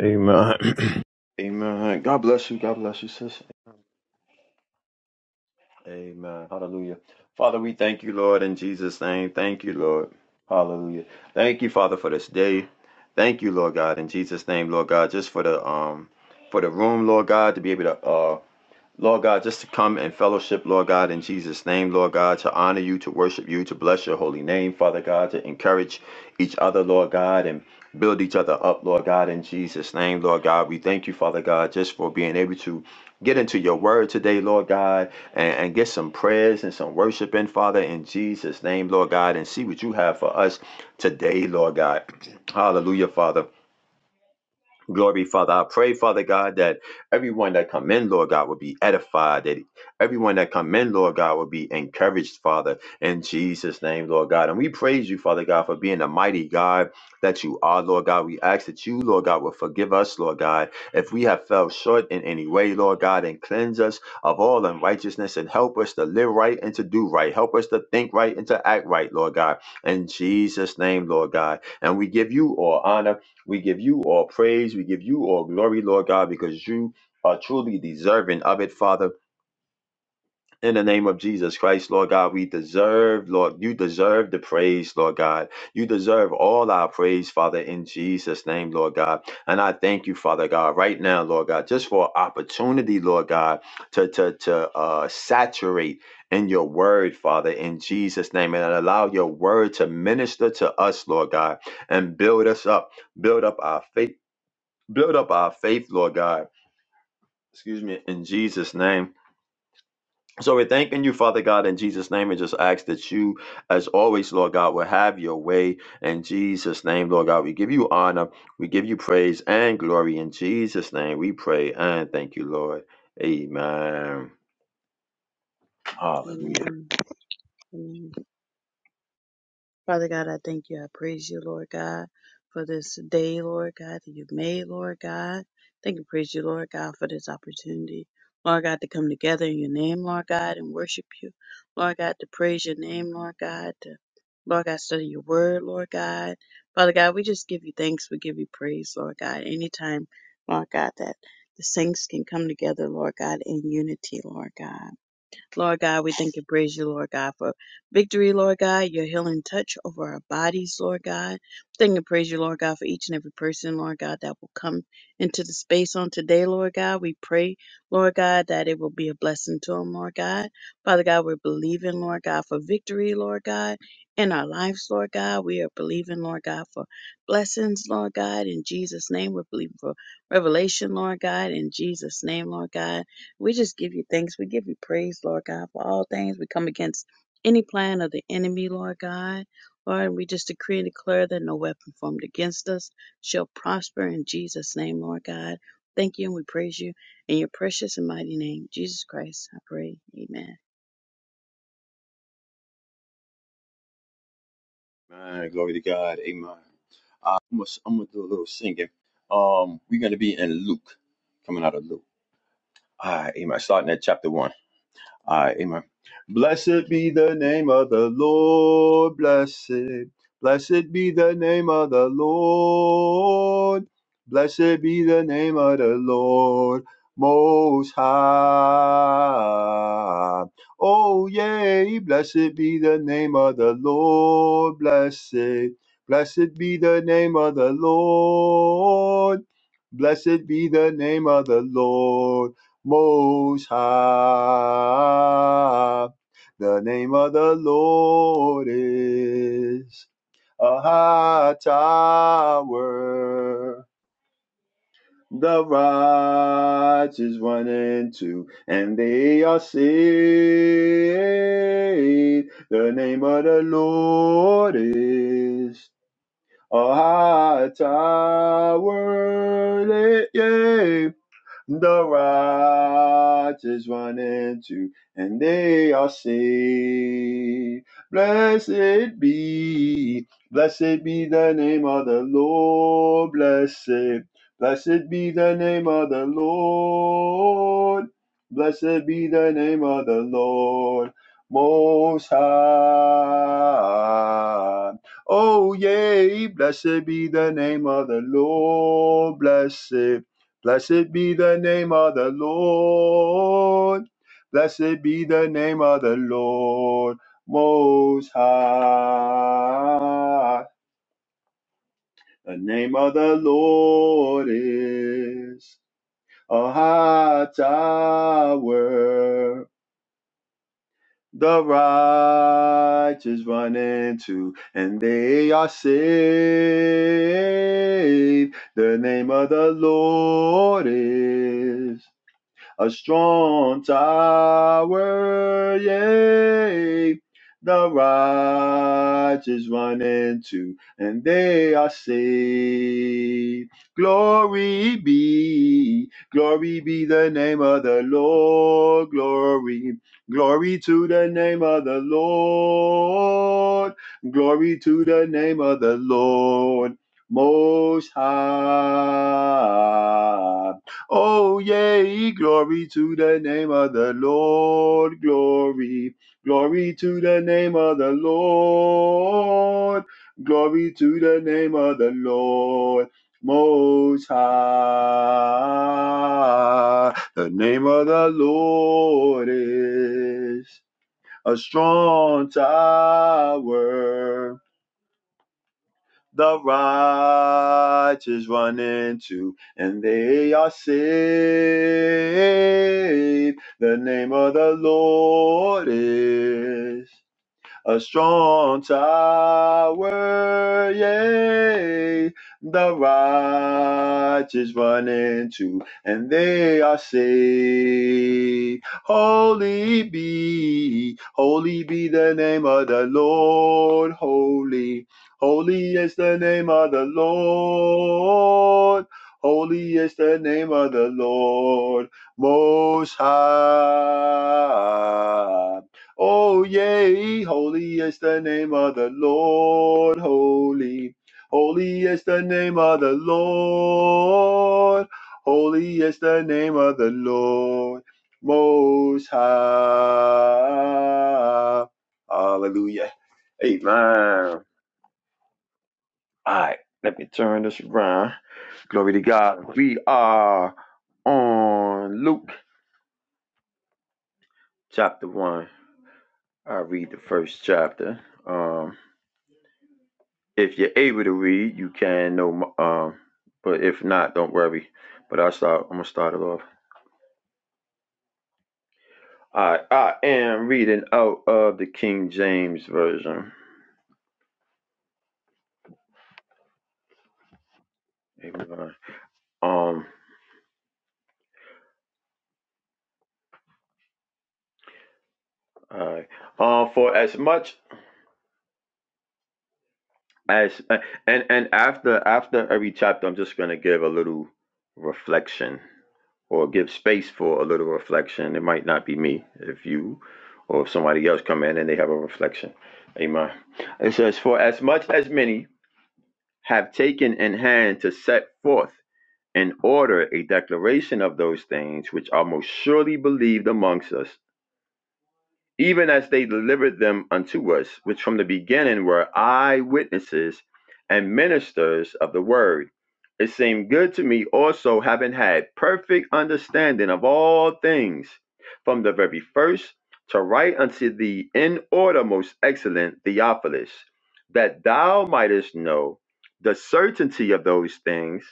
Amen. Amen. God bless you. God bless you, sis. Amen. Hallelujah. Father, we thank you, Lord, in Jesus' name. Thank you, Lord. Hallelujah. Thank you, Father, for this day. Thank you, Lord God, in Jesus' name, Lord God, just for the um for the room, Lord God, to be able to uh Lord God, just to come and fellowship, Lord God, in Jesus' name, Lord God, to honor you, to worship you, to bless your holy name, Father God, to encourage each other, Lord God, and build each other up, Lord God, in Jesus' name, Lord God. We thank you, Father God, just for being able to get into your word today, Lord God, and, and get some prayers and some worship in, Father, in Jesus' name, Lord God, and see what you have for us today, Lord God. Hallelujah, Father. Glory, Father. I pray, Father God, that everyone that come in, Lord God, will be edified, that everyone that come in, Lord God, will be encouraged, Father, in Jesus' name, Lord God. And we praise you, Father God, for being the mighty God that you are, Lord God. We ask that you, Lord God, will forgive us, Lord God, if we have fell short in any way, Lord God, and cleanse us of all unrighteousness and help us to live right and to do right. Help us to think right and to act right, Lord God, in Jesus' name, Lord God. And we give you all honor we give you all praise. We give you all glory, Lord God, because you are truly deserving of it, Father. In the name of Jesus Christ, Lord God, we deserve, Lord, you deserve the praise, Lord God. You deserve all our praise, Father, in Jesus' name, Lord God. And I thank you, Father God, right now, Lord God, just for opportunity, Lord God, to to to uh, saturate in your word, Father, in Jesus' name, and allow your word to minister to us, Lord God, and build us up build up our faith Build up our faith, Lord God. Excuse me, in Jesus' name. So we're thanking you, Father God, in Jesus' name, and just ask that you, as always, Lord God, will have your way in Jesus' name, Lord God. We give you honor, we give you praise and glory in Jesus' name. We pray and thank you, Lord. Amen. Hallelujah. Amen. Amen. Father God, I thank you. I praise you, Lord God, for this day, Lord God, that you've made, Lord God. Thank you, praise you, Lord God, for this opportunity, Lord God, to come together in your name, Lord God, and worship you, Lord God, to praise your name, Lord God, to, Lord God, study your word, Lord God. Father God, we just give you thanks. We give you praise, Lord God. Anytime, Lord God, that the saints can come together, Lord God, in unity, Lord God. Lord God, we thank and praise you, Lord God, for victory, Lord God, your healing touch over our bodies, Lord God. Thank and praise you, Lord God, for each and every person, Lord God, that will come into the space on today, Lord God. We pray, Lord God, that it will be a blessing to them, Lord God. Father God, we're believing, Lord God, for victory, Lord God, in our lives, Lord God. We are believing, Lord God, for blessings, Lord God, in Jesus' name. We're believing for revelation, Lord God, in Jesus' name, Lord God. We just give you thanks. We give you praise, Lord God, for all things. We come against any plan of the enemy, Lord God. Lord, we just decree and declare that no weapon formed against us shall prosper in Jesus' name, Lord God. Thank you and we praise you in your precious and mighty name, Jesus Christ. I pray. Amen. Amen. Glory to God. Amen. Uh, I'm gonna, I'm gonna do a little singing. Um, we're gonna be in Luke, coming out of Luke. All right, amen. Starting at chapter one. Uh, amen. Blessed be the name of the Lord. Blessed. Blessed be the name of the Lord. Blessed be the name of the Lord. Most high. Oh, yea. Blessed be the name of the Lord. Blessed. Blessed be the name of the Lord. Blessed be the name of the Lord. Most High. The name of the Lord is a high tower. The righteous run into, and they are saved. The name of the Lord is a high tower. Yeah. yeah the righteous run into, and they are saved. Blessed be, blessed be the name of the Lord. Blessed, blessed be the name of the Lord. Blessed be the name of the Lord. Most high. Oh, yea, blessed be the name of the Lord. Blessed. Blessed be the name of the Lord. Blessed be the name of the Lord Most High. The name of the Lord is a high tower. The righteous run into, and they are saved. The name of the Lord is a strong tower, yea. The righteous run into, and they are saved. Glory be, glory be the name of the Lord. Glory, glory to the name of the Lord. Glory to the name of the Lord. Most High. Oh, yea, glory to the name of the Lord. Glory, glory to the name of the Lord. Glory to the name of the Lord. Most high, the name of the Lord is a strong tower the righteous run into, and they are saved. The name of the Lord is a strong tower, yea, the righteous run into, and they are saved. Holy be, holy be the name of the Lord, holy. Holy is the name of the Lord. Holy is the name of the Lord, Most High. Oh, yea, holy is the name of the Lord, holy. Holy is the name of the Lord, holy is the name of the Lord, Most High. Hallelujah. Amen. All right, let me turn this around. Glory to God. We are on Luke chapter 1. I read the first chapter. Um. If you're able to read, you can know. m- Um, but if not, don't worry. But I start. I'm gonna start it off. I I am reading out of the King James version. Amen. Um. Alright. Um. For as much as uh, and and after after every chapter, I'm just gonna give a little reflection or give space for a little reflection. It might not be me if you or if somebody else come in and they have a reflection. Amen. It says, For as much as many have taken in hand to set forth in order a declaration of those things which are most surely believed amongst us even as they delivered them unto us, which from the beginning were eyewitnesses and ministers of the word. It seemed good to me also, having had perfect understanding of all things, from the very first to write unto thee in order, most excellent Theophilus, that thou mightest know the certainty of those things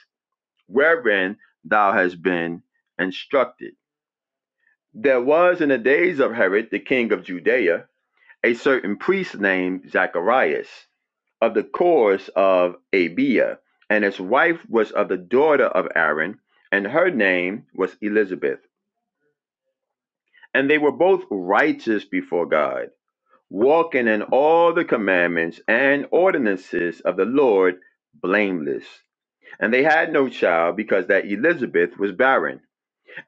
wherein thou hast been instructed. There was in the days of Herod the king of Judea a certain priest named Zacharias, of the course of Abia, and his wife was of the daughter of Aaron, and her name was Elizabeth. And they were both righteous before God, walking in all the commandments and ordinances of the Lord blameless. And they had no child because that Elizabeth was barren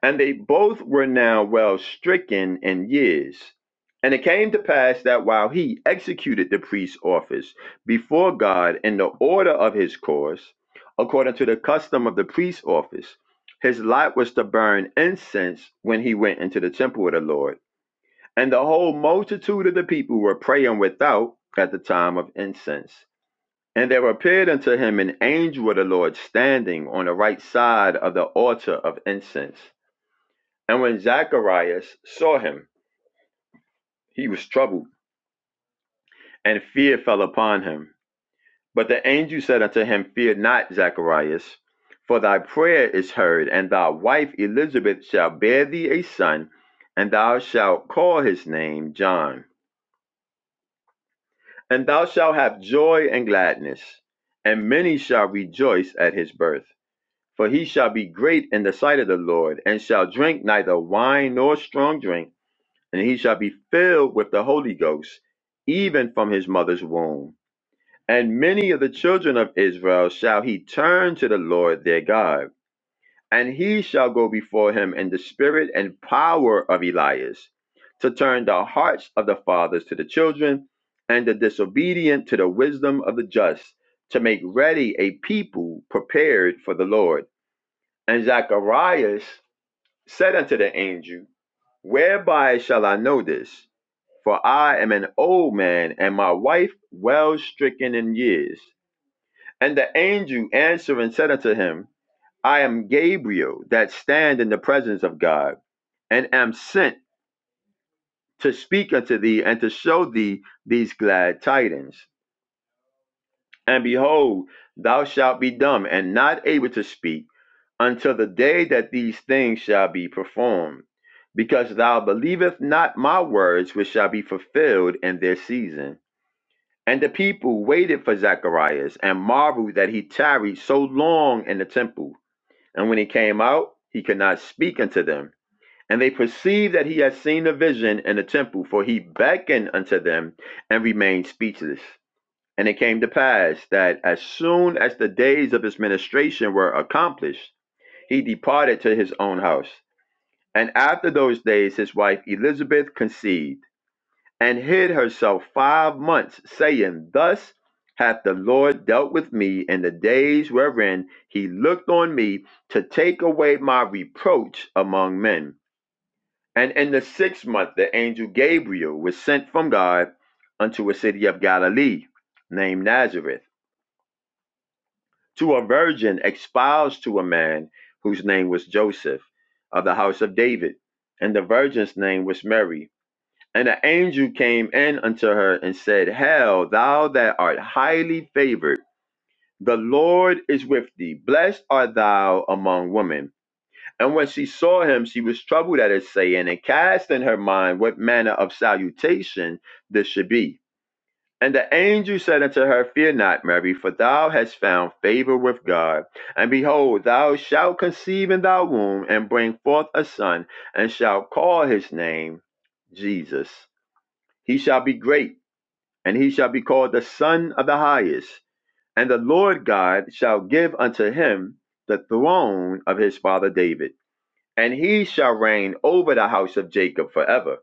And they both were now well stricken in years. And it came to pass that while he executed the priest's office before God in the order of his course, according to the custom of the priest's office, his lot was to burn incense when he went into the temple of the Lord. And the whole multitude of the people were praying without at the time of incense. And there appeared unto him an angel of the Lord standing on the right side of the altar of incense. And when Zacharias saw him, he was troubled, and fear fell upon him. But the angel said unto him, Fear not, Zacharias, for thy prayer is heard, and thy wife Elizabeth shall bear thee a son, and thou shalt call his name John. And thou shalt have joy and gladness, and many shall rejoice at his birth. For he shall be great in the sight of the Lord, and shall drink neither wine nor strong drink and he shall be filled with the Holy Ghost, even from his mother's womb. And many of the children of Israel shall he turn to the Lord their God, and he shall go before him in the spirit and power of Elias, to turn the hearts of the fathers to the children, and the disobedient to the wisdom of the just, to make ready a people prepared for the Lord. And Zacharias said unto the angel, Whereby shall I know this? for I am an old man, and my wife well stricken in years. And the angel answered and said unto him, I am Gabriel, that stand in the presence of God, and am sent to speak unto thee and to show thee these glad tidings. And behold, thou shalt be dumb and not able to speak until the day that these things shall be performed, because thou believest not my words, which shall be fulfilled in their season. And the people waited for Zacharias and marveled that he tarried so long in the temple. And when he came out, he could not speak unto them. And they perceived that he had seen a vision in the temple, for he beckoned unto them and remained speechless. And it came to pass that as soon as the days of his ministration were accomplished, he departed to his own house. And after those days, his wife Elizabeth conceived and hid herself five months, saying, Thus hath the Lord dealt with me in the days wherein he looked on me to take away my reproach among men. And in the sixth month, the angel Gabriel was sent from God unto a city of Galilee named Nazareth to a virgin espoused to a man whose name was Joseph of the house of David. And the virgin's name was Mary. And the angel came in unto her and said, Hail, thou that art highly favored, the Lord is with thee. Blessed art thou among women. And when she saw him, she was troubled at his saying, and cast in her mind what manner of salutation this should be. And the angel said unto her, Fear not, Mary, for thou hast found favor with God. And behold, thou shalt conceive in thy womb, and bring forth a son, and shalt call his name Jesus. He shall be great and he shall be called the Son of the Highest. And the Lord God shall give unto him the throne of his father David, and he shall reign over the house of Jacob forever,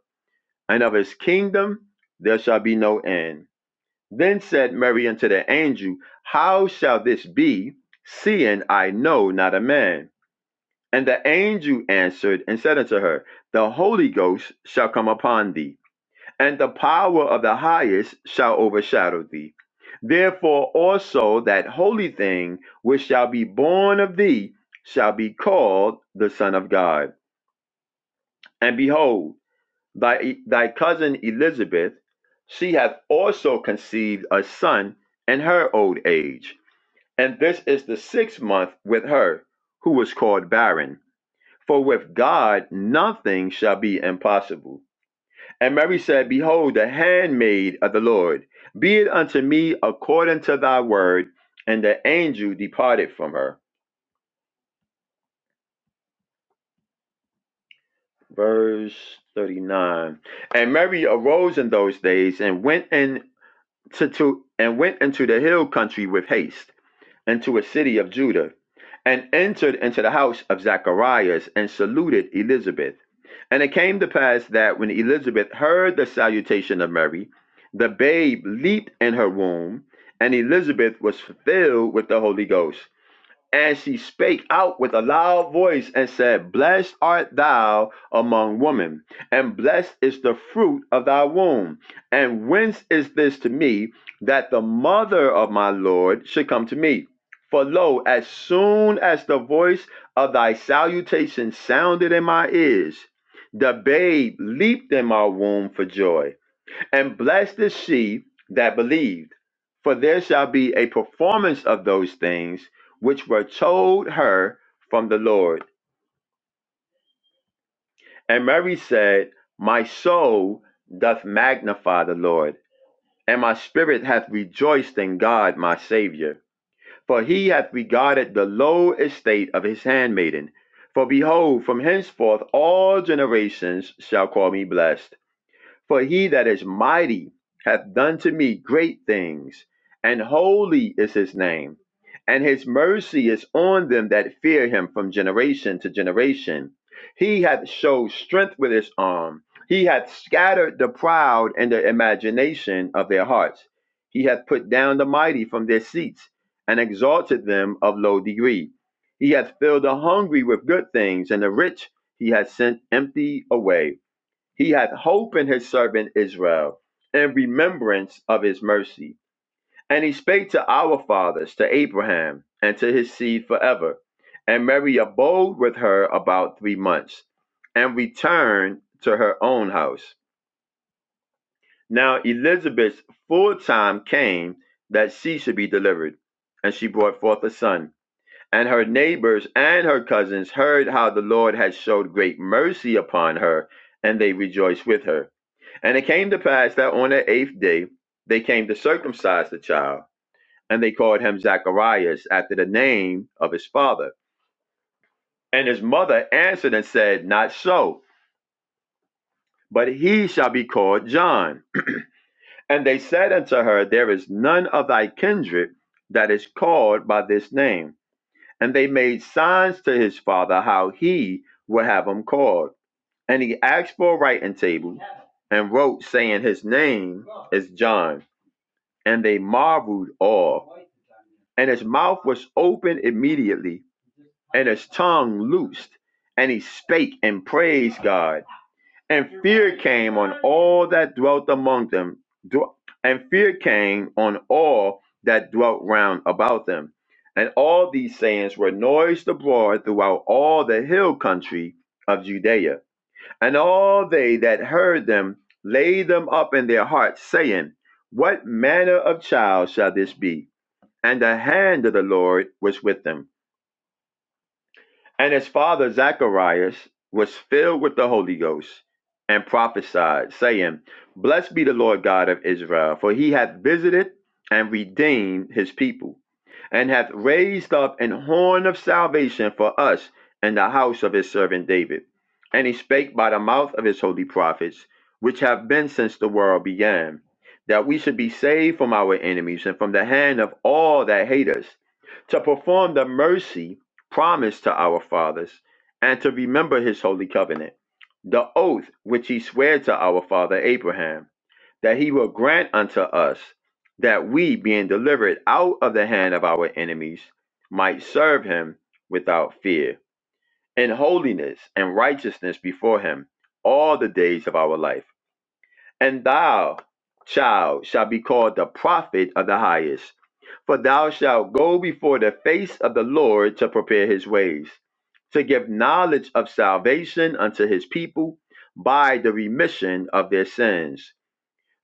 and of his kingdom there shall be no end. Then said Mary unto the angel, How shall this be, seeing I know not a man? And the angel answered and said unto her, The Holy Ghost shall come upon thee and the power of the highest shall overshadow thee. Therefore also that holy thing which shall be born of thee shall be called the Son of God. And behold, thy, thy cousin Elizabeth, she hath also conceived a son in her old age. And this is the sixth month with her, who was called barren. For with God nothing shall be impossible. And Mary said, Behold, the handmaid of the Lord, be it unto me according to thy word. And the angel departed from her. Verse 39. And Mary arose in those days and went into to, to and went into the hill country with haste, into a city of Judah, and entered into the house of Zacharias and saluted Elizabeth. And it came to pass that when Elizabeth heard the salutation of Mary, the babe leaped in her womb, and Elizabeth was filled with the Holy Ghost. And she spake out with a loud voice and said, Blessed art thou among women, and blessed is the fruit of thy womb. And whence is this to me that the mother of my Lord should come to me? For lo, as soon as the voice of thy salutation sounded in my ears, the babe leaped in my womb for joy. And blessed is she that believed, for there shall be a performance of those things which were told her from the Lord. And Mary said, My soul doth magnify the Lord, and my spirit hath rejoiced in God my Saviour. For he hath regarded the low estate of his handmaiden. For behold, from henceforth all generations shall call me blessed. For he that is mighty hath done to me great things, and holy is his name. And his mercy is on them that fear him from generation to generation. He hath showed strength with his arm. He hath scattered the proud in the imagination of their hearts. He hath put down the mighty from their seats and exalted them of low degree. He hath filled the hungry with good things, and the rich he hath sent empty away. He hath hope in his servant Israel, in remembrance of his mercy. And he spake to our fathers, to Abraham, and to his seed forever. And Mary abode with her about three months, and returned to her own house. Now Elizabeth's full time came that she should be delivered, and she brought forth a son. And her neighbors and her cousins heard how the Lord had showed great mercy upon her, and they rejoiced with her. And it came to pass that on the eighth day they came to circumcise the child, and they called him Zacharias after the name of his father. And his mother answered and said, Not so, but he shall be called John. And they said unto her, There is none of thy kindred that is called by this name. And they made signs to his father how he would have him called. And he asked for a writing table and wrote, saying, His name is John. and they marveled all. And his mouth was open immediately, and his tongue loosed, and he spake and praised God. And fear came on all that dwelt among them, and fear came on all that dwelt round about them. And all these sayings were noised abroad throughout all the hill country of Judea. And all they that heard them laid them up in their hearts, saying, What manner of child shall this be? And the hand of the Lord was with him. And his father Zacharias was filled with the Holy Ghost and prophesied, saying, Blessed be the Lord God of Israel, for he hath visited and redeemed his people and hath raised up an horn of salvation for us in the house of his servant David. And he spake by the mouth of his holy prophets, which have been since the world began, that we should be saved from our enemies and from the hand of all that hate us, to perform the mercy promised to our fathers, and to remember his holy covenant, the oath which he sware to our father Abraham that he will grant unto us that we, being delivered out of the hand of our enemies, might serve him without fear, in holiness and righteousness before him all the days of our life. And thou, child, shalt be called the prophet of the highest, for thou shalt go before the face of the Lord to prepare his ways, to give knowledge of salvation unto his people by the remission of their sins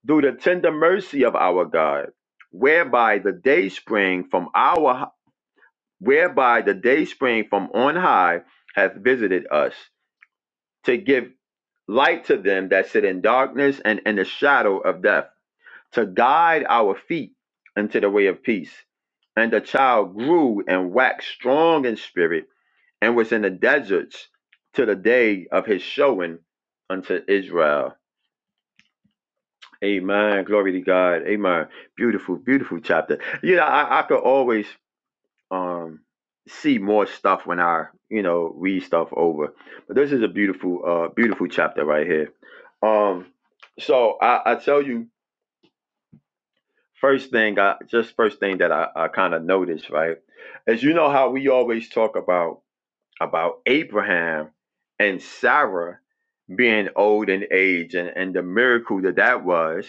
through the tender mercy of our God, whereby the day spring from our whereby the day spring from on high hath visited us, to give light to them that sit in darkness and in the shadow of death, to guide our feet into the way of peace. And the child grew and waxed strong in spirit, and was in the deserts till the day of his showing unto Israel. Amen. Glory to God. Amen. Beautiful, beautiful chapter. You know, I, I could always um see more stuff when I, you know, read stuff over. But this is a beautiful, uh beautiful chapter right here. Um, so I, I tell you, first thing I just first thing that I, I kind of noticed, right? Is you know how we always talk about about Abraham and Sarah being old in age and, and the miracle that that was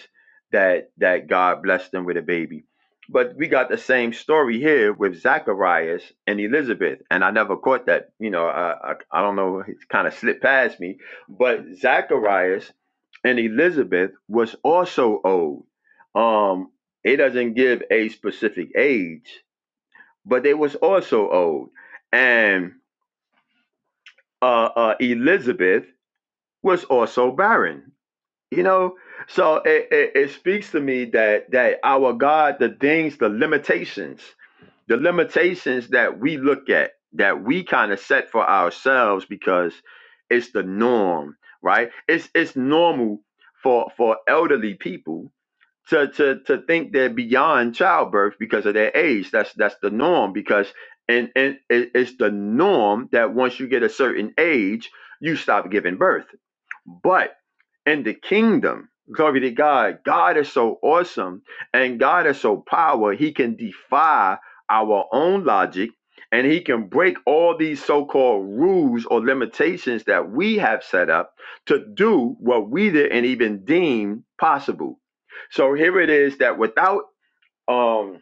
that that God blessed them with a baby. But we got the same story here with Zacharias and Elizabeth, and I never caught that. You know, I I, I don't know, it kind of slipped past me. But Zacharias and Elizabeth was also old. Um, it doesn't give a specific age, but they was also old, and uh, uh, Elizabeth was also barren. You know, so it, it, it speaks to me that that our God, the things, the limitations, the limitations that we look at, that we kind of set for ourselves because it's the norm, right? It's it's normal for for elderly people to to to think they're beyond childbirth because of their age. That's that's the norm because and and it, it's the norm that once you get a certain age, you stop giving birth. But in the kingdom. Glory to God. God is so awesome and God is so power. He can defy our own logic and he can break all these so-called rules or limitations that we have set up to do what we didn't even deem possible. So here it is that without um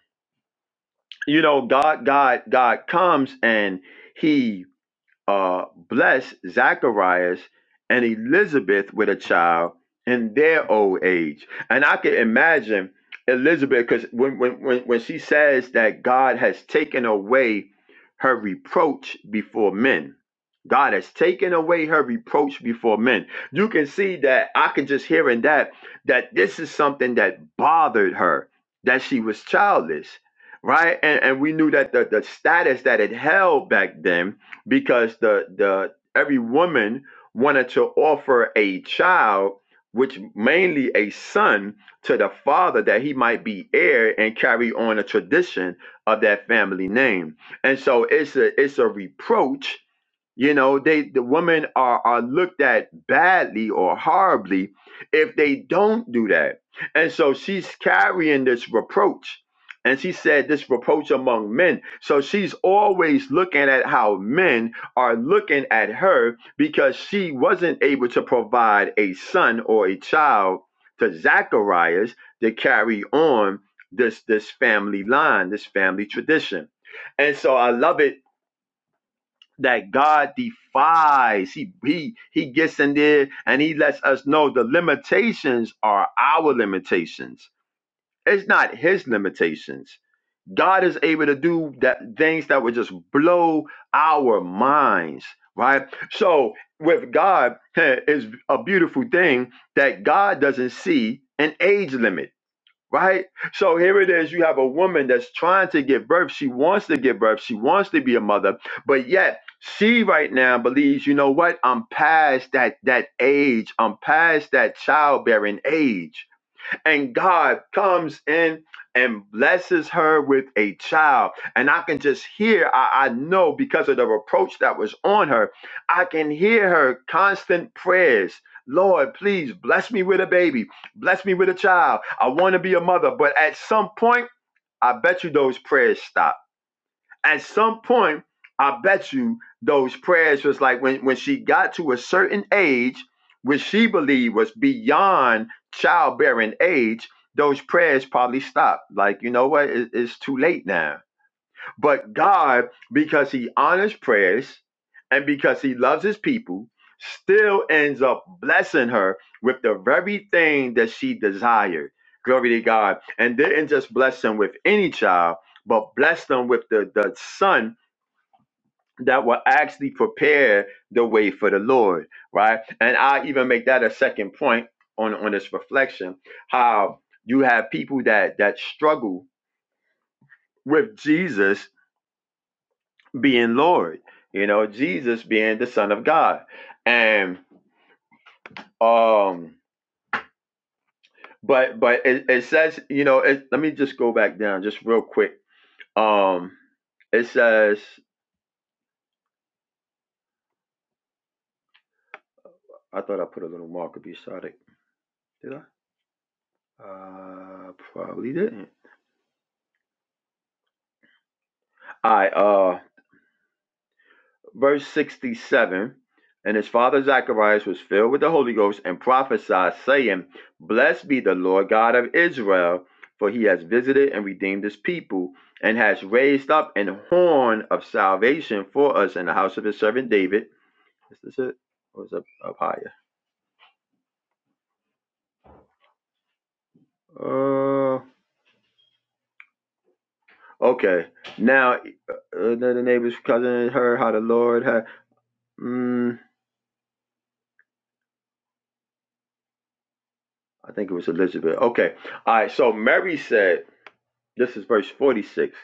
you know God God God comes and he uh, blessed Zacharias and Elizabeth with a child in their old age. And I can imagine Elizabeth, because when, when, when, when she says that God has taken away her reproach before men, God has taken away her reproach before men. You can see that I can just hear in that that this is something that bothered her, that she was childless, right? And, and we knew that the, the status that it held back then because the the every woman wanted to offer a child which mainly a son to the father that he might be heir and carry on a tradition of that family name and so it's a it's a reproach you know, they the women are are looked at badly or horribly if they don't do that. And so she's carrying this reproach. And she said this reproach among men. So she's always looking at how men are looking at her because she wasn't able to provide a son or a child to Zacharias to carry on this this family line, this family tradition. And so I love it that God defies. He, he he gets in there and he lets us know the limitations are our limitations. It's not his limitations. God is able to do that things that would just blow our minds, right? So with God, it's a beautiful thing that God doesn't see an age limit right? So here it is. You have a woman that's trying to give birth. She wants to give birth. She wants to be a mother, but yet she right now believes, you know what? I'm past that that age. I'm past that childbearing age and God comes in and blesses her with a child. And I can just hear, I, I know because of the reproach that was on her, I can hear her constant prayers. Lord, please bless me with a baby. Bless me with a child. I want to be a mother. But at some point, I bet you those prayers stop at some point, I bet you those prayers was like when, when she got to a certain age, which she believed was beyond childbearing age, those prayers probably stopped. Like, you know what? It- it's too late now but God, because he honors prayers and because he loves his people, still ends up blessing her with the very thing that she desired. Glory to God. And didn't just bless them with any child, but bless them with the, the son that will actually prepare the way for the Lord. Right. And I even make that a second point on, on this reflection, how you have people that that struggle with Jesus being Lord, you know, Jesus being the Son of God. And um but but it, it says, you know, it, let me just go back down just real quick. Um it says I thought I put a little marker beside it. Did I? Uh probably didn't. All I uh. verse 67 and his father zacharias was filled with the holy ghost and prophesied saying blessed be the lord god of israel for he has visited and redeemed his people and has raised up an horn of salvation for us in the house of his servant david is this it or is it up higher uh, okay now uh, the neighbor's cousin heard how the lord had mm, i think it was elizabeth okay all right so mary said this is verse 46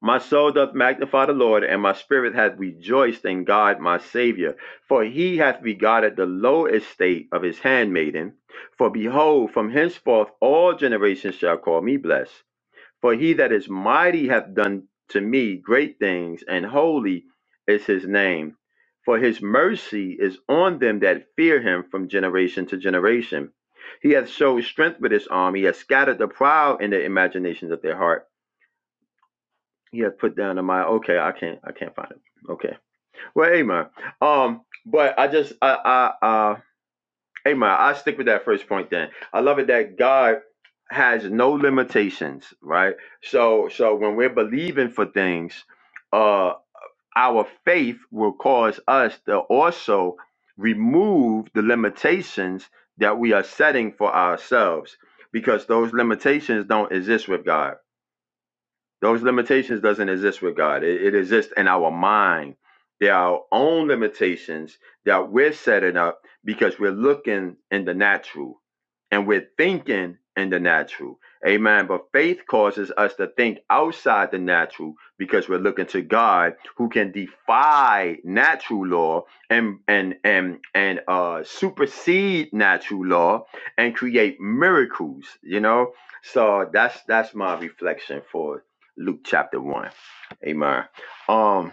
My soul doth magnify the Lord, and my spirit hath rejoiced in God my Savior. For he hath regarded the low estate of his handmaiden. For behold, from henceforth all generations shall call me blessed. For he that is mighty hath done to me great things, and holy is his name. For his mercy is on them that fear him from generation to generation. He hath showed strength with his arm, he hath scattered the proud in the imaginations of their heart. He has put down a mile. Okay, I can't. I can't find it. Okay. Well, Amar. Um, but I just I I uh Amar. I stick with that first point. Then I love it that God has no limitations, right? So so when we're believing for things, uh, our faith will cause us to also remove the limitations that we are setting for ourselves because those limitations don't exist with God those limitations doesn't exist with God. It, it exists in our mind. They are our own limitations that we're setting up because we're looking in the natural and we're thinking in the natural. Amen. But faith causes us to think outside the natural because we're looking to God who can defy natural law and and and and uh supersede natural law and create miracles, you know? So that's that's my reflection for Luke chapter one. Amen. Um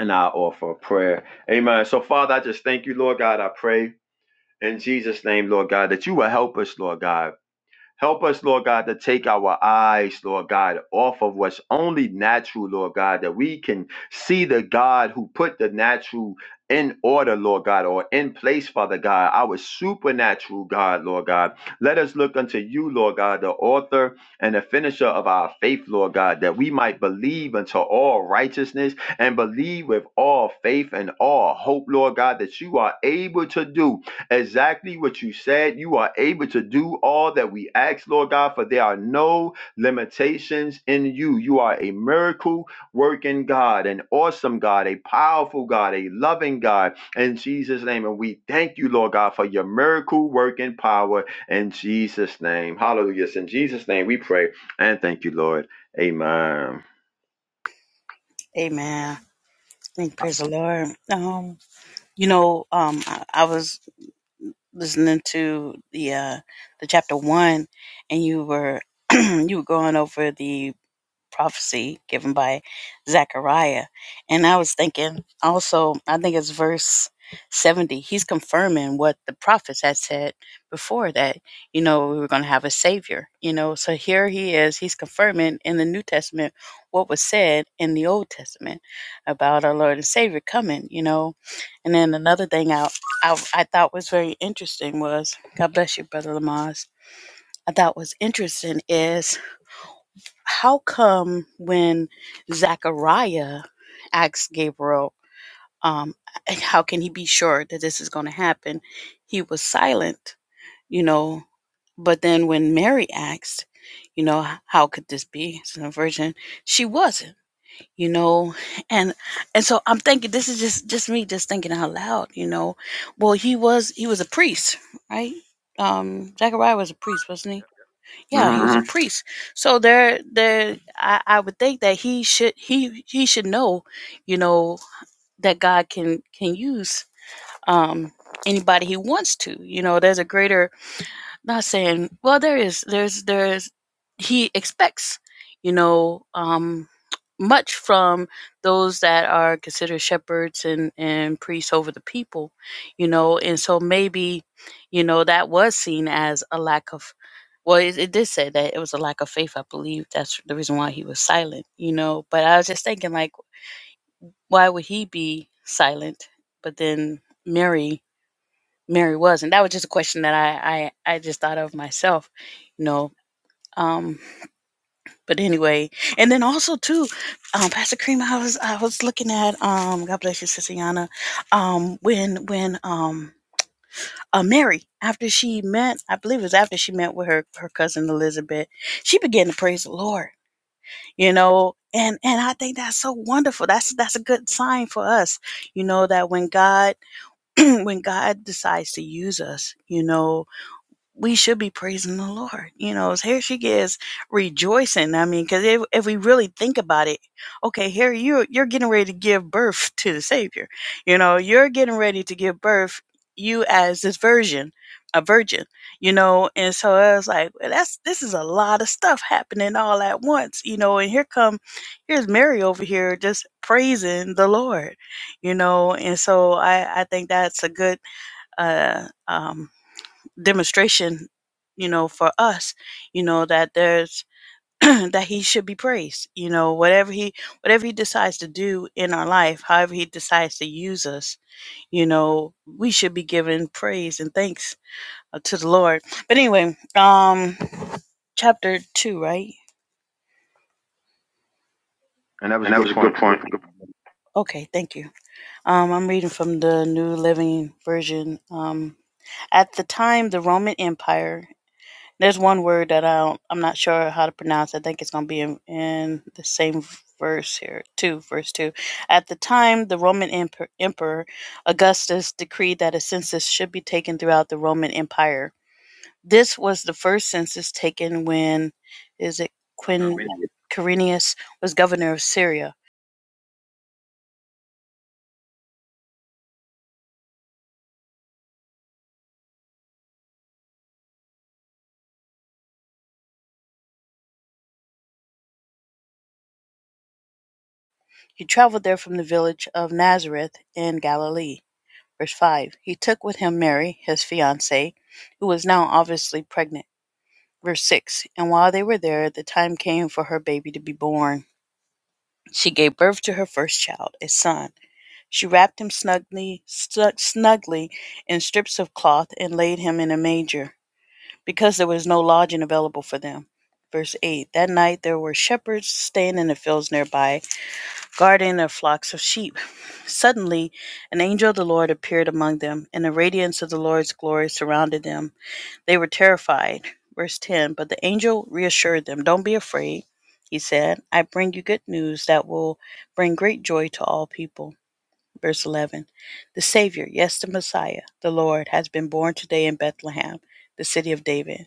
and I offer a prayer. Amen. So Father, I just thank you, Lord God. I pray in Jesus' name, Lord God, that you will help us, Lord God Help us, Lord God, to take our eyes, Lord God, off of what's only natural, Lord God, that we can see the God who put the natural in order, Lord God, or in place, Father God, our supernatural God, Lord God. Let us look unto you, Lord God, the author and the finisher of our faith, Lord God, that we might believe unto all righteousness and believe with all faith and all hope, Lord God, that you are able to do exactly what you said. You are able to do all that we ask, Lord God, for there are no limitations in you. You are a miracle working God, an awesome God, a powerful God, a loving God in Jesus' name. And we thank you, Lord God, for your miracle working power in Jesus' name. Hallelujah. It's In Jesus' name we pray and thank you, Lord. Amen. Amen. Thank praise the Lord. Um, you know, um, I, I was listening to the uh, the chapter one, and you were you were going over the prophecy given by Zechariah. And I was thinking also, I think it's verse 70, he's confirming what the prophets had said before that, you know, we were going to have a savior, you know. So here he is, he's confirming in the New Testament what was said in the Old Testament about our Lord and Savior coming, you know. And then another thing I, I, I thought was very interesting was, God bless you, Brother Lamaze. I thought was interesting is how come when Zechariah asked Gabriel, um, how can he be sure that this is going to happen? He was silent, you know. But then when Mary asked, you know, how could this be? It's a virgin. She wasn't, you know, and and so I'm thinking this is just just me just thinking out loud, you know. Well, he was he was a priest, right? Um, Zechariah was a priest, wasn't he? Yeah, hmm he was a hmm priest. So there, there, I, I would think that he should, he, he should know, you know, that God can can use um, anybody he wants to. You know, there's a greater not saying well there is there's there's he expects you know um much from those that are considered shepherds and and priests over the people you know and so maybe you know that was seen as a lack of well it, it did say that it was a lack of faith i believe that's the reason why he was silent you know but i was just thinking like why would he be silent but then mary Mary was. And that was just a question that I, I, I just thought of myself, you know. Um, but anyway, and then also too, um, Pastor Cream, I was I was looking at um, God bless you, Sister Yana, um, when when um, uh, Mary after she met, I believe it was after she met with her her cousin Elizabeth, she began to praise the Lord, you know, and and I think that's so wonderful. That's that's a good sign for us, you know, that when God when God decides to use us, you know, we should be praising the Lord. You know, here she gets rejoicing. I mean, because if, if we really think about it, okay, here you you're getting ready to give birth to the Savior. You know, you're getting ready to give birth. You as this virgin, a virgin. You know, and so I was like, well, that's this is a lot of stuff happening all at once. You know, and here come here's Mary over here just praising the Lord. You know, and so I I think that's a good uh um demonstration, you know, for us, you know, that there's that he should be praised. You know, whatever he whatever he decides to do in our life, however he decides to use us, you know, we should be given praise and thanks uh, to the Lord. But anyway, um chapter 2, right? And that was a And that good was a good point. Good point. Good point. Okay, thank you. Um, I'm reading from the New Living Version. Um, at the time, the Roman Empire. There's one word that I don't, I'm not sure how to pronounce. I think it's going to be in, in the same verse here, two, verse two. At the time, the Roman emper, emperor Augustus decreed that a census should be taken throughout the Roman Empire. This was the first census taken when, is it point. Amen. Quin Quirinius was governor of Syria. He traveled there from the village of Nazareth in Galilee. Verse five. He took with him Mary, his fiancee, who was now obviously pregnant. Verse 6 And while they were there, the time came for her baby to be born. She gave birth to her first child, a son. She wrapped him snugly, snug, snugly in strips of cloth and laid him in a manger, because there was no lodging available for them. Verse 8 That night there were shepherds staying in the fields nearby, guarding their flocks of sheep. Suddenly, an angel of the Lord appeared among them, and the radiance of the Lord's glory surrounded them they were terrified. Verse 10 But the angel reassured them, Don't be afraid, he said. I bring you good news that will bring great joy to all people. Verse 11 The Savior, yes, the Messiah, the Lord, has been born today in Bethlehem, the city of David.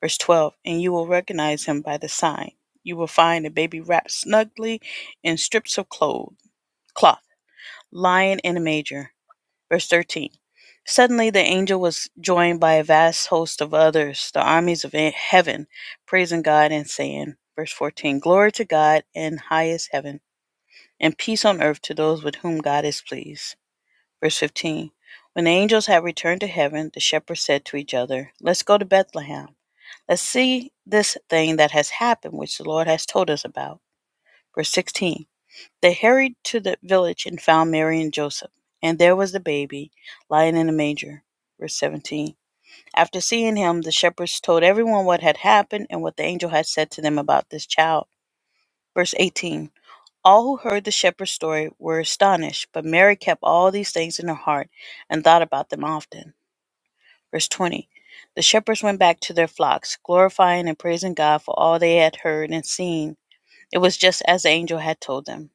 Verse 12 And you will recognize him by the sign. You will find a baby wrapped snugly in strips of cloth, cloth lying in a manger. Verse 13 Suddenly the angel was joined by a vast host of others, the armies of heaven, praising God and saying, Verse 14 Glory to God in highest heaven, and peace on earth to those with whom God is pleased. Verse 15 When the angels had returned to heaven, the shepherds said to each other, Let's go to Bethlehem. Let's see this thing that has happened, which the Lord has told us about. Verse 16 they hurried to the village and found Mary and Joseph, and there was the baby, lying in a manger. Verse 17. After seeing him, the shepherds told everyone what had happened and what the angel had said to them about this child. Verse 18. All who heard the shepherd's story were astonished, but Mary kept all these things in her heart and thought about them often. Verse 20. The shepherds went back to their flocks, glorifying and praising God for all they had heard and seen. It was just as the angel had told them.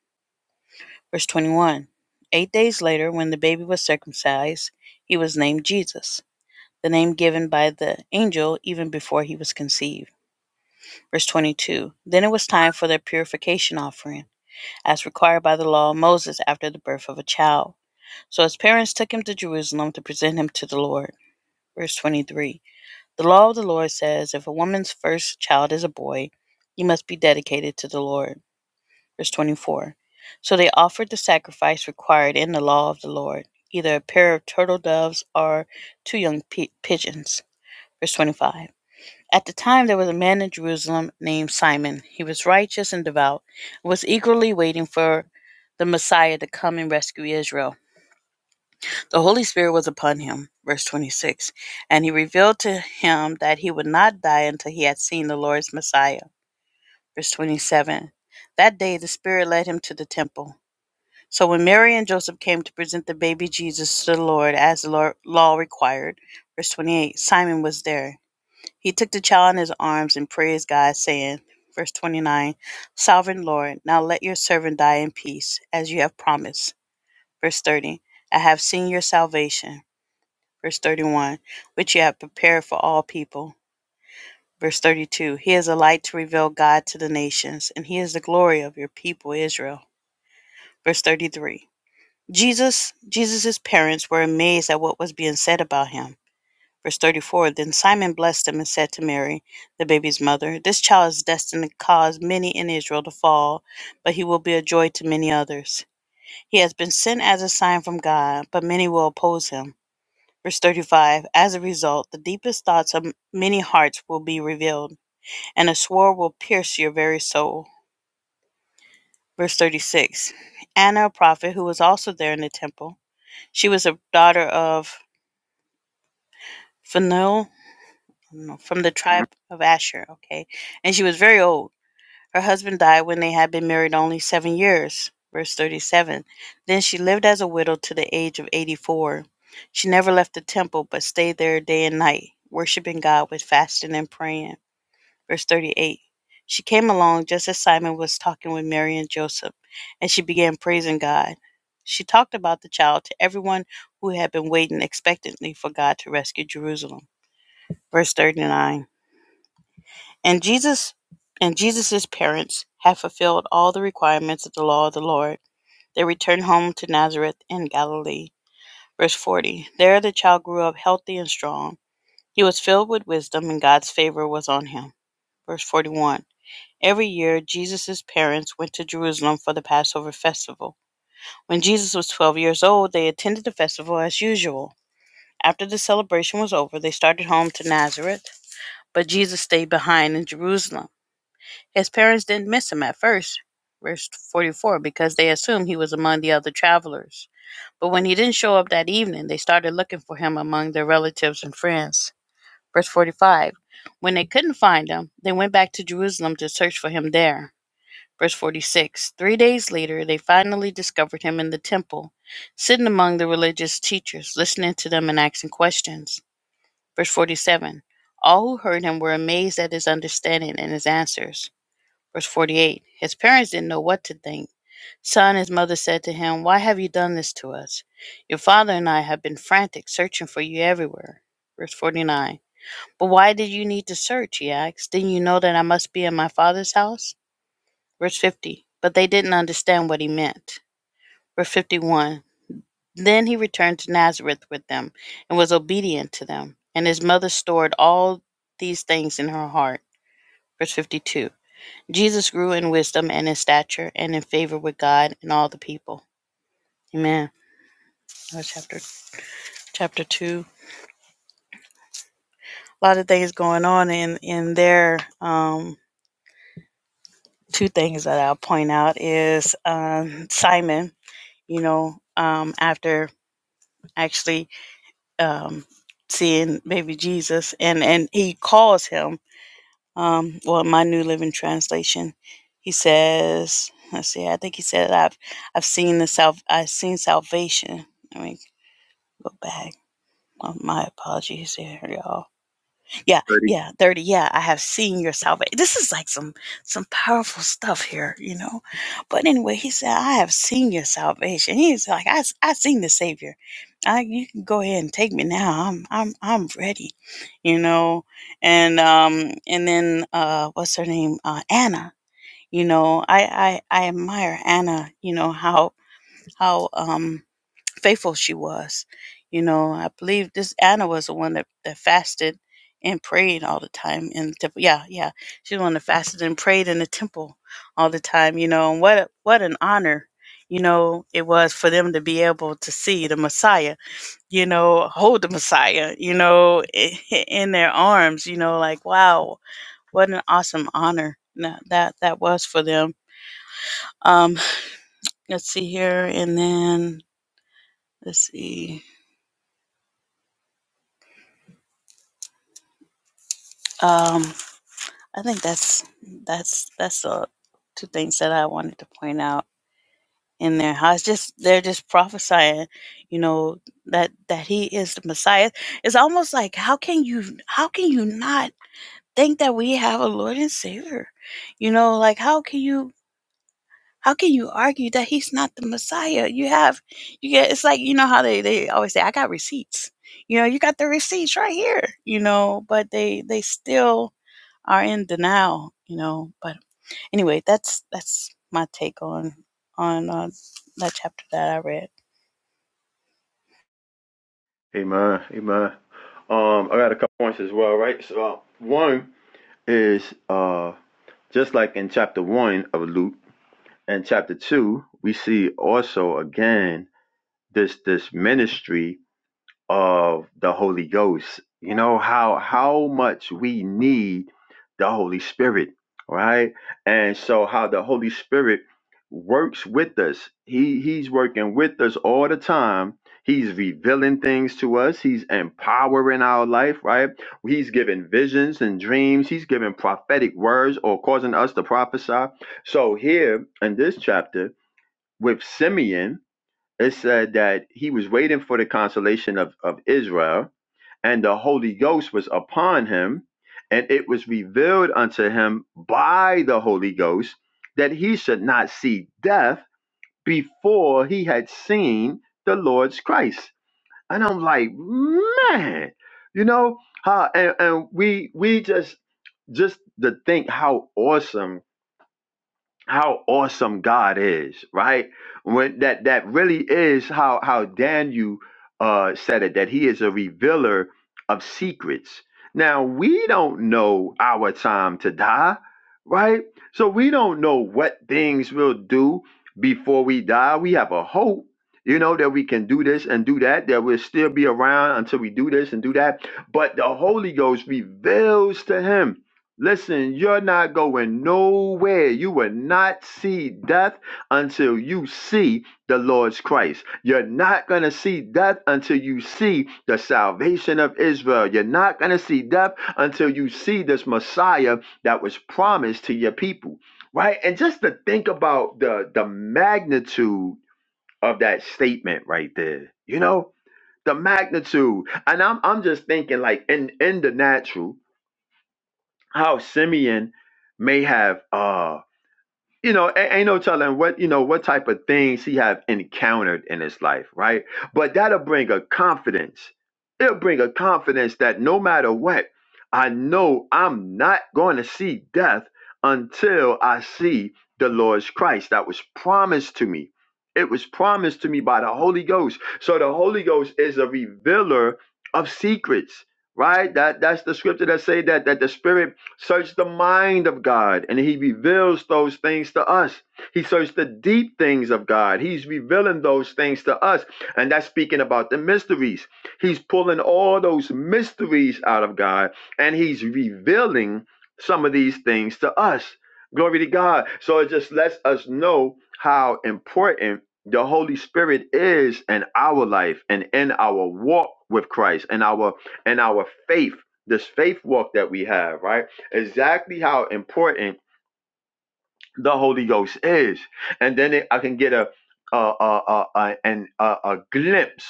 Verse 21 Eight days later, when the baby was circumcised, he was named Jesus, the name given by the angel even before he was conceived. Verse 22 Then it was time for the purification offering, as required by the law of Moses after the birth of a child. So his parents took him to Jerusalem to present him to the Lord. Verse 23 The law of the Lord says, If a woman's first child is a boy, he must be dedicated to the Lord. Verse 24. So they offered the sacrifice required in the law of the Lord, either a pair of turtle doves or two young pi- pigeons. Verse 25. At the time there was a man in Jerusalem named Simon. He was righteous and devout, and was eagerly waiting for the Messiah to come and rescue Israel. The Holy Spirit was upon him. Verse 26. And he revealed to him that he would not die until he had seen the Lord's Messiah. Verse 27. That day the Spirit led him to the temple. So when Mary and Joseph came to present the baby Jesus to the Lord as the law law required, verse 28, Simon was there. He took the child in his arms and praised God, saying, verse 29, Sovereign Lord, now let your servant die in peace, as you have promised. Verse 30, I have seen your salvation. Verse 31, which you have prepared for all people. Verse 32, He is a light to reveal God to the nations, and He is the glory of your people Israel. Verse 33, Jesus Jesus's parents were amazed at what was being said about him. Verse 34 Then Simon blessed him and said to Mary, the baby's mother, This child is destined to cause many in Israel to fall, but he will be a joy to many others. He has been sent as a sign from God, but many will oppose him. Verse 35 As a result, the deepest thoughts of many hearts will be revealed, and a sword will pierce your very soul. Verse 36 Anna, a prophet who was also there in the temple, she was a daughter of Phanuel no, from the tribe of Asher. Okay. And she was very old. Her husband died when they had been married only seven years. Verse 37. Then she lived as a widow to the age of 84. She never left the temple, but stayed there day and night, worshiping God with fasting and praying. Verse 38. She came along just as Simon was talking with Mary and Joseph, and she began praising God. She talked about the child to everyone who had been waiting expectantly for God to rescue Jerusalem verse 39 and jesus and jesus's parents had fulfilled all the requirements of the law of the lord they returned home to nazareth in galilee verse 40 there the child grew up healthy and strong he was filled with wisdom and god's favor was on him verse 41 every year jesus's parents went to jerusalem for the passover festival when jesus was 12 years old they attended the festival as usual after the celebration was over they started home to nazareth but jesus stayed behind in jerusalem His parents didn't miss him at first, verse 44, because they assumed he was among the other travelers. But when he didn't show up that evening, they started looking for him among their relatives and friends. Verse 45 When they couldn't find him, they went back to Jerusalem to search for him there. Verse 46 Three days later, they finally discovered him in the temple, sitting among the religious teachers, listening to them and asking questions. Verse 47 All who heard him were amazed at his understanding and his answers. Verse 48 His parents didn't know what to think. Son, his mother said to him, Why have you done this to us? Your father and I have been frantic, searching for you everywhere. Verse 49 But why did you need to search? He asked. Didn't you know that I must be in my father's house? Verse 50 But they didn't understand what he meant. Verse 51 Then he returned to Nazareth with them and was obedient to them. And his mother stored all these things in her heart. Verse 52 Jesus grew in wisdom and in stature and in favor with God and all the people. Amen. That was chapter chapter two. A lot of things going on in in there. Um, two things that I'll point out is um, Simon. You know, um, after actually um, seeing baby Jesus, and and he calls him. Um, well, my New Living Translation, he says. Let's see. I think he said, "I've I've seen the self. I've seen salvation." Let me go back. Oh, my apologies here, y'all. Yeah, 30. yeah, 30. Yeah, I have seen your salvation. This is like some some powerful stuff here, you know. But anyway, he said, I have seen your salvation. He's like, I I seen the Savior. I you can go ahead and take me now. I'm I'm I'm ready, you know. And um and then uh what's her name? Uh Anna. You know, I I, I admire Anna, you know, how how um faithful she was. You know, I believe this Anna was the one that, that fasted and prayed all the time in the temple. Yeah, yeah, she's the one that fasted and prayed in the temple all the time. You know, and what a- what an honor. You know, it was for them to be able to see the Messiah, you know, hold the Messiah, you know, in their arms, you know, like, wow, what an awesome honor that that, that was for them. Um, let's see here, and then let's see. Um, I think that's that's that's uh, two things that I wanted to point out in there. How it's just they're just prophesying, you know, that that he is the Messiah. It's almost like how can you how can you not think that we have a Lord and Savior? You know, like how can you how can you argue that he's not the Messiah? You have you get it's like you know how they they always say I got receipts. You know, you got the receipts right here. You know, but they they still are in denial. You know, but anyway, that's that's my take on on uh, that chapter that I read. Amen. Amen. Um, I got a couple points as well, right? So, uh, one. is uh just like in chapter one of Luke and chapter two, we see also again this this ministry of the Holy Ghost. You know how how much we need the Holy Spirit, right? And so how the Holy Spirit works with us. He he's working with us all the time. He's revealing things to us. He's empowering our life, right? He's giving visions and dreams. He's giving prophetic words or causing us to prophesy. So here in this chapter with Simeon, it said that he was waiting for the consolation of, of Israel, and the Holy Ghost was upon him, and it was revealed unto him by the Holy Ghost that he should not see death before he had seen the Lord's Christ. And I'm like, man, you know how and, and we we just just to think how awesome how awesome God is, right? When that that really is how how Daniel uh, said it that he is a revealer of secrets. Now we don't know our time to die, right? So we don't know what things we'll do before we die. We have a hope, you know, that we can do this and do that, that we'll still be around until we do this and do that. But the Holy Ghost reveals to him. Listen, you're not going nowhere. You will not see death until you see the Lord's Christ. You're not going to see death until you see the salvation of Israel. You're not going to see death until you see this Messiah that was promised to your people. Right? And just to think about the the magnitude of that statement right there. You know, the magnitude. And I'm I'm just thinking like in in the natural how Simeon may have uh you know a- ain't no telling what you know what type of things he have encountered in his life right but that'll bring a confidence it'll bring a confidence that no matter what i know i'm not going to see death until i see the lord's christ that was promised to me it was promised to me by the holy ghost so the holy ghost is a revealer of secrets right that that's the scripture that say that that the spirit Search the mind of God, and He reveals those things to us. He searched the deep things of God. He's revealing those things to us. And that's speaking about the mysteries. He's pulling all those mysteries out of God, and He's revealing some of these things to us. Glory to God. So it just lets us know how important the Holy Spirit is in our life and in our walk with Christ and our and our faith, this faith walk that we have, right? exactly how important the Holy Ghost is, and then it, I can get a a a a, a, an, a a glimpse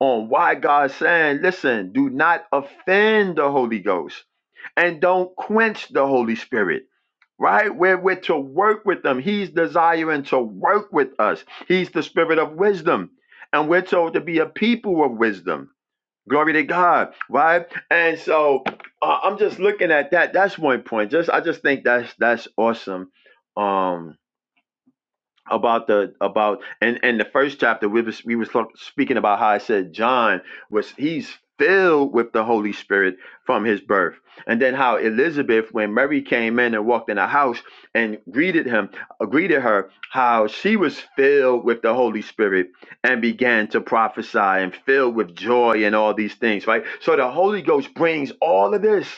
on why God's saying, "Listen, do not offend the Holy Ghost, and don't quench the Holy Spirit." right? We're, we're to work with them. He's desiring to work with us. He's the spirit of wisdom. And we're told to be a people of wisdom. Glory to God, right? And so uh, I'm just looking at that. That's one point. Just I just think that's that's awesome. Um, about the about and and the first chapter we was we was talk- speaking about how I said John was he's filled with the Holy Spirit from his birth, and then how Elizabeth when Mary came in and walked in the house and greeted him uh, greeted her how she was filled with the Holy Spirit and began to prophesy and filled with joy and all these things right so the Holy Ghost brings all of this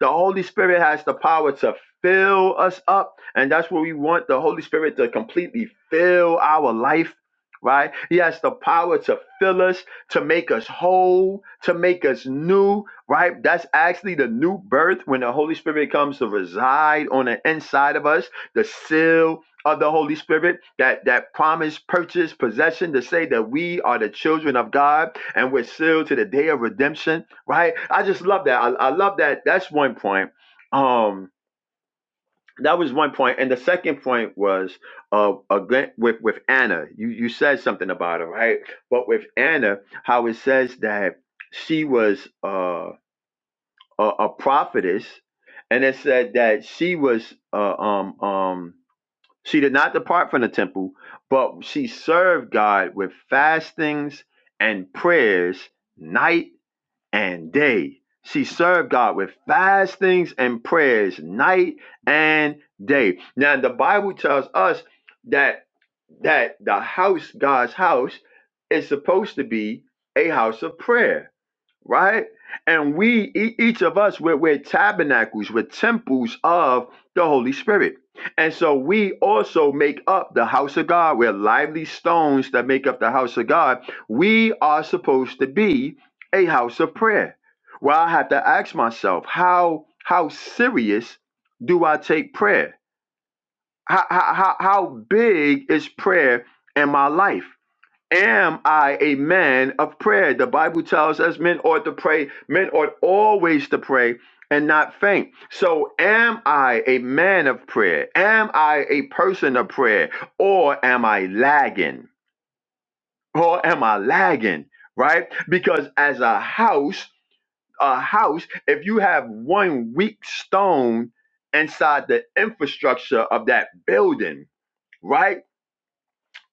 the Holy Spirit has the power to fill us up, and that's what we want the Holy Spirit to completely fill our life, right? He has the power to fill us, to make us whole, to make us new, right? That's actually the new birth when the Holy Spirit comes to reside on the inside of us, the seal of the Holy Spirit, that that promise, purchase, possession to say that we are the children of God and we're sealed to the day of redemption right? I just love that. I, I love that. That's one point. Um, that was one point, and the second point was uh again with with Anna. You you said something about her, right? But with Anna, how it says that she was uh a, a prophetess, and it said that she was uh, um um she did not depart from the temple, but she served God with fastings and prayers night and day. She served God with fastings and prayers night and day. Now the Bible tells us that that the house, God's house, is supposed to be a house of prayer right? And we, e- each of us, we're, we're tabernacles, we're temples of the Holy Spirit. And so we also make up the house of God. We're lively stones that make up the house of God. We are supposed to be a house of prayer. Well, I have to ask myself, how how serious do I take prayer? How, how, how how big is prayer in my life? Am I a man of prayer? The Bible tells us men ought to pray, men ought always to pray and not faint. So, am I a man of prayer? Am I a person of prayer? Or am I lagging? Or am I lagging? Right? Because as a house, a house, if you have one weak stone inside the infrastructure of that building, right?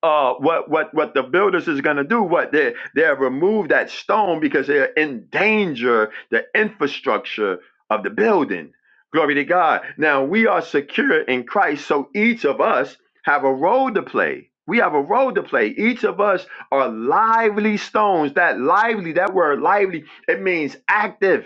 uh, what what what the builders is going to do? What they they remove that stone because they endanger the infrastructure of the building. Glory to God. Now we are secure in Christ, so each of us have a role to play. We have a role to play. Each of us are lively stones. That lively, that word lively, it means active,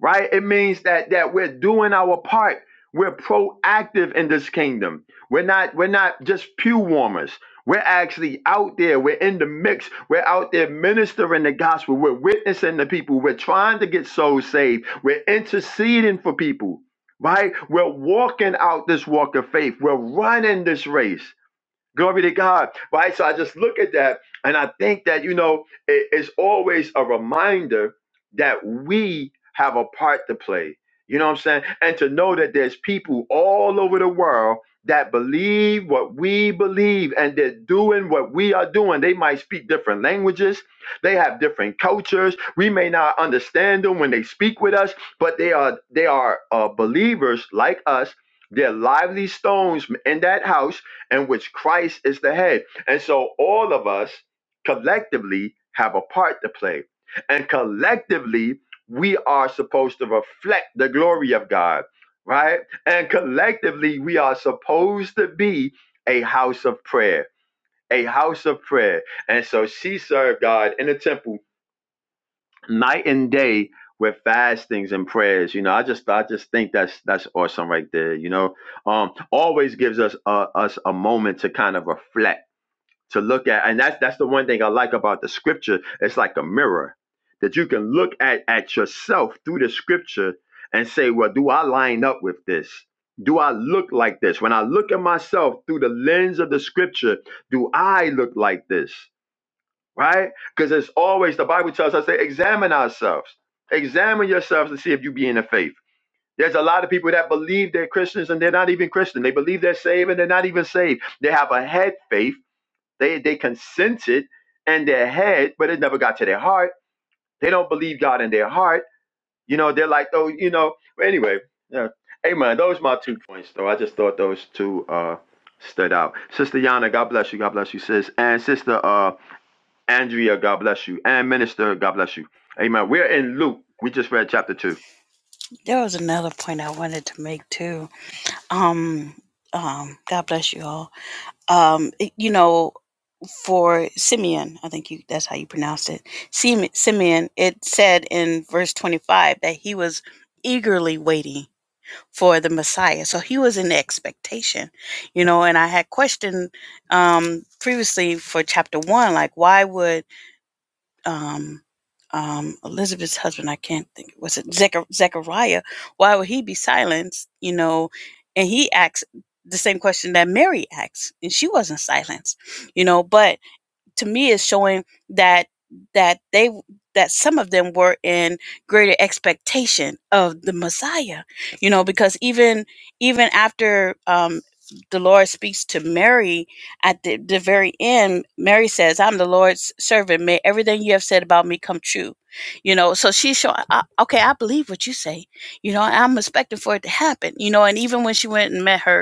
right? It means that that we're doing our part. We're proactive in this kingdom. We're not we're not just pew warmers. We're actually out there. We're in the mix. We're out there ministering the gospel. We're witnessing to people. We're trying to get souls saved. We're interceding for people, right? We're walking out this walk of faith. We're running this race. Glory to God. Right? So I just look at that and I think that, you know, it- it's always a reminder that we have a part to play. You know what I'm saying? And to know that there's people all over the world that believe what we believe and they're doing what we are doing. They might speak different languages, they have different cultures. We may not understand them when they speak with us, but they are they are uh, believers like us. They're lively stones in that house in which Christ is the head. And so all of us collectively have a part to play. And collectively, we are supposed to reflect the glory of God, right? And collectively, we are supposed to be a house of prayer, a house of prayer. And so she served God in the temple night and day with fastings and prayers. You know, I just I just think that's that's awesome right there. You know, um, always gives us uh, us a moment to kind of reflect, to look at, and that's that's the one thing I like about the scripture. It's like a mirror that you can look at at yourself through the scripture and say, well, do I line up with this? Do I look like this? When I look at myself through the lens of the scripture, do I look like this? right? Because it's always the Bible tells us to examine ourselves, examine yourselves to see if you be in the faith. There's a lot of people that believe they're Christians and they're not even Christian. They believe they're saved and they're not even saved. They have a head faith. They they consented in their head, but it never got to their heart. They don't believe God in their heart. You know, they're like, though. you know. But anyway, yeah. Amen. Those are my two points, though. I just thought those two uh stood out. Sister Yana, God bless you. God bless you, sis. And sister uh Andrea, God bless you. And Minister, God bless you. Amen. We're in Luke. We just read chapter 2. There was another point I wanted to make too. Um, um, God bless you all. Um, it- you know, for Simeon, I think you that's how you pronounce it. Sim- Simeon. It said in verse twenty-five that he was eagerly waiting for the Messiah, so he was in expectation. You know, and I had questioned um, previously for chapter one, like why would um, um, Elizabeth's husband, I can't think, was it Zechar- Zechariah? Why would he be silenced? You know, and he asks the same question that Mary asks, and she wasn't silenced, you know, but to me is showing that that they that some of them were in greater expectation of the Messiah, you know, because even even after um, the Lord speaks to Mary at the, the very end, Mary says, "I'm the Lord's servant. May everything you have said about me come true." You know, so she's showing, I, okay, I believe what you say. You know, I'm expecting for it to happen. You know, and even when she went and met her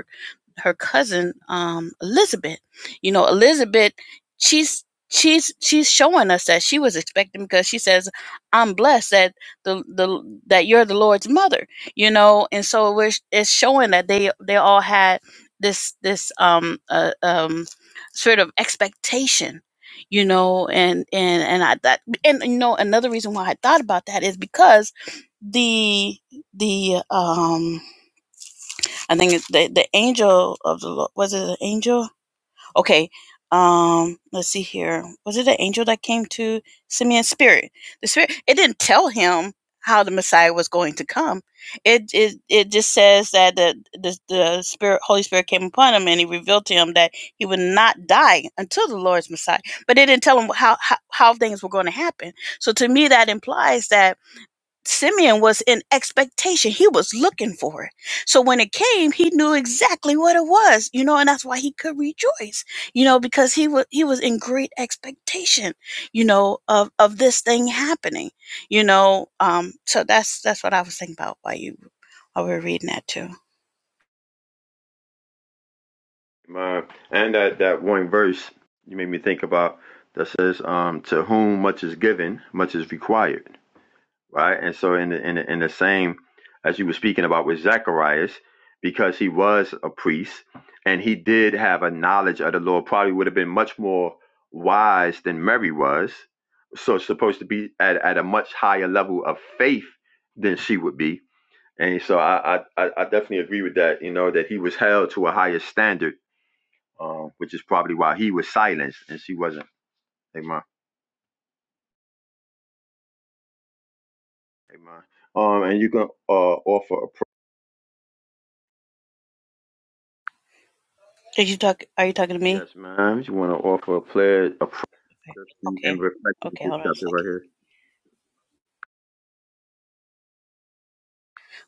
her cousin um, Elizabeth. You know, Elizabeth, she's she's she's showing us that she was expecting because she says, "I'm blessed that the the that you're the Lord's mother." You know, and so we're it's showing that they they all had this this um uh, um sort of expectation you know and and and i that and you know another reason why i thought about that is because the the um I think it's the the angel of the Lord. Was it an angel? Okay. Um, let's see here. Was it an angel that came to Simeon's spirit? The spirit. It didn't tell him how the Messiah was going to come. It it, it just says that the, the the spirit Holy Spirit came upon him and he revealed to him that he would not die until the Lord's Messiah. But it didn't tell him how how, how things were going to happen. So to me, that implies that Simeon was in expectation. He was looking for it. So when it came, he knew exactly what it was, you know, and that's why he could rejoice, you know, because he was he was in great expectation, you know, of of this thing happening, you know. Um, so that's that's what I was thinking about while you while we were reading that too. Amen. And that, that one verse you made me think about that says, um, To whom much is given, much is required. Right? And so, in the, in the, in the same as you were speaking about with Zacharias, because he was a priest and he did have a knowledge of the Lord, probably would have been much more wise than Mary was. So, it's supposed to be at, at a much higher level of faith than she would be And so I, I, I definitely agree with that, you know, that he was held to a higher standard, um, which is probably why he was silenced and she wasn't. Amen. Amen. Um, and you can uh, offer a pro- Did you talk are you talking to yes, me? ma'am. You want to offer a prayer, a prayer and Okay. reflection of Okay, this hold on a chapter second. right here.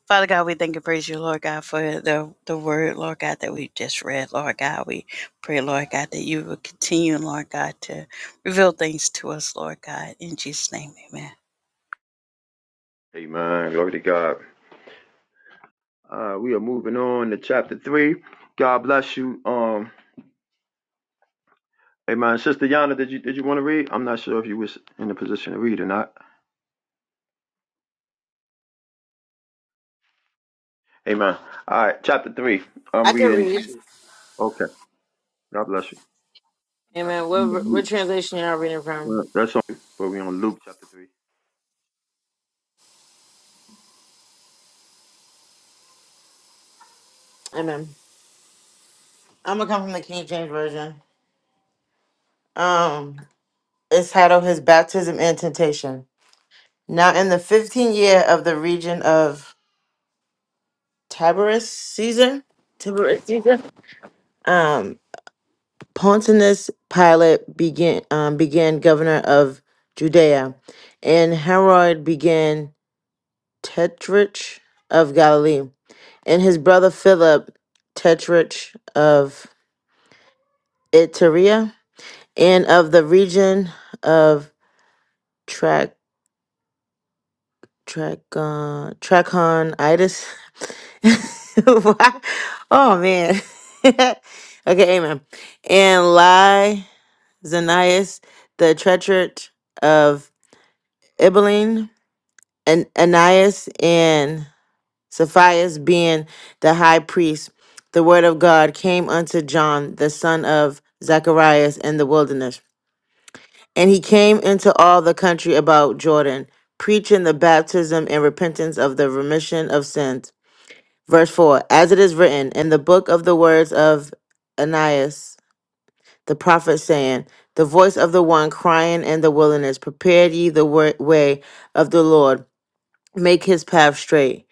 Father God, we thank and praise you, Lord God, for the, the word, Lord God, that we just read, Lord God. We pray, Lord God, that you will continue, Lord God, to reveal things to us, Lord God. In Jesus' name, amen. Amen. Glory to God. Uh, we are moving on to chapter three. God bless you. Um, amen. Sister Yana, did you did you want to read? I'm not sure if you was in a position to read or not. Amen. All right, chapter three. I'm I can reading. read. Okay. God bless Amen. What you. what translation y'all reading from? Uh, That's on you. But we on Luke chapter 3. Amen. I'm gonna come from the King James version. Um, it's titled "His Baptism and Temptation." Now, in the 15th year of the region of Tiberius Caesar, Tiberius Caesar, um, Pontius Pilate began um, began governor of Judea, and Herod began tetrarch of Galilee, and his brother Philip tetrarch of Iturea and of the region of Trac Tracon Trachonitis. Why- oh man. okay, amen. And Ly Zanias, the treacherate of Ibeline, and Anias and Sapphias being the high priest, the word of God came unto John, the son of Zacharias, in the wilderness And he came into all the country about Jordan, preaching the baptism and repentance of the remission of sins. Verse 4 As it is written in the book of the words of Ananias the prophet, saying, The voice of the one crying in the wilderness, Prepare ye the wa- way of the Lord, make his path straight.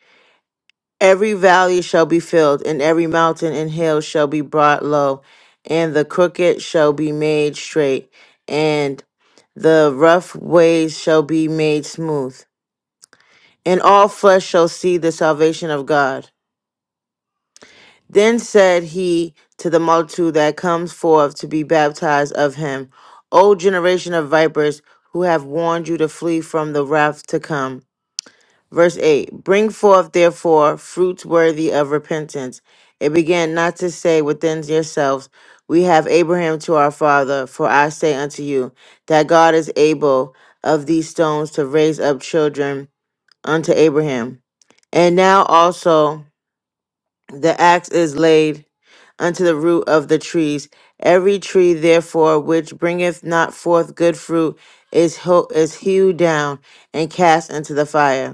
Every valley shall be filled, and every mountain and hill shall be brought low, and the crooked shall be made straight, and the rough ways shall be made smooth. And all flesh shall see the salvation of God. Then said he to the multitude that comes forth to be baptized of him, O generation of vipers, who have warned you to flee from the wrath to come. Verse 8 Bring forth, therefore, fruits worthy of repentance, It began not to say within yourselves, We have Abraham to our father. For I say unto you, that God is able of these stones to raise up children unto Abraham. And now also the axe is laid unto the root of the trees. Every tree, therefore, which bringeth not forth good fruit is, ho- is hewed down and cast into the fire.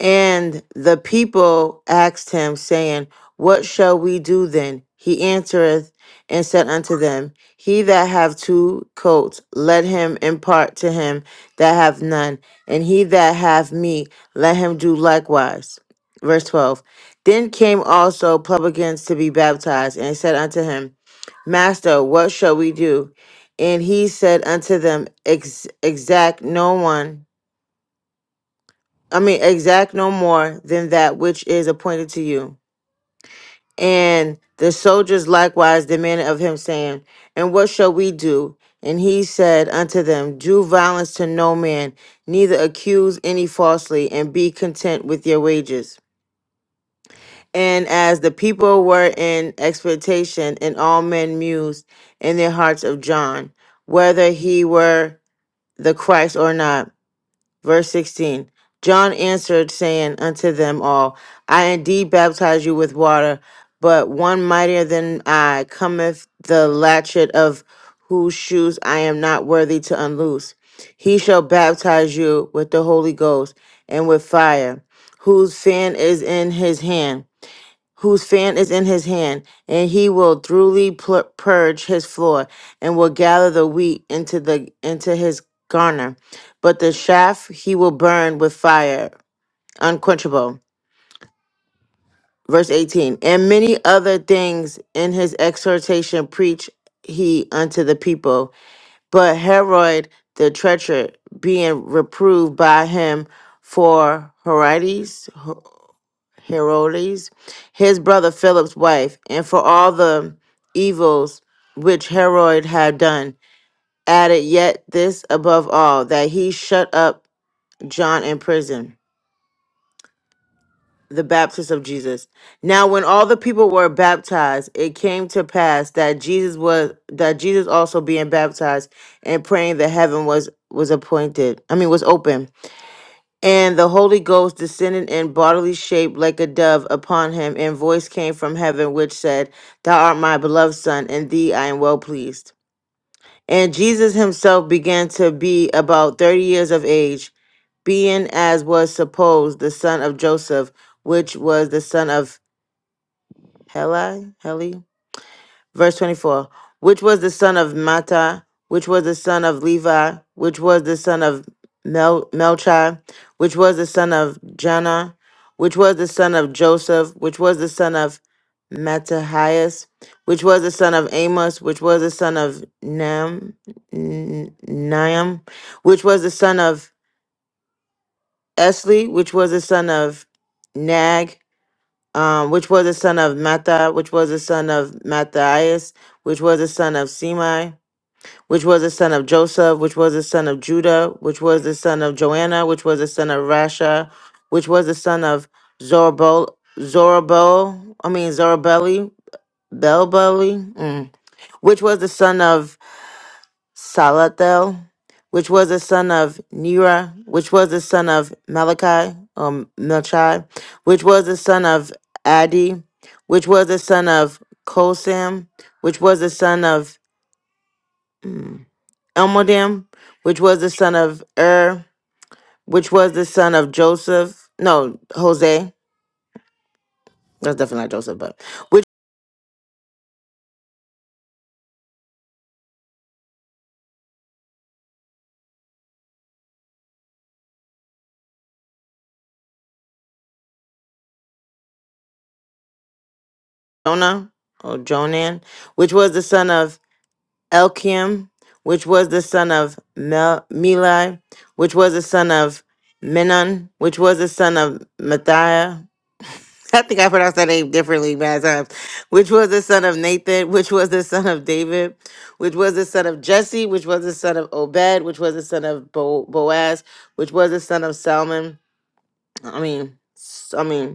And the people asked him, saying, What shall we do then? He answereth and said unto them, He that have two coats, let him impart to him that have none, and he that have meat, let him do likewise. Verse 12 Then came also publicans to be baptized, and said unto him, Master, what shall we do? And he said unto them, Ex- Exact no one I mean, exact no more than that which is appointed to you. And the soldiers likewise demanded of him, saying, And what shall we do? And he said unto them, Do violence to no man, neither accuse any falsely, and be content with your wages. And as the people were in expectation, and all men mused in their hearts of John, whether he were the Christ or not. Verse 16 John answered, saying unto them all, I indeed baptize you with water, but one mightier than I cometh, the latchet of whose shoes I am not worthy to unloose. He shall baptize you with the Holy Ghost and with fire, whose fan is in his hand whose fan is in his hand, and he will throughly pl- purge his floor, and will gather the wheat into the into his garner, but the chaff he will burn with fire, unquenchable. Verse 18, and many other things in his exhortation preach he unto the people. But Herod the treacher, being reproved by him for Herodias, Herodes, his brother Philip's wife, and for all the evils which Herod had done, added yet this above all, that he shut up John in prison, the Baptist of Jesus. Now when all the people were baptized, it came to pass that Jesus was that Jesus also being baptized and praying that heaven was was appointed. I mean was open. And the Holy Ghost descended in bodily shape like a dove upon him, and voice came from heaven which said, Thou art my beloved Son, in thee I am well pleased. And Jesus himself began to be about thirty years of age, being as was supposed the son of Joseph, which was the son of Heli, verse 24 which was the son of Mata, which was the son of Levi, which was the son of Mel- Melchi, which was the son of Janna, which was the son of Joseph, which was the son of Matthias, which was the son of Amos, which was the son of Nam, N- Niam, which was the son of Esli, which was the son of Nag, um, which was the son of Mattha, which was the son of Matthias, which was the son of Semai, which was the son of Joseph, which was the son of Judah, which was the son of Joanna, which was the son of Rasha, which was the son of Zorobel, Zorobel, I mean Zorobeli, Belbeli, mm, which was the son of Salathiel, which was the son of Nera, which was the son of Malachi, or Melchi, which was the son of Adi, which was the son of Kosam, which was the son of mm, Elmodam, which was the son of Er, which was the son of Joseph, no, Jose, that's definitely not Joseph, but which Jonah, or Jonan, which was the son of Elkiam, which was the son of Mel- Meli, which was the son of Menon, which was the son of Mathiah. I think I pronounced that name differently bad times. Which was the son of Nathan, which was the son of David, which was the son of Jesse, which was the son of Obed, which was the son of Bo- Boaz, which was the son of Salmon. I mean, s- I mean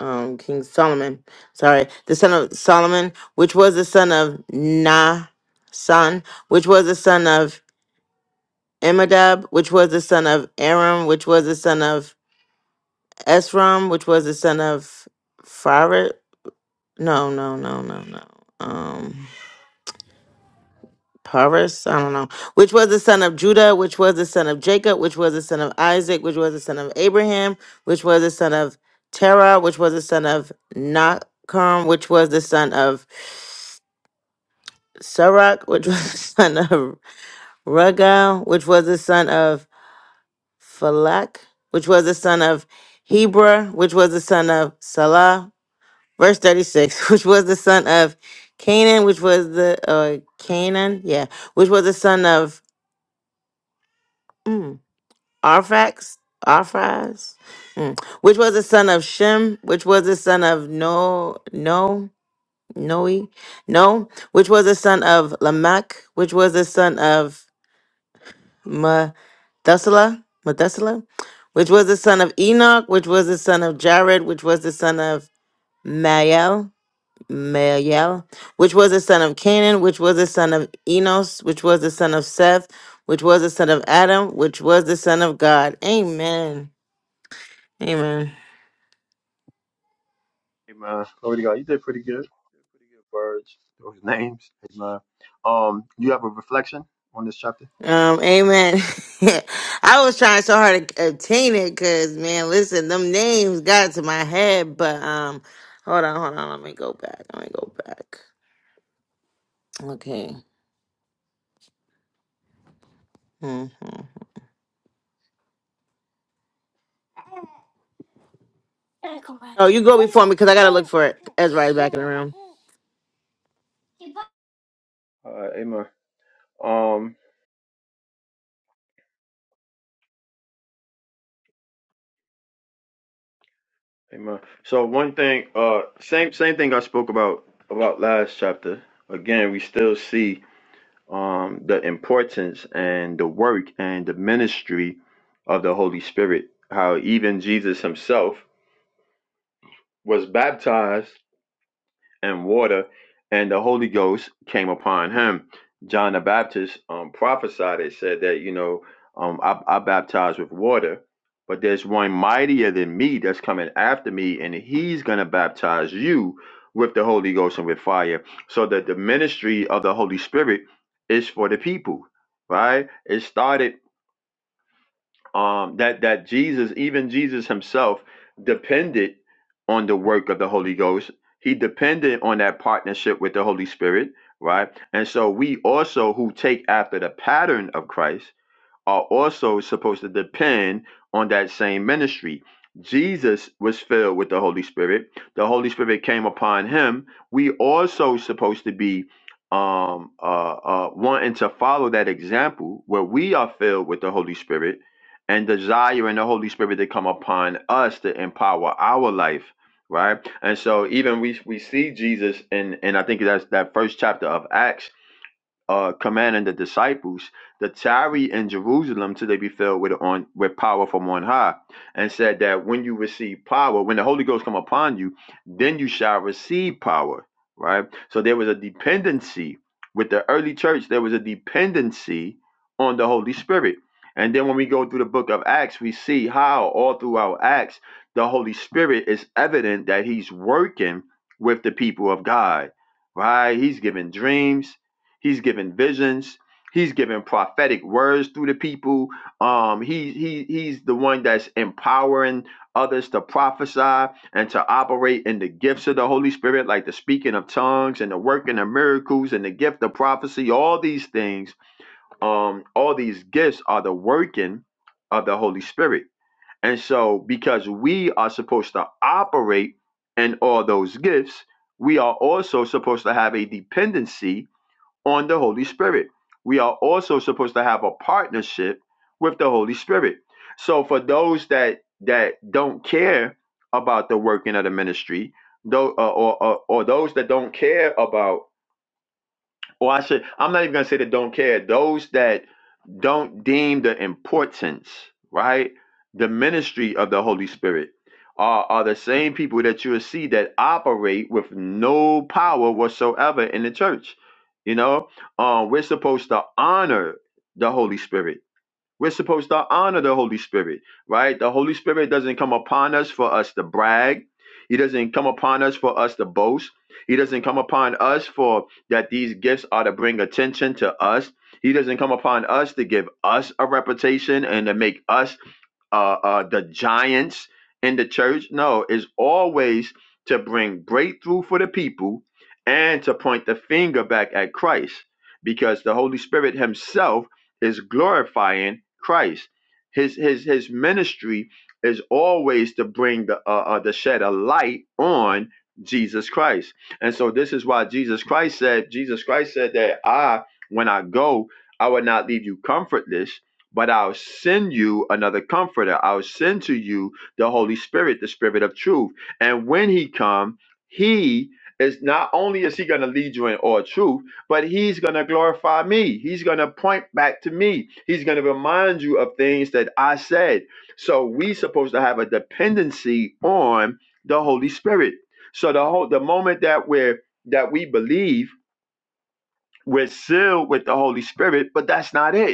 um King Solomon, sorry, the son of Solomon, which was the son of Nah, son, which was the son of Imadab, which was the son of Aram, which was the son of Esrom, which was the son of Farid. No, no, no, no, no. Um Paris, I don't know. Which was the son of Judah, which was the son of Jacob, which was the son of Isaac, which was the son of Abraham, which was the son of Terah, which was the son of Nakam, which was the son of Sarak, which was the son of Ragal, which was the son of Falak, which was the son of Heber, which was the son of Salah. Verse 36, which was the son of Canaan, which was the uh, Canaan, yeah, which was the son of mm, Arfax, Arphaz, mm, which was the son of Shem, which was the son of No, No, Noe, No, which was the son of Lamech, which was the son of Methuselah, Methuselah, which was the son of Enoch, which was the son of Jared, which was the son of Mael, Mael, which was the son of Canaan, which was the son of Enos, which was the son of Seth, which was the son of Adam, which was the son of God. Amen. Amen. Hey, man. Glory to God. You did pretty good. You did pretty good words. Those names. Hey, man. Um, you have a reflection on this chapter? Um, amen. I was trying so hard to obtain it because, man, listen, them names got to my head, but, um, hold on, hold on. Let me go back. Let me go back. Okay. Mhm. Oh, you go before me because I gotta look for it. Ezra is back in the room. Uh, amen. Um, amen. So one thing, uh, same same thing I spoke about about last chapter. Again, we still see um the importance and the work and the ministry of the Holy Spirit. How even Jesus Himself was baptized and water, and the Holy Ghost came upon him. John the Baptist um, prophesied and said that, you know, um, I, I baptize with water, but there's one mightier than me that's coming after me, and he's going to baptize you with the Holy Ghost and with fire. So that the ministry of the Holy Spirit is for the people, right? It started um, that that Jesus, even Jesus himself, depended on the work of the Holy Ghost. He depended on that partnership with the Holy Spirit, right? And so we also who take after the pattern of Christ are also supposed to depend on that same ministry. Jesus was filled with the Holy Spirit. The Holy Spirit came upon him. We also supposed to be um, uh, uh, wanting to follow that example where we are filled with the Holy Spirit and desiring the Holy Spirit to come upon us to empower our life, right? And so even we we see Jesus in and I think that's that first chapter of Acts uh, commanding the disciples to tarry in Jerusalem till they be filled with on with power from on high, and said that when you receive power, when the Holy Ghost come upon you, then you shall receive power. Right. So there was a dependency with the early church. There was a dependency on the Holy Spirit. And then when we go through the book of Acts, we see how all throughout Acts the Holy Spirit is evident that He's working with the people of God. Right. He's giving dreams He's given visions. He's given prophetic words through the people. Um, he he he's the one that's empowering others to prophesy and to operate in the gifts of the Holy Spirit, like the speaking of tongues and the working of miracles and the gift of prophecy. All these things, um, all these gifts are the working of the Holy Spirit. And so, because we are supposed to operate in all those gifts, we are also supposed to have a dependency on the Holy Spirit. We are also supposed to have a partnership with the Holy Spirit. So for those that that don't care about the working of the ministry, though, uh, or, or or those that don't care about, or I should, I'm not even gonna say that don't care. Those that don't deem the importance, right? The ministry of the Holy Spirit are, are the same people that you will see that operate with no power whatsoever in the church. You know, um, we're supposed to honor the Holy Spirit we're supposed to honor the Holy Spirit, right? The Holy Spirit doesn't come upon us for us to brag. He doesn't come upon us for us to boast. He doesn't come upon us for that these gifts are to bring attention to us. He doesn't come upon us to give us a reputation and to make us uh, uh, the giants in the church. No, it's always to bring breakthrough for the people and to point the finger back at Christ because the Holy Spirit Himself is glorifying Christ. His, his, his ministry is always to bring the, uh, uh, the shed a light on Jesus Christ. And so this is why Jesus Christ said, Jesus Christ said that I, when I go, I will not leave you comfortless but I'll send you another comforter. I'll send to you the Holy Spirit, the Spirit of truth. And when he come, he is not only is he going to lead you in all truth, but he's going to glorify me. He's going to point back to me. He's going to remind you of things that I said. So we supposed to have a dependency on the Holy Spirit. So the whole the moment that we're that we believe, we're sealed with the Holy Spirit, but that's not it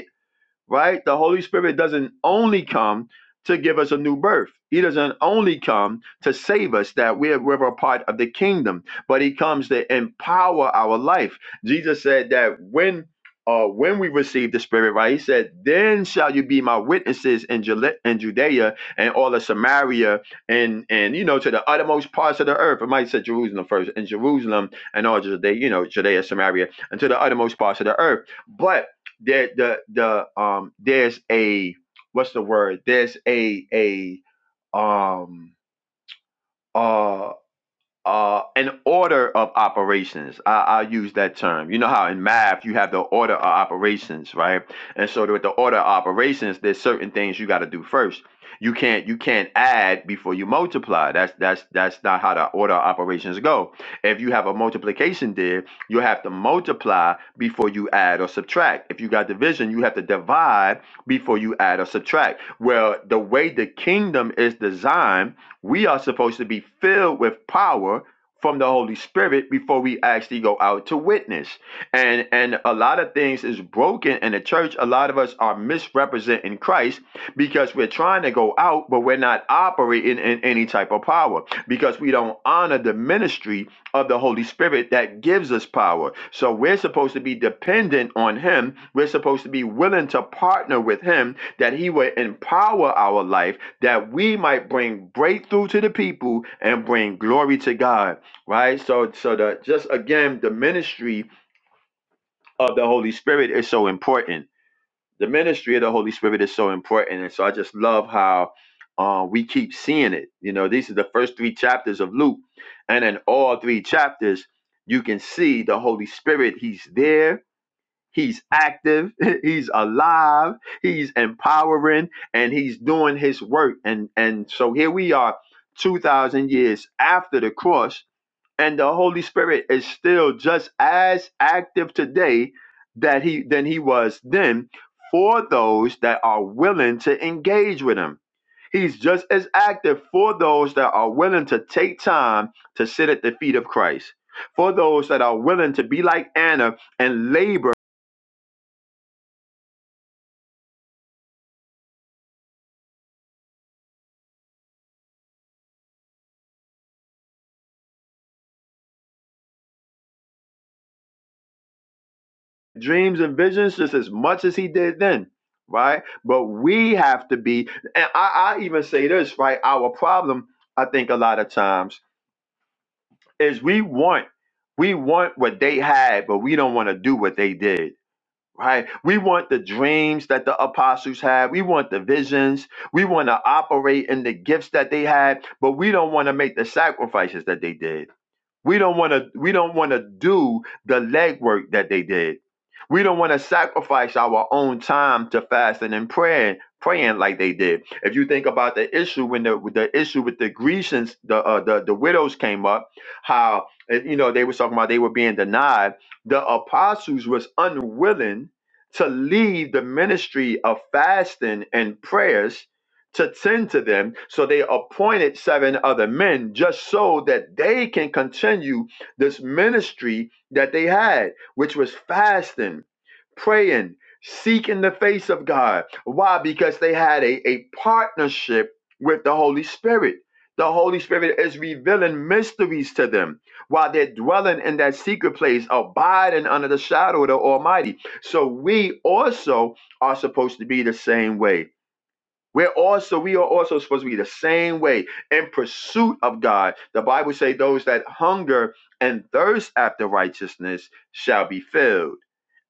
right? The Holy Spirit doesn't only come to give us a new birth. He doesn't only come to save us that we're, we're a part of the kingdom, but he comes to empower our life. Jesus said that when uh, when we receive the Spirit, right? He said, "Then shall you be my witnesses in, Jule- in Judea and all of Samaria, and and you know to the uttermost parts of the earth." It might say Jerusalem first, and Jerusalem and all Judea, you know, Judea, Samaria, and to the uttermost parts of the earth. But there the the um there's a what's the word there's a a um uh uh, an order of operations. I, I'll use that term. You know how in math you have the order of operations, right? And so with the order of operations, there's certain things you got to do first. You can't you can't add before you multiply. That's that's that's not how the order of operations go. If you have a multiplication there, you have to multiply before you add or subtract. If you got division, you have to divide before you add or subtract. Well, the way the kingdom is designed we are supposed to be filled with power from the Holy Spirit before we actually go out to witness. And and a lot of things is broken in the church. A lot of us are misrepresenting Christ because we're trying to go out, but we're not operating in any type of power because we don't honor the ministry of the Holy Spirit that gives us power. So we're supposed to be dependent on Him. We're supposed to be willing to partner with Him that he would empower our life that we might bring breakthrough to the people and bring glory to God right so so the just again the ministry of the Holy Spirit is so important the ministry of the Holy Spirit is so important and so I just love how uh, we keep seeing it you know these are the first three chapters of Luke and in all three chapters you can see the Holy Spirit he's there He's active, he's alive, he's empowering, and he's doing his work. And and so here we are 2000 years after the cross and the Holy Spirit is still just as active today that he than he was then for those that are willing to engage with him. He's just as active for those that are willing to take time to sit at the feet of Christ. For those that are willing to be like Anna and labor dreams and visions just as much as he did then right but we have to be and i, I even say this right our problem i think a lot of times is we want we want what they had but we don't want to do what they did right we want the dreams that the apostles had we want the visions we want to operate in the gifts that they had but we don't want to make the sacrifices that they did we don't want to we don't want to do the legwork that they did. We don't want to sacrifice our own time to fasting and praying, praying like they did. If you think about the issue when the with the issue with the Grecians, the uh, the the widows came up, how eh, you know they were talking about they were being denied. The apostles was unwilling to leave the ministry of fasting and prayers to tend to them. So they appointed seven other men just so that they can continue this ministry that they had, which was fasting, praying, seeking the face of God. Why? Because they had a, a partnership with the Holy Spirit. The Holy Spirit is revealing mysteries to them while they're dwelling in that secret place, abiding under the shadow of the Almighty. So we also are supposed to be the same way we're also we are also supposed to be the same way in pursuit of God. The Bible says, those that hunger and thirst after righteousness shall be filled.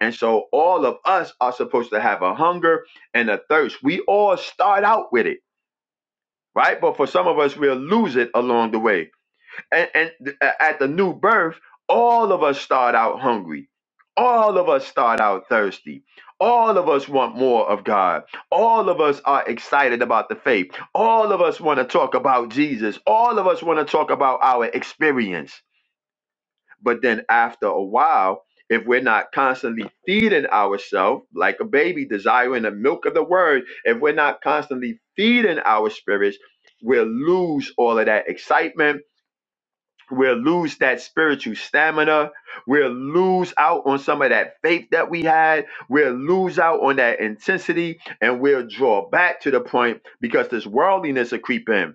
And so all of us are supposed to have a hunger and a thirst. We all start out with it, right? But for some of us, we'll lose it along the way and, and th- at the new birth, all of us start out hungry. All of us start out thirsty. All of us want more of God. All of us are excited about the faith. All of us want to talk about Jesus. All of us want to talk about our experience. But then after a while, if we're not constantly feeding ourselves like a baby desiring the milk of the word, if we're not constantly feeding our spirits, we'll lose all of that excitement We'll lose that spiritual stamina. We'll lose out on some of that faith that we had. We'll lose out on that intensity and we'll draw back to the point because this worldliness will creep in.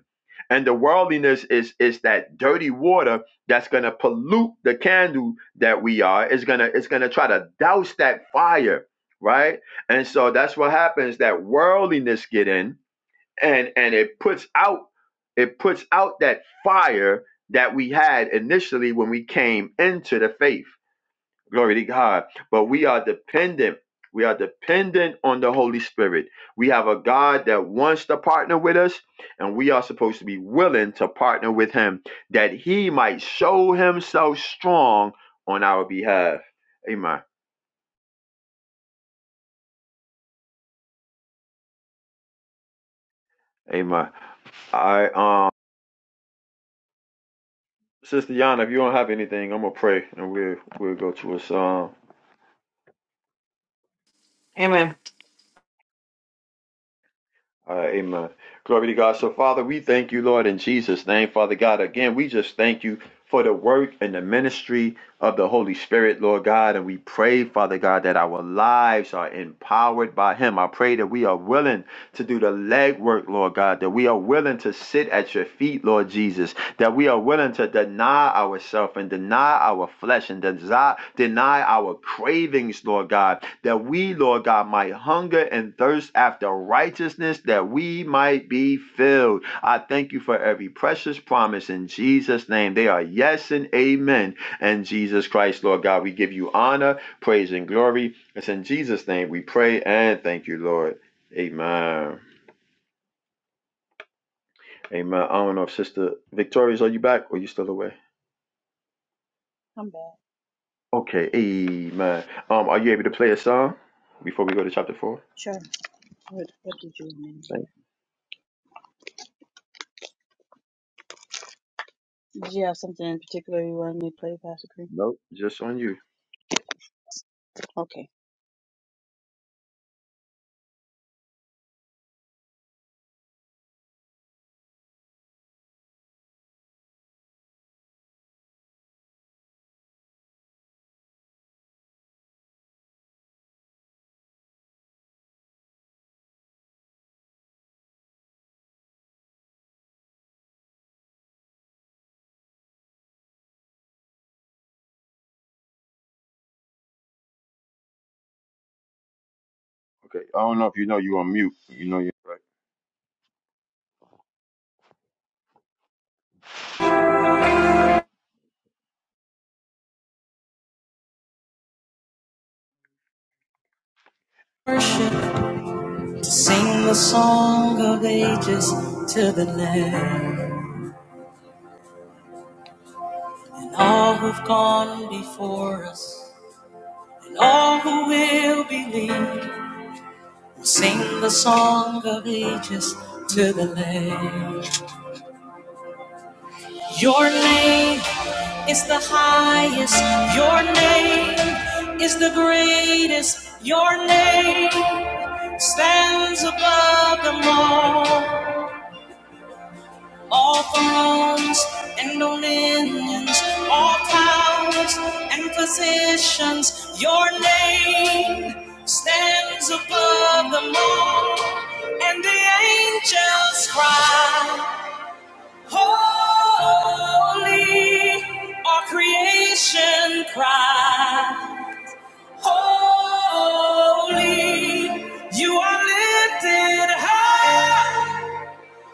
And the worldliness is is that dirty water that's gonna pollute the candle that we are. It's gonna it's gonna try to douse that fire, right? And so that's what happens. That worldliness get in and and it puts out it puts out that fire that we had initially when we came into the faith glory to god but we are dependent we are dependent on the holy spirit we have a god that wants to partner with us and we are supposed to be willing to partner with him that he might show himself strong on our behalf amen amen all right um sister yana if you don't have anything i'm gonna pray and we'll we'll go to a song Amen. All right, amen. Glory to God. So, Father, we thank you, Lord, in Jesus' name. Father God, again, we just thank you for the work and the ministry of the Holy Spirit, Lord God. And we pray, Father God, that our lives are empowered by Him. I pray that we are willing to do the legwork, Lord God, that we are willing to sit at your feet, Lord Jesus, that we are willing to deny ourselves and deny our flesh and desire, deny our cravings, Lord God, that we, Lord God, might hunger and thirst after righteousness, that we might be filled. I thank you for every precious promise in Jesus' name. They are yes and amen. And Jesus Christ, Lord God, we give you honor, praise, and glory. It's in Jesus' name we pray and thank you, Lord. Amen. Amen. I don't know if Sister Victorious, are you back or are you still away? I'm back. Okay, amen. Um, are you able to play a song before we go to chapter four? Sure. What, what did you mean? Thanks. Did you have something in particular you wanted me to play, Pastor Green? Nope, just on you. Okay. Okay. I don't know if you know you on mute. You know you're right. Worship, sing the song of ages to the Lamb. And all who've gone before us, and all who will believe. Sing the song of ages to the Lamb. Your name is the highest. Your name is the greatest. Your name stands above them all. All thrones and dominions, all powers and positions. Your name stands above them all. And the angels cry. Holy, our creation cry. Holy, you are lifted high.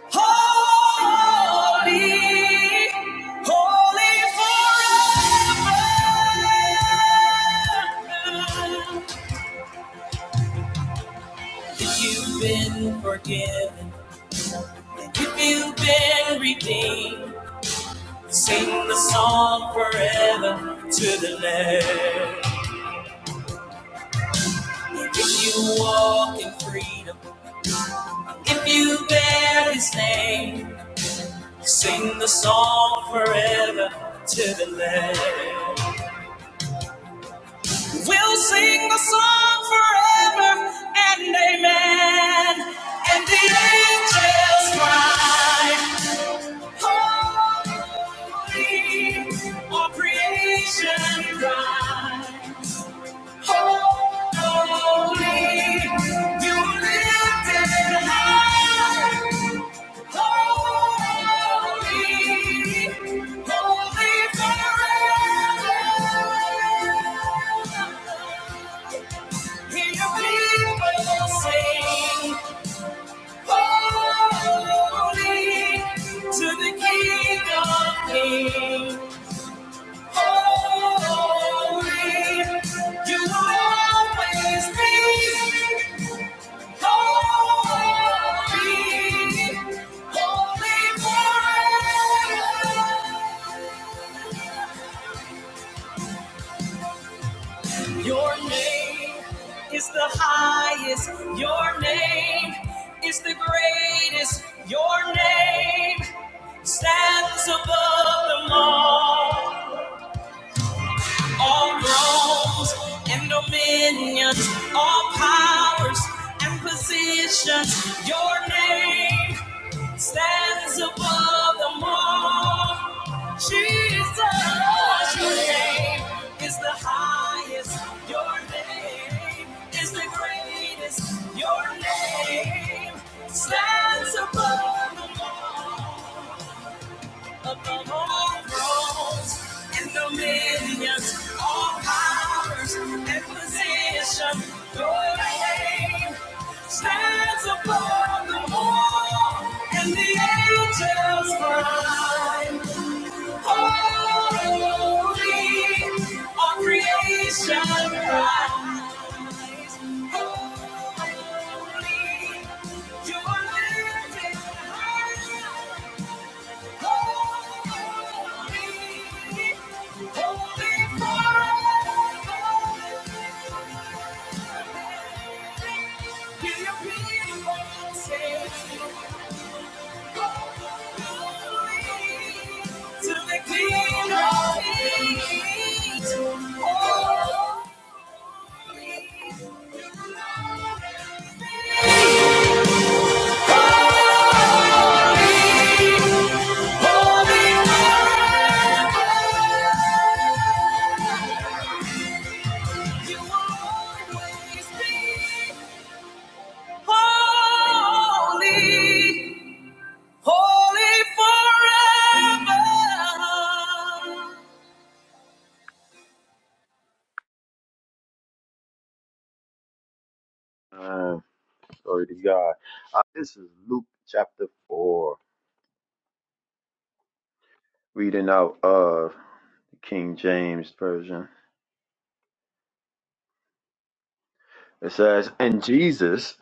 Holy, holy forever. If you've been forgiven, if you've been redeemed. Sing the song forever to the land. If you walk in freedom, if you bear his name, sing the song forever to the land. We'll sing the song forever and amen. And the angels cry, Holy, all creation cry. Holy, you will always be. Holy, holy one. Your name is the highest. Your name is the greatest. Your name stands above them all. all thrones and dominions, all powers and positions. Your name stands above them all. Jesus, your name is the highest. Your name is the greatest. Your name stands above them all. Above all thrones and dominions, all powers and positions, your name stands above the wall and the angels cry. Holy, all creation cries. Holy, you are lifted high. Holy, holy, you will always be. Holy, holy forever. Uh, glory to God. Uh, this is Luke chapter four, reading out of the King James version. It says, "And Jesus,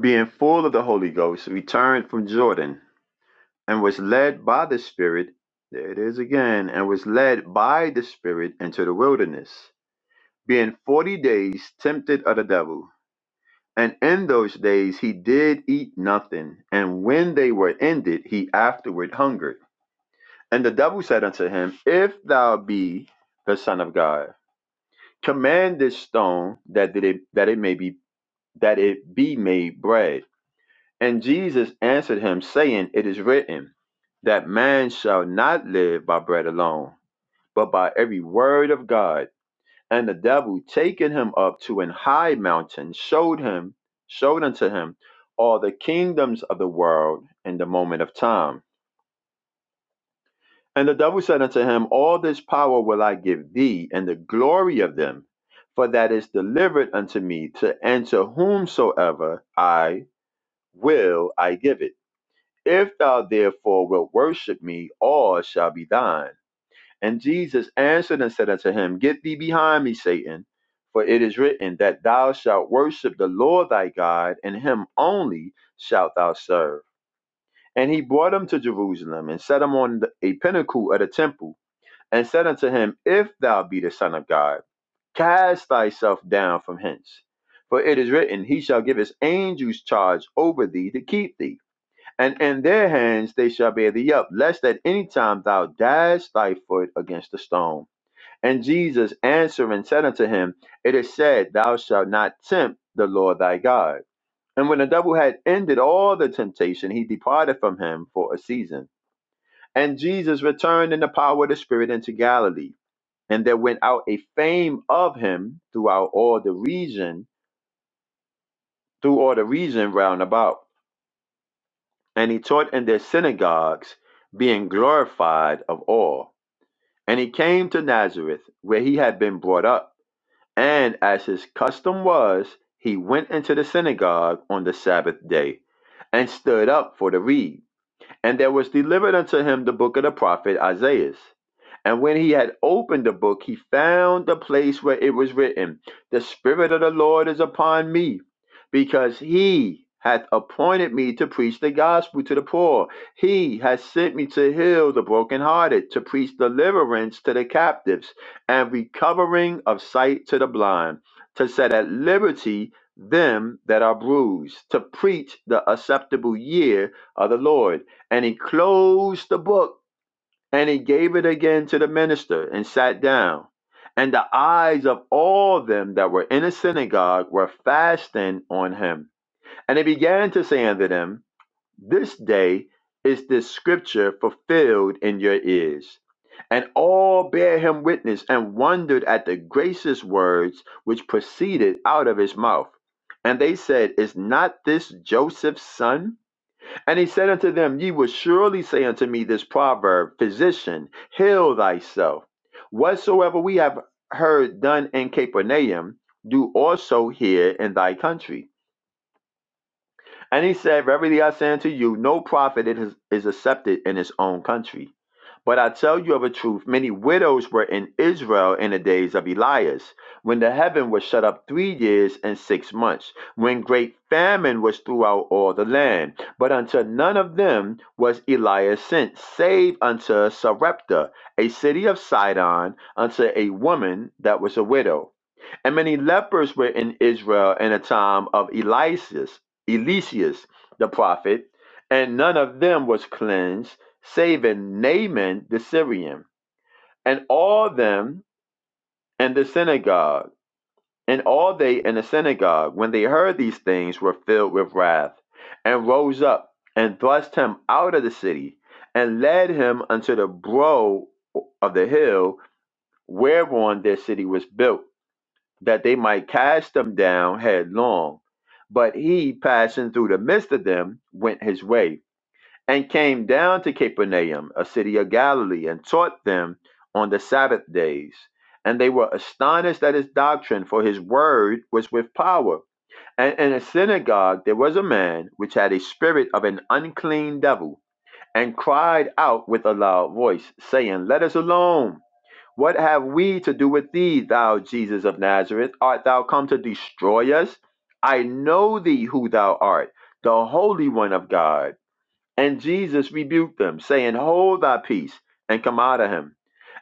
being full of the Holy Ghost, returned from Jordan and was led by the Spirit." There it is again, and was led by the Spirit into the wilderness being forty days tempted of the devil. And in those days he did eat nothing, and when they were ended, he afterward hungered. And the devil said unto him, If thou be the Son of God, command this stone that it that it may be that it be made bread. And Jesus answered him, saying, It is written, that man shall not live by bread alone, but by every word of God And the devil taking him up to an high mountain showed him, showed unto him all the kingdoms of the world in the moment of time. And the devil said unto him, All this power will I give thee, and the glory of them, for that is delivered unto me, to and to whomsoever I will I give it. If thou therefore wilt worship me, all shall be thine. And Jesus answered and said unto him, Get thee behind me, Satan, for it is written that thou shalt worship the Lord thy God, and him only shalt thou serve. And he brought him to Jerusalem, and set him on a pinnacle of the temple, and said unto him, If thou be the Son of God, cast thyself down from hence. For it is written, He shall give his angels charge over thee to keep thee, and in their hands they shall bear thee up, lest at any time thou dash thy foot against a stone. And Jesus answering said unto him, It is said, Thou shalt not tempt the Lord thy God. And when the devil had ended all the temptation, he departed from him for a season. And Jesus returned in the power of the Spirit into Galilee. And there went out a fame of him throughout all the region, through all the region round about. And he taught in their synagogues, being glorified of all. And he came to Nazareth, where he had been brought up. And as his custom was, he went into the synagogue on the Sabbath day, and stood up for the read. And there was delivered unto him the book of the prophet Isaiah. And when he had opened the book, he found the place where it was written, The Spirit of the Lord is upon me, because he hath appointed me to preach the gospel to the poor. He hath sent me to heal the brokenhearted, to preach deliverance to the captives, and recovering of sight to the blind, to set at liberty them that are bruised, to preach the acceptable year of the Lord. And he closed the book and he gave it again to the minister and sat down. And the eyes of all them that were in the synagogue were fastened on him. And he began to say unto them, This day is this scripture fulfilled in your ears. And all bare him witness and wondered at the gracious words which proceeded out of his mouth. And they said, Is not this Joseph's son? And he said unto them, Ye will surely say unto me this proverb, Physician, heal thyself. Whatsoever we have heard done in Capernaum, do also here in thy country. And he said, Verily I say unto you, no prophet it is, is accepted in his own country. But I tell you of a truth, many widows were in Israel in the days of Elias, when the heaven was shut up three years and six months, when great famine was throughout all the land. But unto none of them was Elias sent, save unto Sarepta, a city of Sidon, unto a woman that was a widow. And many lepers were in Israel in the time of Elias, Eliseus the prophet, and none of them was cleansed, saving Naaman the Syrian. And all them in the synagogue, and all they in the synagogue, when they heard these things, were filled with wrath, and rose up and thrust him out of the city, and led him unto the brow of the hill whereon their city was built that they might cast them down headlong. But he, passing through the midst of them, went his way, and came down to Capernaum, a city of Galilee, and taught them on the Sabbath days. And they were astonished at his doctrine, for his word was with power. And in a synagogue there was a man which had a spirit of an unclean devil, and cried out with a loud voice, saying, Let us alone. What have we to do with thee, thou Jesus of Nazareth? Art thou come to destroy us? I know thee who thou art, the Holy One of God. And Jesus rebuked them, saying, Hold thy peace, and come out of him.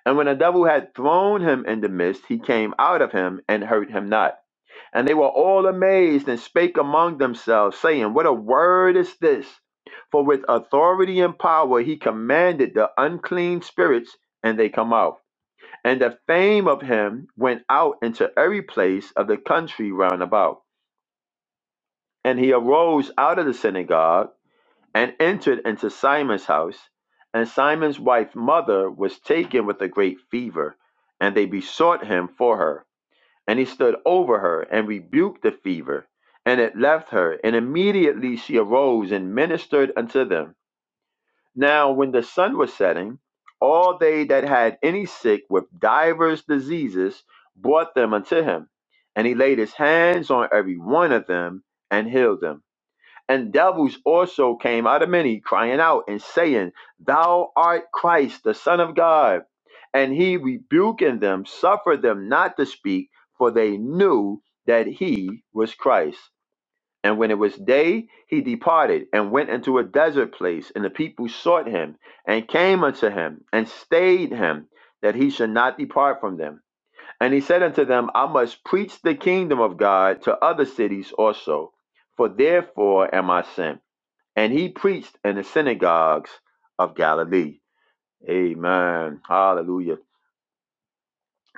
And when the devil had thrown him in the midst, he came out of him and hurt him not. And they were all amazed and spake among themselves, saying, What a word is this! For with authority and power he commanded the unclean spirits, and they come out. And the fame of him went out into every place of the country round about. And he arose out of the synagogue and entered into Simon's house. And Simon's wife's mother was taken with a great fever, and they besought him for her. And he stood over her and rebuked the fever, and it left her. And immediately she arose and ministered unto them. Now, when the sun was setting, all they that had any sick with divers diseases brought them unto him, and he laid his hands on every one of them and healed them. And devils also came out of many, crying out and saying, Thou art Christ, the Son of God. And he rebuking them, suffered them not to speak, for they knew that he was Christ. And when it was day, he departed and went into a desert place. And the people sought him and came unto him and stayed him that he should not depart from them. And he said unto them, I must preach the kingdom of God to other cities also, for therefore am I sent. And he preached in the synagogues of Galilee. Amen. Hallelujah.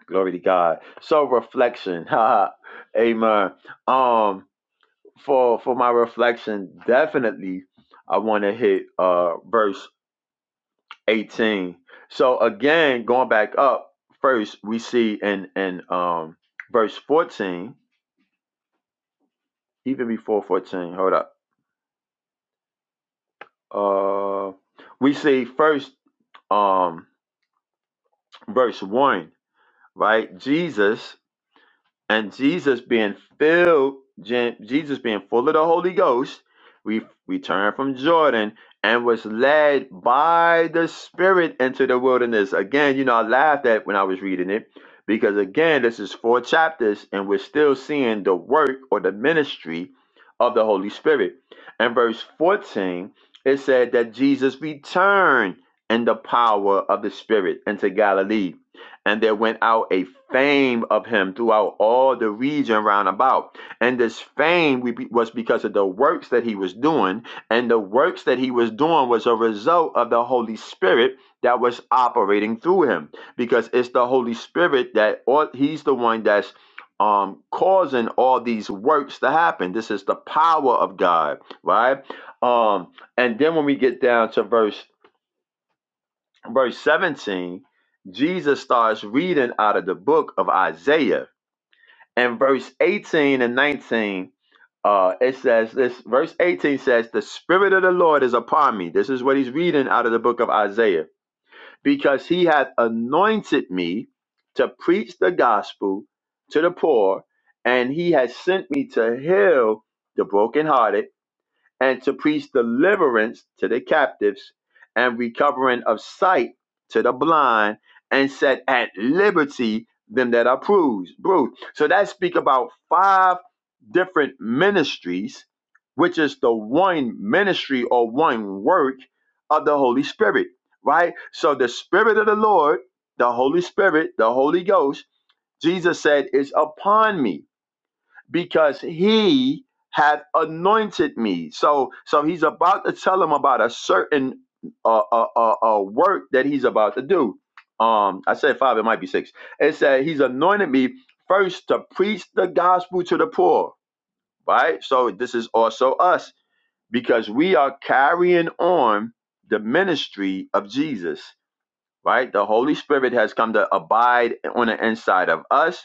Glory to God. So reflection. Amen. Um, for for my reflection, definitely I want to hit uh verse 18. So again, going back up, first we see in in um verse 14, even before 14, hold up. Uh we see first um verse 1, right? Jesus and Jesus being filled, Je- Jesus being full of the Holy Ghost, we returned from Jordan and was led by the Spirit into the wilderness. Again, you know, I laughed at when I was reading it because again, this is four chapters and we're still seeing the work or the ministry of the Holy Spirit. And verse 14, it said that Jesus returned in the power of the Spirit into Galilee and there went out a fame of him throughout all the region round about. And this fame we- be- was because of the works that he was doing. And the works that he was doing was a result of the Holy Spirit that was operating through him. Because it's the Holy Spirit that, or he's the one that's um, causing all these works to happen. This is the power of God, right? Um, and then when we get down to verse verse 17, Jesus starts reading out of the book of Isaiah. And verse 18 and 19, uh, it says this verse 18 says, The Spirit of the Lord is upon me. This is what he's reading out of the book of Isaiah, because he hath anointed me to preach the gospel to the poor, and he has sent me to heal the brokenhearted and to preach deliverance to the captives and recovering of sight to the blind and set at liberty them that are bruised. bruised. So that speak about five different ministries, which is the one ministry or one work of the Holy Spirit, right? So the Spirit of the Lord, the Holy Spirit, the Holy Ghost, Jesus said, is upon me because he had anointed me. So so he's about to tell him about a certain uh, uh, uh, uh, work that he's about to do. Um, I said five, it might be six. It said he's anointed me first to preach the gospel to the poor, right? So this is also us because we are carrying on the ministry of Jesus, right? The Holy Spirit has come to abide on the inside of us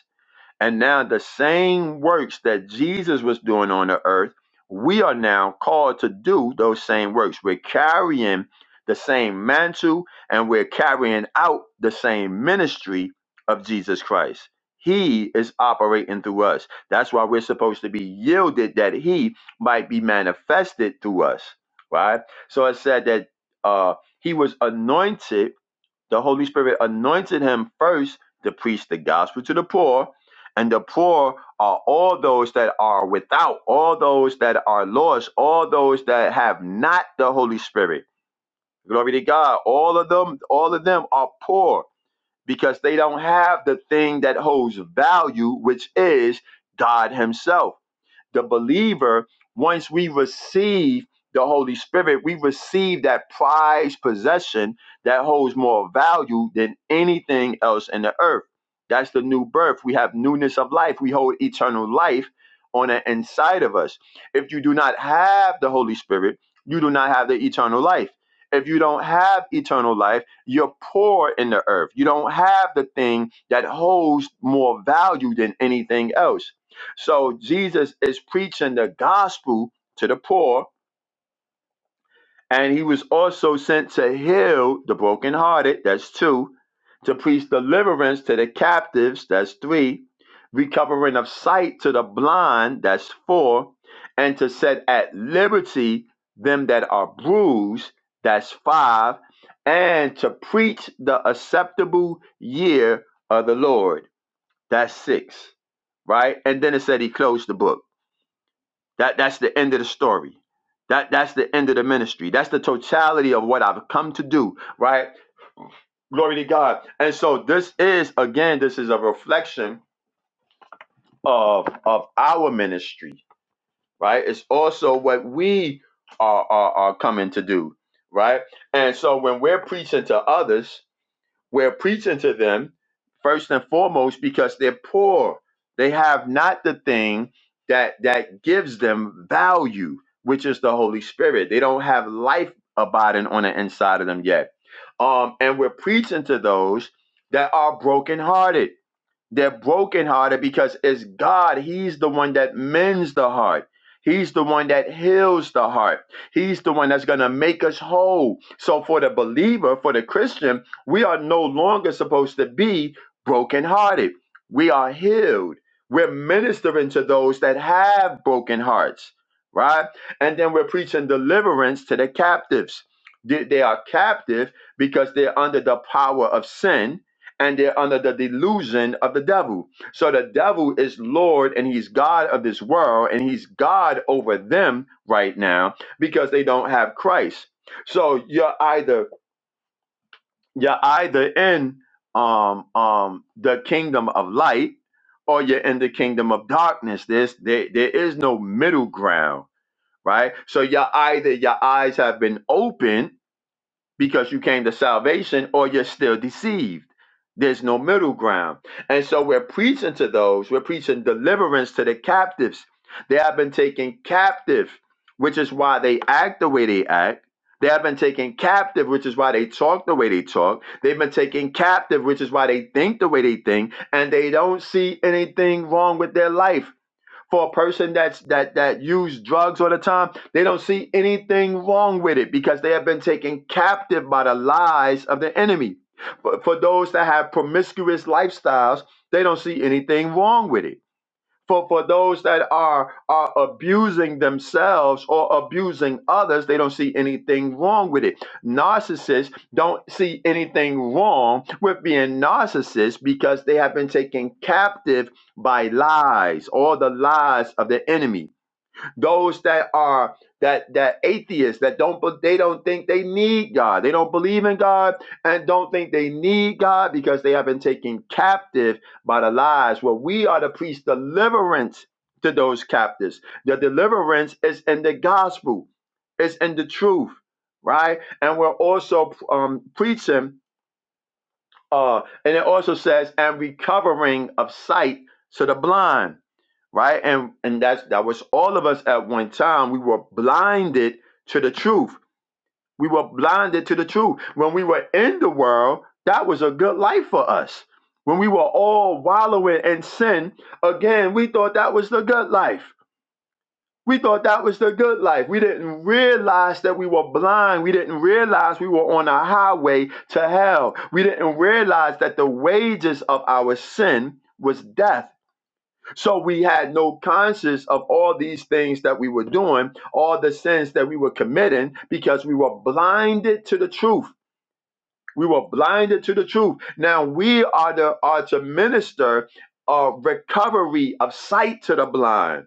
and now the same works that Jesus was doing on the earth, we are now called to do those same works. We're carrying the same mantle and we're carrying out the same ministry of Jesus Christ. He is operating through us. That's why we're supposed to be yielded that he might be manifested through us. Right? So it said that uh he was anointed the Holy Spirit anointed him first to preach the gospel to the poor. And the poor are all those that are without, all those that are lost, all those that have not the Holy Spirit. Glory to God. All of them, all of them are poor because they don't have the thing that holds value, which is God Himself. The believer, once we receive the Holy Spirit, we receive that prized possession that holds more value than anything else in the earth. That's the new birth. We have newness of life. We hold eternal life on the inside of us. If you do not have the Holy Spirit, you do not have the eternal life. If you don't have eternal life, you're poor in the earth. You don't have the thing that holds more value than anything else. So Jesus is preaching the gospel to the poor, and he was also sent to heal the brokenhearted, that's two, to preach deliverance to the captives, that's three, recovering of sight to the blind, that's four, and to set at liberty them that are bruised, that's five, and to preach the acceptable year of the Lord, that's six, right? And then it said he closed the book. That that's the end of the story. That that's the end of the ministry. That's the totality of what I've come to do, right? Glory to God. And so this is again, this is a reflection of of our ministry, right? It's also what we are are, are coming to do, right? And so when we're preaching to others, we're preaching to them first and foremost because they're poor. They have not the thing that that gives them value, which is the Holy Spirit. They don't have life abiding on the inside of them yet. Um, and we're preaching to those that are brokenhearted they're brokenhearted because it's God. He's the one that mends the heart. He's the one that heals the heart. He's the one that's going to make us whole. So, for the believer, for the Christian, we are no longer supposed to be brokenhearted. We are healed. We're ministering to those that have broken hearts, right? And then we're preaching deliverance to the captives. They they are captive because they're under the power of sin and they're under the delusion of the devil. So the devil is Lord and he's God of this world and he's God over them right now because they don't have Christ. So you're either you're either in um um the kingdom of light or you're in the kingdom of darkness. This there there is no middle ground, right? So you're either your eyes have been opened because you came to salvation or you're still deceived. There's no middle ground. And so we're preaching to those, we're preaching deliverance to the captives. They have been taken captive, which is why they act the way they act. They have been taken captive, which is why they talk the way they talk. They've been taken captive, which is why they think the way they think, and they don't see anything wrong with their life for a person that's that that use drugs all the time, they don't see anything wrong with it because they have been taken captive by the lies of the enemy. But for those that have promiscuous lifestyles, they don't see anything wrong with it for for those that are are abusing themselves or abusing others they don't see anything wrong with it narcissists don't see anything wrong with being narcissists because they have been taken captive by lies all the lies of the enemy those that are that that atheists that don't they don't think they need God. They don't believe in God and don't think they need God because they have been taken captive by the lies. Well, we are to preach deliverance to those captives. The deliverance is in the gospel. It's in the truth, right? And we're also um, preaching uh and it also says and recovering of sight to the blind right? And and that's that was all of us at one time. We were blinded to the truth. We were blinded to the truth. When we were in the world, that was a good life for us. When we were all wallowing in sin, again, we thought that was the good life. We thought that was the good life. We didn't realize that we were blind. We didn't realize we were on a highway to hell. We didn't realize that the wages of our sin was death so we had no conscience of all these things that we were doing, all the sins that we were committing, because we were blinded to the truth. We were blinded to the truth. Now we are the are to minister a recovery of sight to the blind,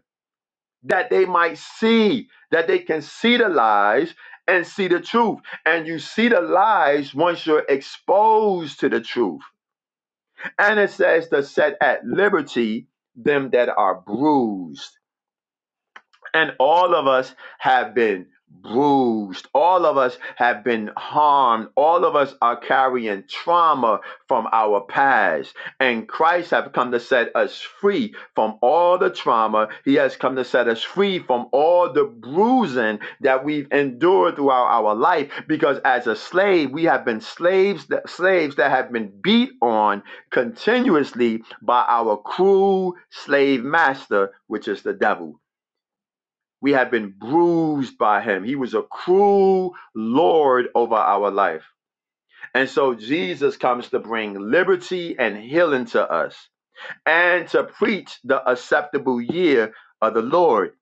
that they might see, that they can see the lies and see the truth. And you see the lies once you're exposed to the truth. And it says to set at liberty them that are bruised And all of us have been bruised. All of us have been harmed. All of us are carrying trauma from our past. And Christ has come to set us free from all the trauma. He has come to set us free from all the bruising that we've endured throughout our life. Because as a slave, we have been slaves that, slaves that have been beat on continuously by our cruel slave master, which is the devil. We have been bruised by him. He was a cruel Lord over our life. And so Jesus comes to bring liberty and healing to us and to preach the acceptable year of the Lord.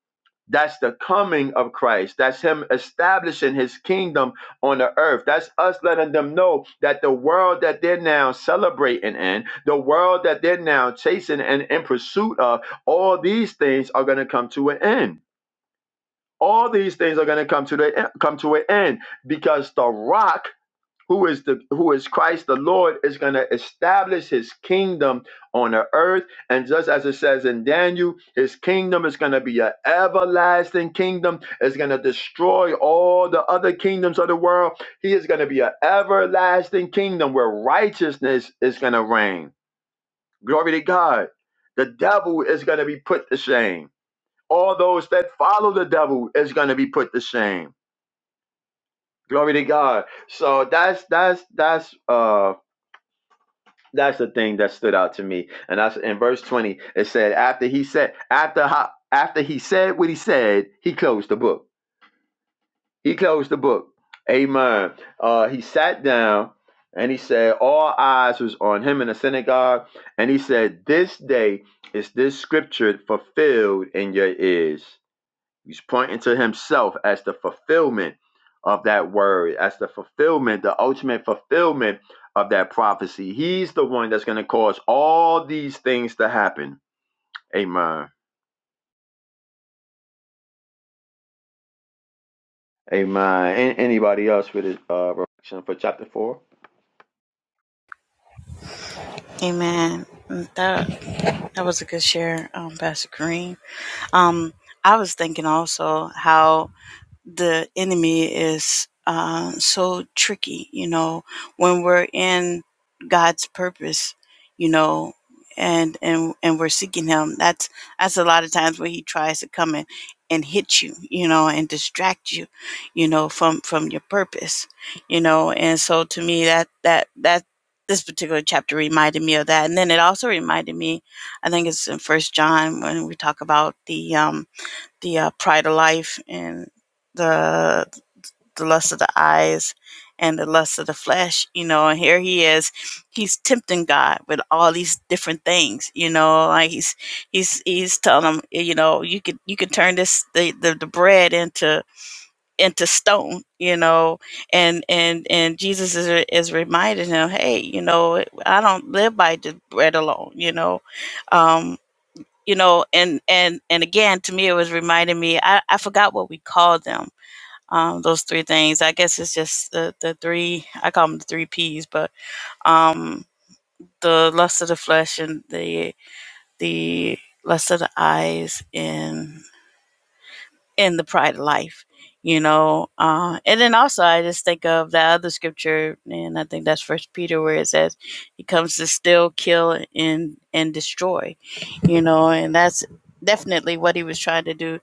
That's the coming of Christ. That's Him establishing His kingdom on the earth. That's us letting them know that the world that they're now celebrating in, the world that they're now chasing and in pursuit of, all these things are going to come to an end all these things are going to come to the come to an end because the rock who is the who is Christ the Lord is going to establish his kingdom on the earth and just as it says in Daniel his kingdom is going to be an everlasting kingdom it's going to destroy all the other kingdoms of the world he is going to be an everlasting kingdom where righteousness is going to reign glory to God the devil is going to be put to shame all those that follow the devil is going to be put to shame glory to god so that's that's that's uh that's the thing that stood out to me and that's in verse 20 it said after he said after ho- after he said what he said he closed the book he closed the book amen uh he sat down and he said all eyes was on him in the synagogue and he said this day is this scripture fulfilled in your ears He's pointing to himself as the fulfillment of that word, as the fulfillment, the ultimate fulfillment of that prophecy. He's the one that's going to cause all these things to happen. Amen. Amen. An- anybody else with this uh, reflection for chapter four? Amen. That that was a good share, um, Pastor Kareem. Um, I was thinking also how. the enemy is uh, so tricky, you know, when we're in God's purpose, you know, and and and we're seeking Him. That's that's a lot of times where He tries to come in and hit you, you know, and distract you, you know, from from your purpose, you know. And so to me, that that that this particular chapter reminded me of that, and then it also reminded me, I think it's in First John when we talk about the um, the uh, pride of life and the the lust of the eyes and the lust of the flesh you know and here he is he's tempting god with all these different things you know like he's he's he's telling him eh, you know you could you could turn this the, the, the bread into into stone you know and and and jesus is, is reminding him hey you know i don't live by the bread alone you know um you know and and and again to me it was reminding me i, I forgot what we called them um, those three things i guess it's just the, the three i call them the three p's but um the lust of the flesh and the the lust of the eyes and and the pride of life you know uh and then also i just think of that other scripture and i think that's first peter where it says he comes to still kill and and destroy you know and that's definitely what he was trying to do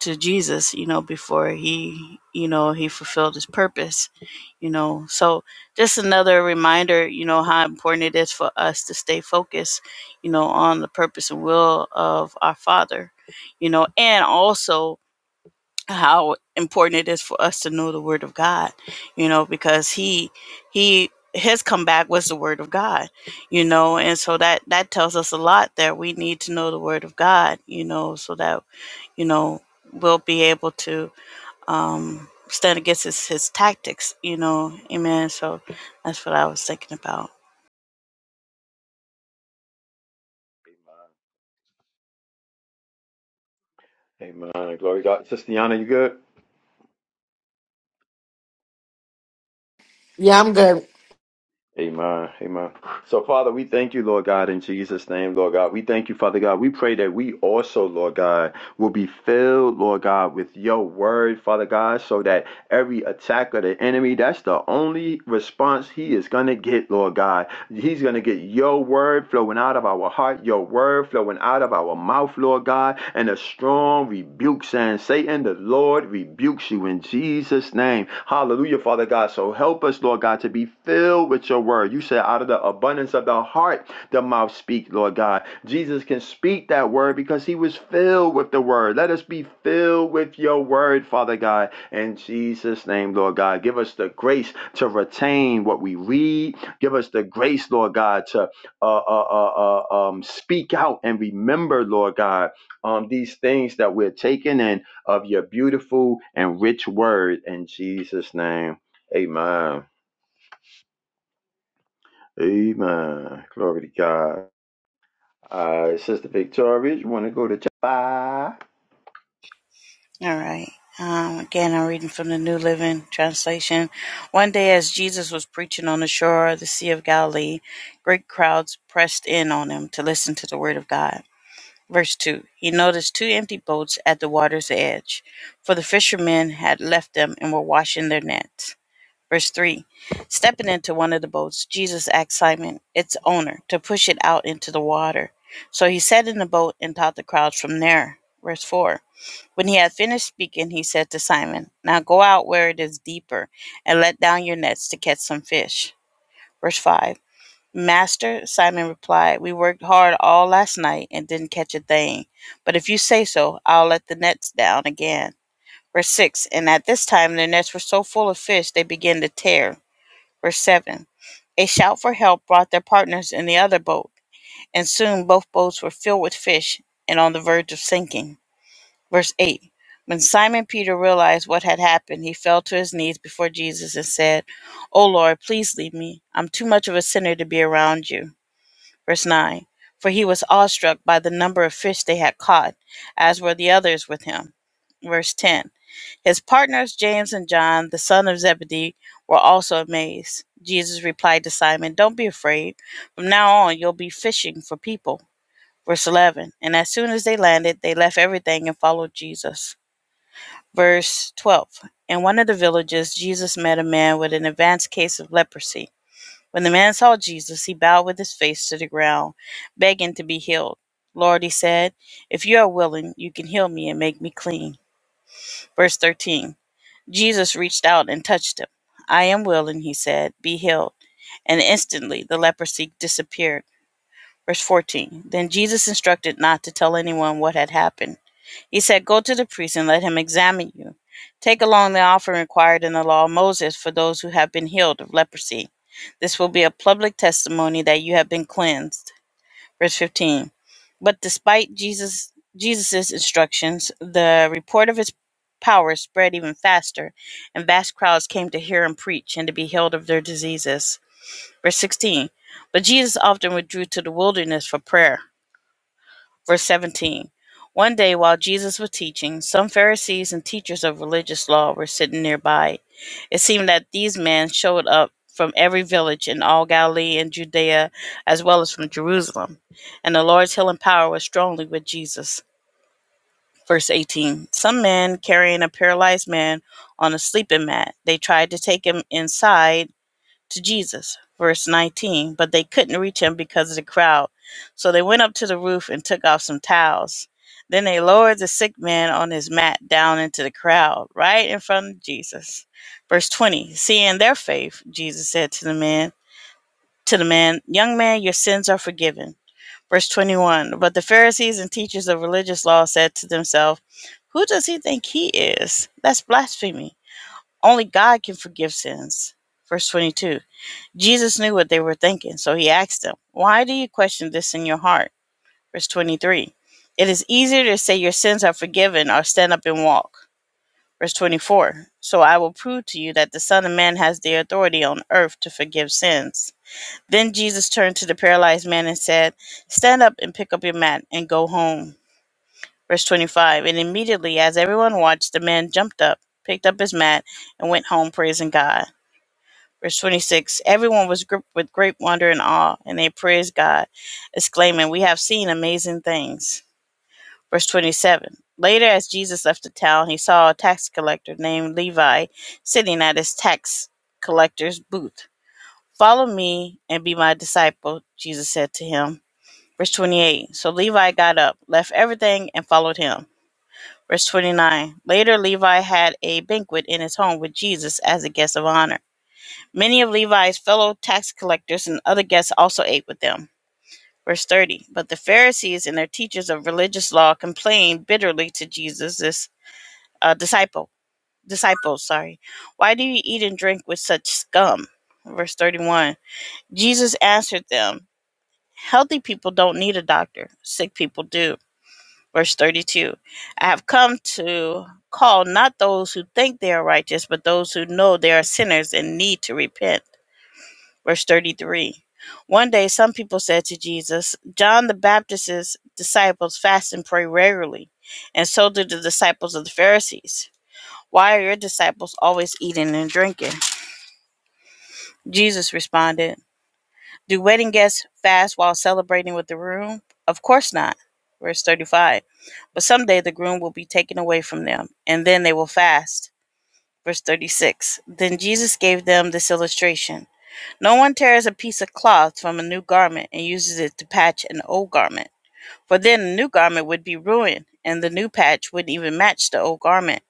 to Jesus, you know, before he, you know, he fulfilled his purpose, you know. So just another reminder, you know, how important it is for us to stay focused, you know, on the purpose and will of our Father, you know, and also how important it is for us to know the word of God, you know, because he he his comeback was the word of God, you know, and so that that tells us a lot that we need to know the word of God, you know, so that you know we'll be able to um stand against his his tactics, you know, amen. So that's what I was thinking about. Amen. Amen. Glory to God. Sister Yana, you good? Yeah, I'm good. Amen. Amen. So, Father, we thank you, Lord God, in Jesus' name, Lord God. We thank you, Father God. We pray that we also, Lord God, will be filled, Lord God, with your word, Father God, so that every attack of the enemy, that's the only response he is going to get, Lord God. He's going to get your word flowing out of our heart, your word flowing out of our mouth, Lord God, and a strong rebuke saying, Satan, the Lord rebukes you in Jesus' name. Hallelujah, Father God. So help us, Lord God, to be filled with your word. You said, out of the abundance of the heart, the mouth speaks." Lord God. Jesus can speak that word because he was filled with the word. Let us be filled with your word, Father God. In Jesus' name, Lord God, give us the grace to retain what we read, Give us the grace, Lord God, to uh, uh, uh, uh, um, speak out and remember, Lord God, um, these things that we're taking in of your beautiful and rich word. In Jesus' name, amen. Amen. Glory to God. Uh, Sister Victoria, you want to go to chapter five? All right. Um, again, I'm reading from the New Living Translation. One day, as Jesus was preaching on the shore of the Sea of Galilee, great crowds pressed in on him to listen to the word of God. Verse 2 He noticed two empty boats at the water's edge, for the fishermen had left them and were washing their nets. Verse 3 Stepping into one of the boats, Jesus asked Simon, its owner, to push it out into the water. So he sat in the boat and taught the crowds from there. Verse 4 when he had finished speaking, he said to Simon, Now go out where it is deeper and let down your nets to catch some fish. Verse 5 Master, Simon replied, We worked hard all last night and didn't catch a thing. But if you say so, I'll let the nets down again. Verse 6 And at this time their nets were so full of fish they began to tear. Verse 7 A shout for help brought their partners in the other boat, and soon both boats were filled with fish and on the verge of sinking. Verse 8 When Simon Peter realized what had happened, he fell to his knees before Jesus and said, O Lord, please leave me. I'm too much of a sinner to be around you. Verse 9 For he was awestruck by the number of fish they had caught, as were the others with him. Verse 10 His partners, James and John, the son of Zebedee, were also amazed. Jesus replied to Simon, Don't be afraid. From now on, you'll be fishing for people. Verse 11 And as soon as they landed, they left everything and followed Jesus. Verse 12 In one of the villages, Jesus met a man with an advanced case of leprosy. When the man saw Jesus, he bowed with his face to the ground, begging to be healed. Lord, he said, if you are willing, you can heal me and make me clean. Verse 13 Jesus reached out and touched him. I am willing, he said, be healed. And instantly the leprosy disappeared. Verse 14 Then Jesus instructed not to tell anyone what had happened. He said, Go to the priest and let him examine you. Take along the offering required in the law of Moses for those who have been healed of leprosy. This will be a public testimony that you have been cleansed. Verse 15. But despite Jesus Jesus's instructions, the report of his power spread even faster, and vast crowds came to hear him preach and to be healed of their diseases. Verse 16. But Jesus often withdrew to the wilderness for prayer. Verse 17 One day while Jesus was teaching, some Pharisees and teachers of religious law were sitting nearby. It seemed that these men showed up from every village in all Galilee and Judea, as well as from Jerusalem. And the Lord's healing power was strongly with Jesus. Verse 18 Some men carrying a paralyzed man on a sleeping mat, they tried to take him inside to Jesus. Verse 19, but they couldn't reach him because of the crowd. So they went up to the roof and took off some towels. Then they lowered the sick man on his mat down into the crowd, right in front of Jesus. Verse 20, seeing their faith, Jesus said to the man, to the man, young man, your sins are forgiven. Verse 21, but the Pharisees and teachers of religious law said to themselves, who does he think he is? That's blasphemy. Only God can forgive sins. Verse 22. Jesus knew what they were thinking, so he asked them, Why do you question this in your heart? Verse 23. It is easier to say your sins are forgiven or stand up and walk. Verse 24. So I will prove to you that the Son of Man has the authority on earth to forgive sins. Then Jesus turned to the paralyzed man and said, Stand up and pick up your mat and go home. Verse 25. And immediately, as everyone watched, the man jumped up, picked up his mat, and went home praising God. Verse 26 Everyone was gripped with great wonder and awe, and they praised God, exclaiming, We have seen amazing things. Verse 27 Later, as Jesus left the town, he saw a tax collector named Levi sitting at his tax collector's booth. Follow me and be my disciple, Jesus said to him. Verse 28 So Levi got up, left everything, and followed him. Verse 29 Later, Levi had a banquet in his home with Jesus as a guest of honor. Many of Levi's fellow tax collectors and other guests also ate with them. Verse 30. But the Pharisees and their teachers of religious law complained bitterly to Jesus' this, uh, disciple. Disciples, sorry. Why do you eat and drink with such scum? Verse 31. Jesus answered them, Healthy people don't need a doctor, sick people do. Verse 32. I have come to call not those who think they are righteous, but those who know they are sinners and need to repent. Verse 33. One day some people said to Jesus, John the Baptist's disciples fast and pray regularly, and so do the disciples of the Pharisees. Why are your disciples always eating and drinking? Jesus responded, Do wedding guests fast while celebrating with the groom? Of course not. Verse 35. But someday the groom will be taken away from them, and then they will fast. Verse 36. Then Jesus gave them this illustration. No one tears a piece of cloth from a new garment and uses it to patch an old garment, for then the new garment would be ruined, and the new patch wouldn't even match the old garment.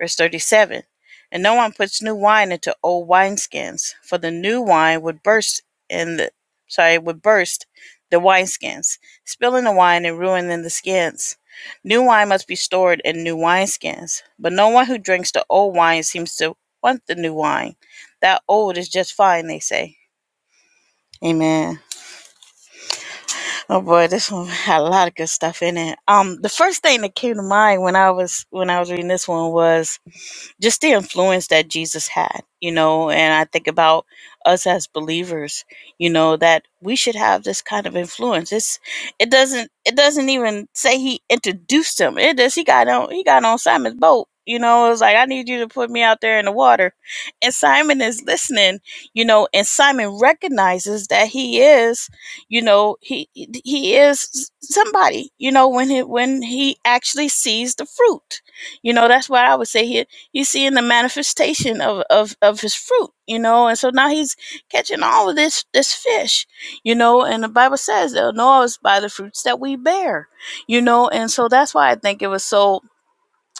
Verse 37 And no one puts new wine into old wineskins, for the new wine would burst and the sorry, would burst the wineskins, spilling the wine and ruining the skins. New wine must be stored in new wineskins, but no one who drinks the old wine seems to want the new wine. That old is just fine, they say. Amen. Oh boy, this one had a lot of good stuff in it. Um, the first thing that came to mind when I was when I was reading this one was just the influence that Jesus had, you know, and I think about us as believers, you know, that we should have this kind of influence. It's it doesn't it doesn't even say he introduced him. It does he got on he got on Simon's boat. You know, it was like I need you to put me out there in the water. And Simon is listening, you know, and Simon recognizes that he is, you know, he he is somebody, you know, when he when he actually sees the fruit. You know, that's why I would say here He's seeing the manifestation of, of, of his fruit, you know, and so now he's catching all of this this fish, you know, and the Bible says they'll know us by the fruits that we bear, you know, and so that's why I think it was so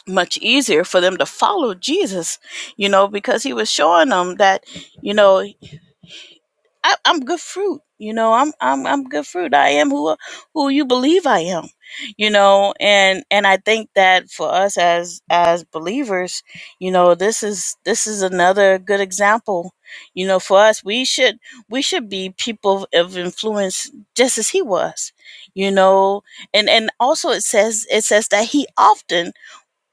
much easier for them to follow Jesus, you know, because he was showing them that, you know, I, I'm good fruit. You know, I'm I'm I'm good fruit. I am who who you believe I am. You know, and and I think that for us as as believers, you know, this is this is another good example. You know, for us, we should we should be people of influence just as he was. You know, and and also it says it says that he often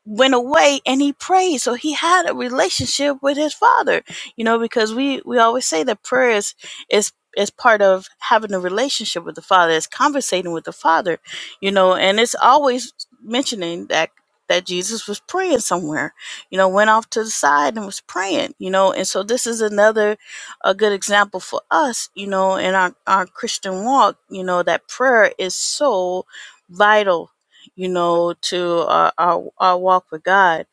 went away and he prayed so he had a relationship with his father you know because we we always say that prayer is is is part of having a relationship with the father is conversating with the father you know and it's always mentioning that that jesus was praying somewhere you know went off to the side and was praying you know and so this is another a good example for us you know in our our christian walk you know that prayer is so vital you know, to our, our, our walk with God.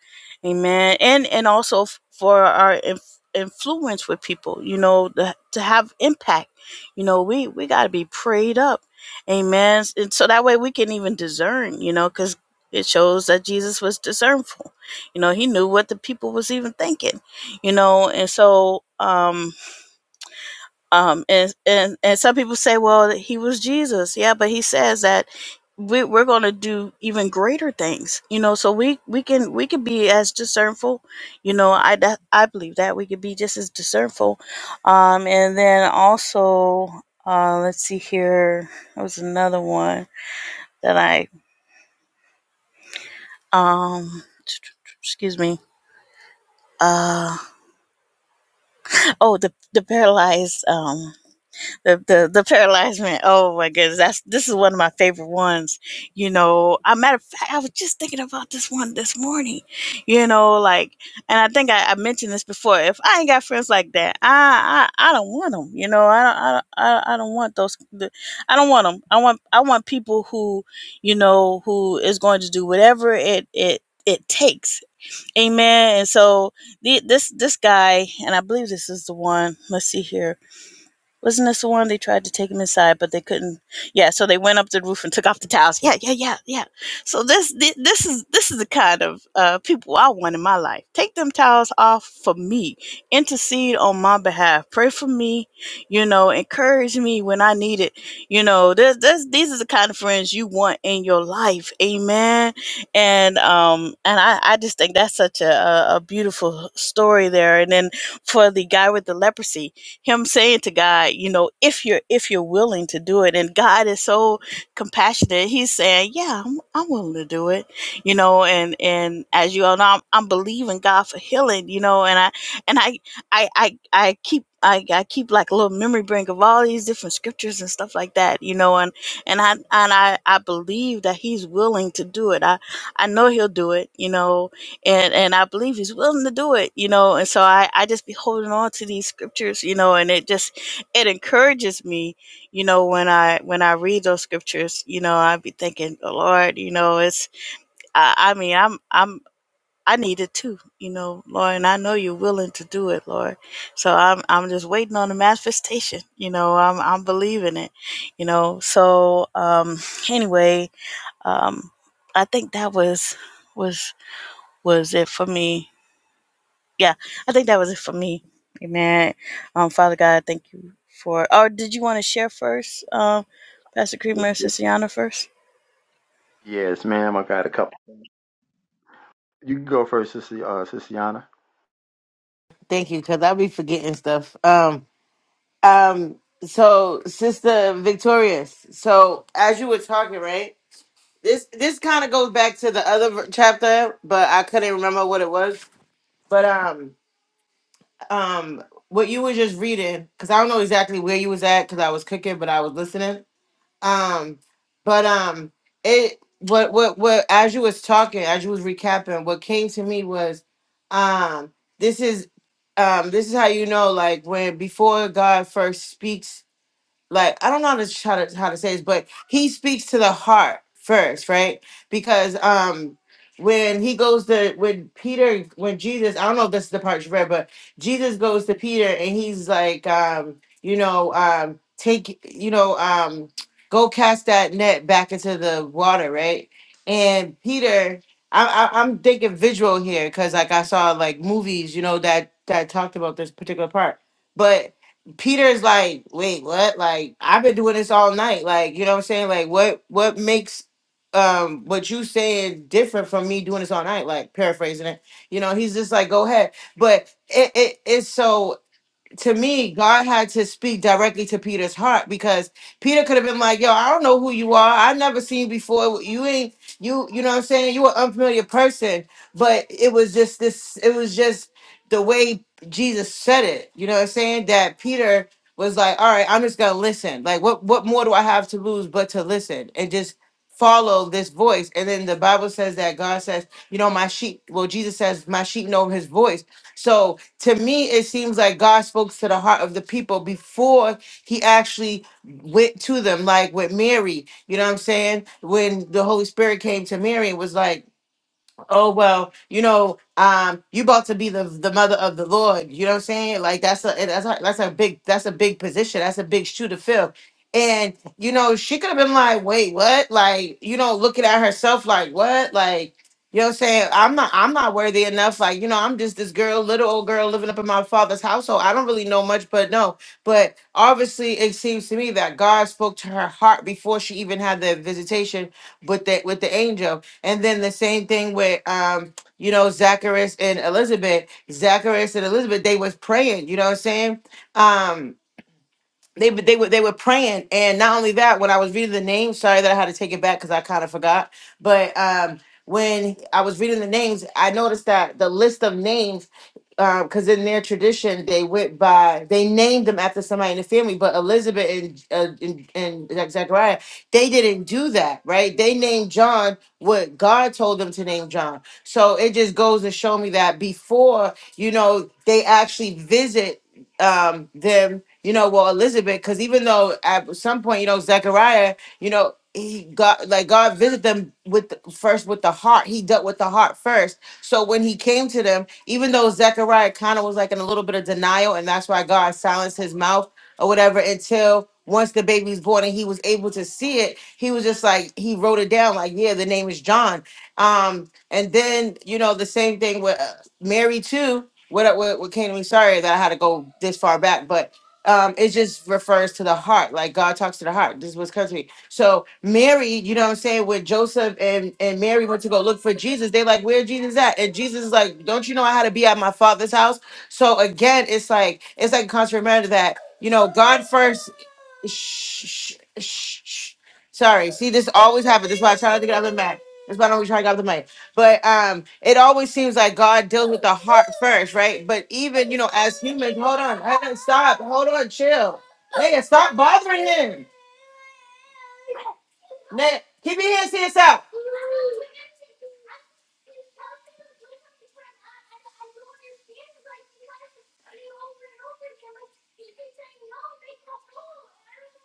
Amen. And, and also f- for our inf- influence with people, you know, the, to have impact, you know, we, we got to be prayed up. Amen. And so that way we can even discern, you know, because it shows that Jesus was discernful. You know, he knew what the people was even thinking, you know, and so, um, um and and and some people say well he was jesus yeah but he says that we, we're going to do even greater things you know so we we can we can be as discernful you know i that, i believe that we could be just as discernful um and then also uh let's see here there was another one that i um excuse me uh oh the the paralyzed um. The, the the paralyzed man. Oh my goodness, that's this is one of my favorite ones. You know, a matter of fact, I was just thinking about this one this morning. You know, like, and I think I, I mentioned this before. If I ain't got friends like that, I I, I don't want them. You know, I don't I don't, I I don't want those. the- I don't want them. I want I want people who, you know, who is going to do whatever it it it takes. Amen. And so the, this this guy, and I believe this is the one. Let's see here wasn't this the one they tried to take him inside, but they couldn't? Yeah, so they went up the roof and took off the towels. Yeah, yeah, yeah, yeah. So this thi- this is this is the kind of uh, people I want in my life. Take them towels off for me. Intercede on my behalf. Pray for me. You know, encourage me when I need it. You know, this, this these are the kind of friends you want in your life. Amen. And um and I I just think that's such a a, a beautiful story there. And then for the guy with the leprosy him saying to God, you know, if you're if you're willing to do it, and God is so compassionate, He's saying, yeah, I'm, I'm willing to do it, you know, and and as you all know, I'm, I'm believing God for healing, you know, and I and I I I, I keep. I, I keep like a little memory bank of all these different scriptures and stuff like that, you know, and, and I, and I, I believe that he's willing to do it. I, I know he'll do it, you know, and and I believe he's willing to do it, you know. And so I I just be holding on to these scriptures, you know, and it just it encourages me, you know, when I when I read those scriptures, you know, I be thinking, oh, Lord, you know, it's I, I mean I'm I'm I need it too, you know, Lord, and I know you're willing to do it, Lord. So I'm I'm just waiting on the manifestation, you know. I'm I'm believing it, you know. So um anyway, um I think that was was was it for me yeah, I think that was it for me. Amen. Um, Father God, thank you for. Or did you want to share first, um, Pastor Creamer and Sister Yana first? Yes, ma'am. I got a couple. You can go first, Sister, uh, Sister Yana. Thank you, because I'll be forgetting stuff. Um, um, so Sister Victorious, so as you were talking, right? This this kind of goes back to the other ver- chapter, but I couldn't remember what it was. But um, um, what you were just reading, because I don't know exactly where you was at, because I was cooking, but I was listening. Um, but um, it what what what as you was talking, as you was recapping, what came to me was, um, this is, um, this is how you know, like when before God first speaks like I don't know how to how to, how to say this, but he speaks to the heart first, right? Because um when he goes to when Peter when Jesus, I don't know if this is the part you read, but Jesus goes to Peter and he's like, um, you know, um, take you know, um, go cast that net back into the water, right? And Peter, I, I, I'm thinking visual here because like I saw like movies, you know, that that talked about this particular part, but Peter's like, wait, what? Like, I've been doing this all night. Like, you know what I'm saying? Like, what what makes um what you saying different from me doing this all night? Like paraphrasing it. You know, he's just like, go ahead. But it, it it's so to me, God had to speak directly to Peter's heart because Peter could have been like, "Yo, I don't know who you are. I've never seen you before. You ain't you. You know what I'm saying? You an unfamiliar person." But it was just this. It was just the way Jesus said it. You know what I'm saying? That Peter was like, "All right, I'm just gonna listen. Like, what what more do I have to lose but to listen and just." follow this voice and then the bible says that god says you know my sheep well jesus says my sheep know his voice so to me it seems like god spoke to the heart of the people before he actually went to them like with mary you know what i'm saying when the holy spirit came to mary it was like oh well you know um you about to be the the mother of the lord you know what i'm saying like that's a eh, that's a that's a big that's a big position that's a big shoe to fill and you know she could have been like wait what like you know looking at herself like what like you know what I'm saying? I'm not I'm not worthy enough. Like, you know, I'm just this girl, little old girl living up in my father's household. I don't really know much, but no. But obviously it seems to me that God spoke to her heart before she even had the visitation with the with the angel and then the same thing with um, you know, Zacharias and Elizabeth. Zacharias and Elizabeth, they was praying, you know what I'm saying? Um they were- they were they were praying, and not only that, when I was reading the names, sorry that I had to take it back because I kind of forgot. But um, when I was reading the names, I noticed that the list of names, because in their tradition they went by they named them after somebody in the family, but Elizabeth and uh, and, and Zach- Zachariah they didn't do that, right? They named John what God told them to name John. So it just goes to show me that before you know they actually visit um them you know well elizabeth because even though at some point you know zechariah you know he got like god visited them with the, first with the heart he dealt with the heart first so when he came to them even though zechariah kind of was like in a little bit of denial and that's why god silenced his mouth or whatever until once the baby's born and he was able to see it he was just like he wrote it down like yeah the name is john um and then you know the same thing with uh, mary too what what, what came to me sorry that i had to go this far back but um it just refers to the heart like god talks to the heart this is what's coming to me so mary you know what i'm saying when joseph and and mary went to go look for jesus they like where jesus at and jesus is like don't you know i had to be at my father's house so again it's like it's like a constant reminder that you know god first Shh, shh, shh, shh. Sorry. See, this always happens. That's why I try not to get off the mic. That's why I don't always try to get off the mic. But um, it always seems like God deals with the heart first, right? But even you know, as humans, hold on, I didn't stop, hold on, chill, nigga, stop bothering him. Nigga, keep your hands to yourself.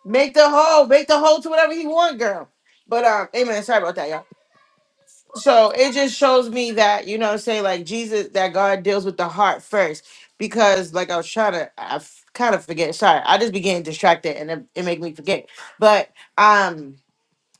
Make the hole, make the hole to whatever he want, girl. But um, amen. Sorry about that, y'all. so it just shows me that you know say like jesus that god deals with the heart first because like i was trying to i kind of forget sorry i just began distracted and it, it made me forget but um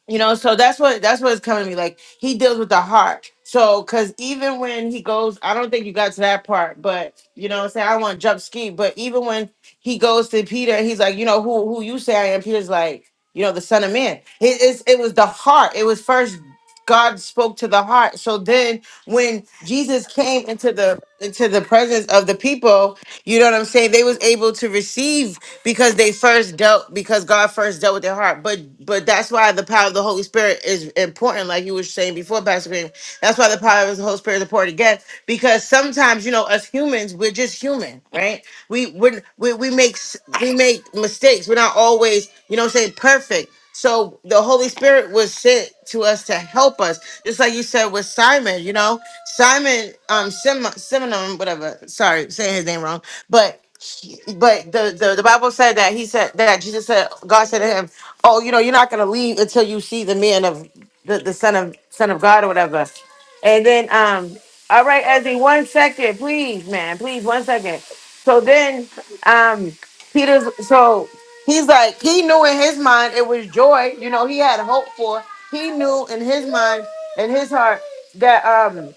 you know so that's what that's what's coming to me like he deals with the heart so because even when he goes i don't think you got to that part but you know what i'm saying i don't want to jump ski but even when he goes to peter and he's like you know who who you say i am peter's like you know the son of man it is it was the heart it was first god spoke to the heart so then when jesus came into the into the presence of the people you know what i'm saying they was able to receive because they first dealt because God first dealt with their heart. But but that's why the power of the Holy Spirit is important, like you were saying before, Pastor Green. That's why the power of the Holy Spirit is important again, because sometimes you know us humans, we're just human, right? We we we, we make s- we make mistakes. We're not always you know what I'm saying perfect. So the Holy Spirit was sent to us to help us, just like you said with Simon. You know, Simon, um, Sim, Simon, whatever. Sorry, saying his name wrong but he- but the, the the Bible said that he said that Jesus said God said to him, "Oh, you know, you're not gonna leave until you see the man of the, the son of son of God or whatever." And then um, all right, Ezzy, one second, please, man, please, one second. So then um, Peter's so he's like he knew in his mind it was joy. You know, he had hope for. He knew in his mind in his heart that um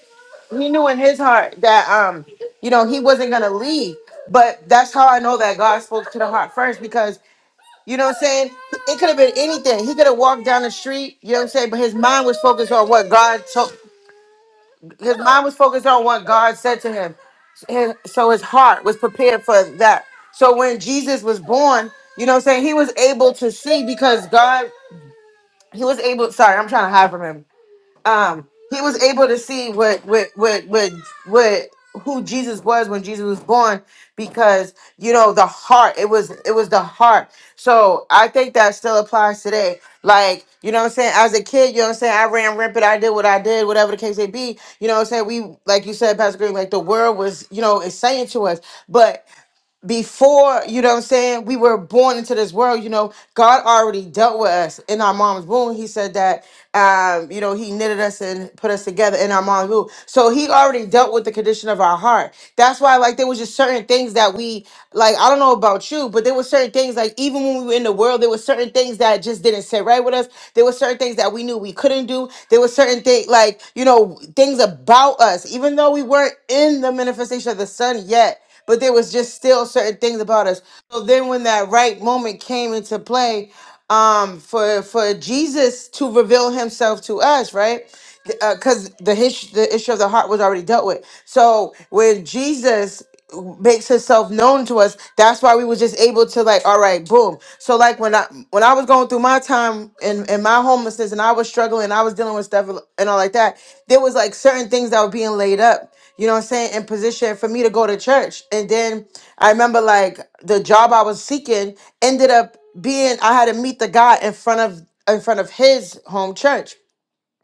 he knew in his heart that um you know he wasn't gonna leave but that's how i know that god spoke to the heart first because you know what i'm saying it could have been anything he could have walked down the street you know what i'm saying but his mind was focused on what god told his mind was focused on what god said to him his, so his heart was prepared for that. So when Jesus was born, you know what I'm saying? He was able to see because God, he was able, sorry, I'm trying to hide from him um he was able to see what what what what what who Jesus was when Jesus was born because you know the heart it was it was the heart so I think that still applies today like you know what I'm saying as a kid you know what I'm saying I ran rampant I did what I did whatever the case may be you know what I'm saying we like you said Pastor Green like the world was you know is saying to us but before, you know what I'm saying, we were born into this world, you know, God already dealt with us in our mom's womb. He said that, um, you know, He knitted us and put us together in our mom's womb. So He already dealt with the condition of our heart. That's why, like, there was just certain things that we, like, I don't know about you, but there were certain things, like, even when we were in the world, there were certain things that just didn't sit right with us. There were certain things that we knew we couldn't do. There were certain things, like, you know, things about us, even though we weren't in the manifestation of the Son yet but there was just still certain things about us. So then when that right moment came into play, um, for for Jesus to reveal Himself to us, right? Because the his, the issue of the heart was already dealt with. So when Jesus makes Himself known to us, that's why we were just able to like, all right, boom. So like when I when I was going through my time in in my homelessness and I was struggling and I was dealing with stuff and all like that, there was like certain things that were being laid up, you know what I'm saying, in position for me to go to church. And then I remember like the job I was seeking ended up being I had to meet the guy in front of in front of his home church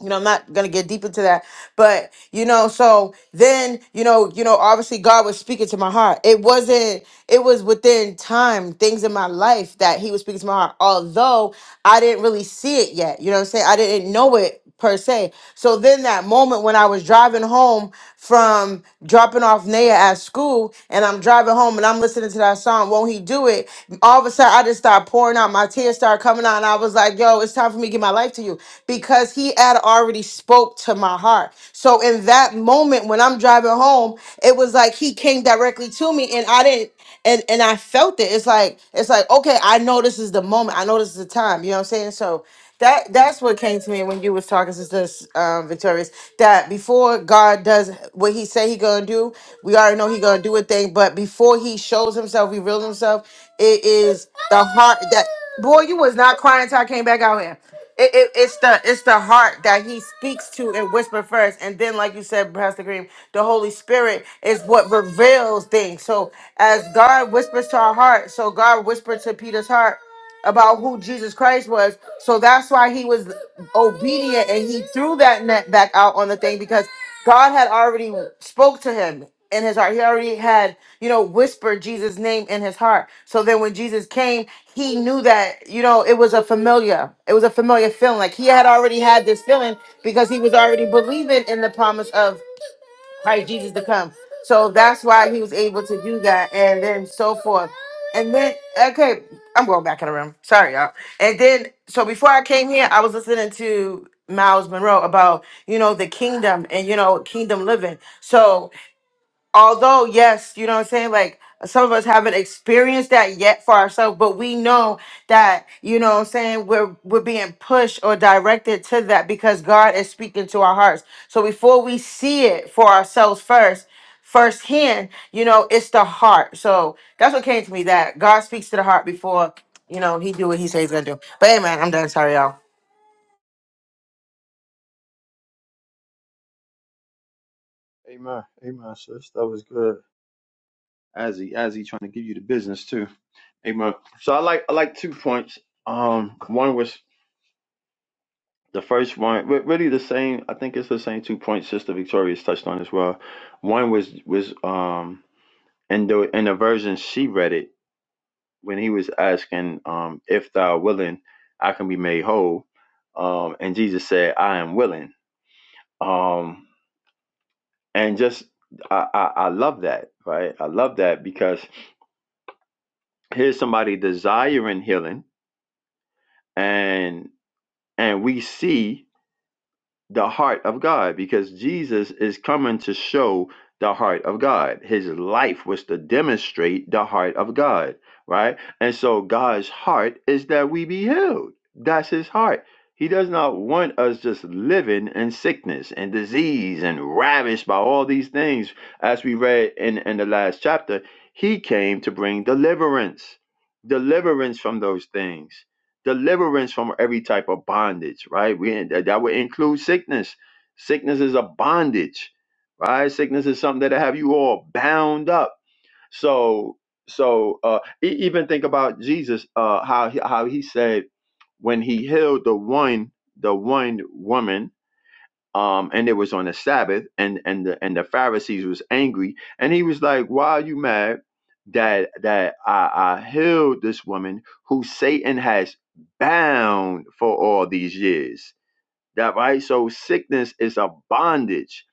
you know, I'm not gonna get deep into that, but you know, so then, you know, you know, obviously God was speaking to my heart. It wasn't, it was within time, things in my life that He was speaking to my heart, although I didn't really see it yet. You know what I'm saying? I didn't know it per se. So then that moment when I was driving home from dropping off Naya at school and I'm driving home and I'm listening to that song, Won't He Do? do it, all of a sudden I just started pouring out. My tears started coming out, and I was like, yo, it's time for me to give my life to you because he had already spoke to my heart. So in that moment when I'm driving home, it was like he came directly to me and I didn't and and I felt it. It's like it's like okay, I know this is the moment. I know this is the time. You know what I'm saying? So that that's what came to me when you was talking to this um, victorious. That before God does what He say He gonna do, we already know He gonna do a thing. But before He shows Himself, reveals Himself, it is the heart that boy. You was not crying until I came back out here. It, it, it's the it's the heart that He speaks to and whisper first, and then like you said, Pastor Green, the Holy Spirit is what reveals things. So as God whispers to our heart, so God whispered to Peter's heart about who Jesus Christ was. So that's why he was obedient and he threw that net back out on the thing because God had already spoke to him in his heart. He already had, you know, whispered Jesus' name in his heart. So then when Jesus came, he knew that, you know, it was a familiar. It was a familiar feeling. Like he had already had this feeling because he was already believing in the promise of Christ Jesus to come. So that's why he was able to do that, and then so forth. And then, okay, I'm going back in the room. Sorry, y'all. And then, so before I came here, I was listening to Miles Monroe about, you know, the kingdom and, you know, kingdom living. So although yes you know what i'm saying like some of us haven't experienced that yet for ourselves but we know that you know what i'm saying we're we're being pushed or directed to that because god is speaking to our hearts so before we see it for ourselves first firsthand you know it's the heart so that's what came to me that god speaks to the heart before you know he do what he says he's gonna do but amen i'm done sorry y'all Amen. Amen, sis. That was good. As he, as he trying to give you the business, too. Amen. So I like I like two points. Um, one was the first one, re- really the same. I think it's the same two points Sister Victoria's touched on as well. One was was um in the in the version she read it when he was asking um if thou willing I can be made whole, um and Jesus said I am willing. Um and just I I, I love that right. I love that because here's somebody desiring healing and and we see the heart of God because Jesus is coming to show the heart of God. His life was to demonstrate the heart of God, right? And so God's heart is that we be healed. That's his heart. He does not want us just living in sickness and disease and ravished by all these things. As we read in, in the last chapter, he came to bring deliverance, deliverance from those things deliverance from every type of bondage, right? We that that would include sickness. Sickness is a bondage, right? Sickness is something that have you all bound up. So, so uh, e- even think about Jesus, uh, how he, how he said when he healed the one the one woman um, and it was on the Sabbath, and and the and the Pharisees was angry, and he was like, "Why are you mad that that I, I healed this woman who Satan has bound for all these years?" That right? So sickness is a bondage.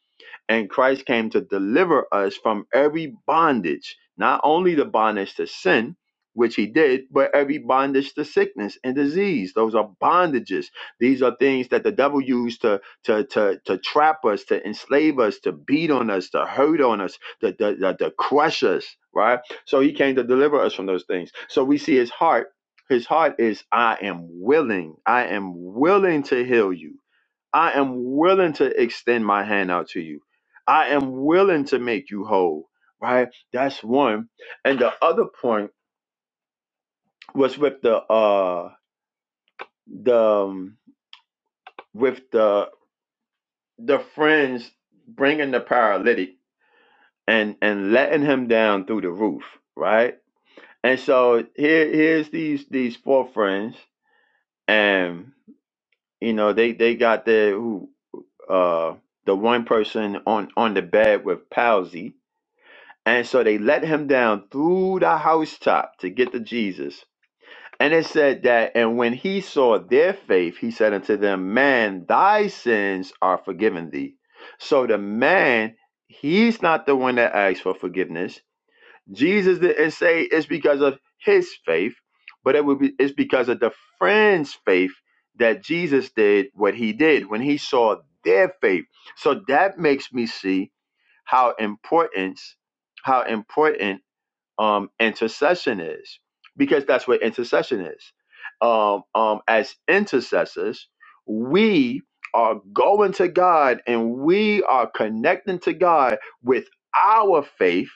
And Christ came to deliver us from every bondage, not only the bondage to sin, which he did, but every bondage to sickness and disease. Those are bondages. These are things that the devil used to to to, to trap us, to enslave us, to beat on us, to hurt on us, to, to, to, to crush us, right? So he came to deliver us from those things. So we see his heart. His heart is, I am willing. I am willing to heal you. I am willing to extend my hand out to you. I am willing to make you whole. Right? That's one. And the other point was with the uh the um, with the the friends bringing the paralytic and and letting him down through the roof, right? And so here here's these these four friends and you know they they got their who uh the one person on on the bed with palsy And so they let him down through the housetop to get to Jesus. And it said that, and when he saw their faith, he said unto them, Man, thy sins are forgiven thee. So the man, he's not the one that asked for forgiveness. Jesus didn't say it's because of his faith, but it would be it's because of the friend's faith that Jesus did what he did when he saw their faith. So that makes me see how important, how important um, intercession is, because that's what intercession is. Um, um, as intercessors, we are going to God and we are connecting to God with our faith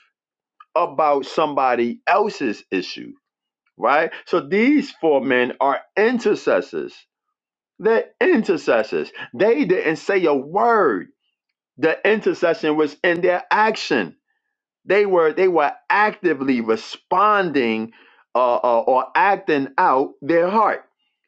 about somebody else's issue, right? So these four men are intercessors. They're intercessors. They didn't say a word. The intercession was in their action they were they were actively responding uh, uh, or acting out their heart.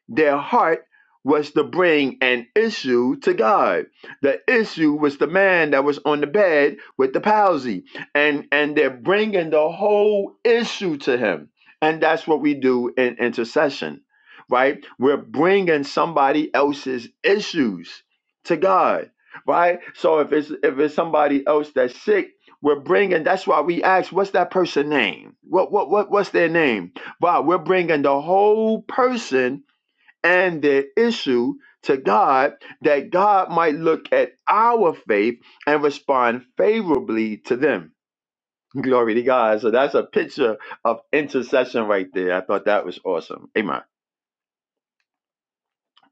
Their heart was to bring an issue to God. The issue was the man that was on the bed with the palsy, and and they're bringing the whole issue to Him. And that's what we do in intercession, right? We're bringing somebody else's issues to God, right? So if it's if it's somebody else that's sick, we're bringing. That's why we ask, what's that person name? What what what what's their name? But we're bringing the whole person and their issue to God, that God might look at our faith and respond favorably to them. Glory to God. So that's a picture of intercession right there. I thought that was awesome. Amen.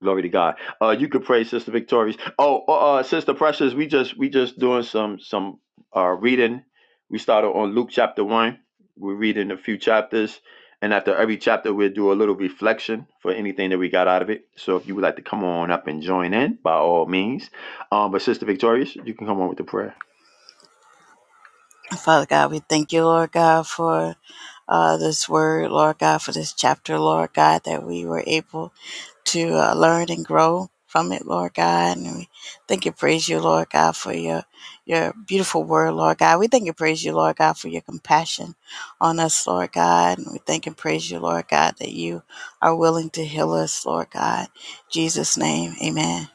Glory to God. Uh, you could pray, Sister Victorious. Oh, uh, uh, Sister Precious, we just we just doing some some uh reading. We started on Luke chapter one. We're reading a few chapters, and after every chapter, we'll do a little reflection for anything that we got out of it. So if you would like to come on up and join in, by all means. Um, but Sister Victorious, you can come on with the prayer. Father God, we thank you, Lord God, for uh, this word, Lord God, for this chapter, Lord God, that we were able to uh, learn and grow from it, Lord God. And we thank and praise you, Lord God, for your your beautiful word, Lord God. We thank and praise you, Lord God, for your compassion on us, Lord God. And we thank and praise you, Lord God, that you are willing to heal us, Lord God. In Jesus' name, amen.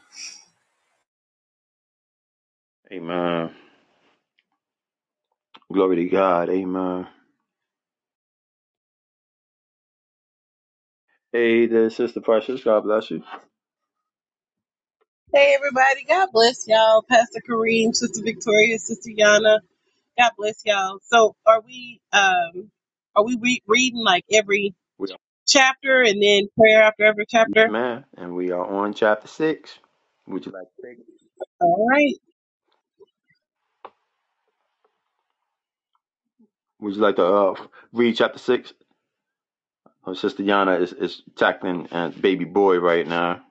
Amen. Glory to God. Amen. Hey there, Sister Precious. God bless you. Hey everybody, God bless y'all. Pastor Kareem, Sister Victoria, Sister Yana, God bless y'all. So are we um are we re- reading like every We are chapter and then prayer after every chapter? man, and we are on chapter six. Would you like? to take All right. Would you like to uh, read chapter six? Our sister Yana is, is tackling uh, baby boy right now.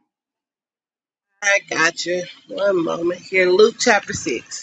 I got you. One moment here. Luke chapter 6.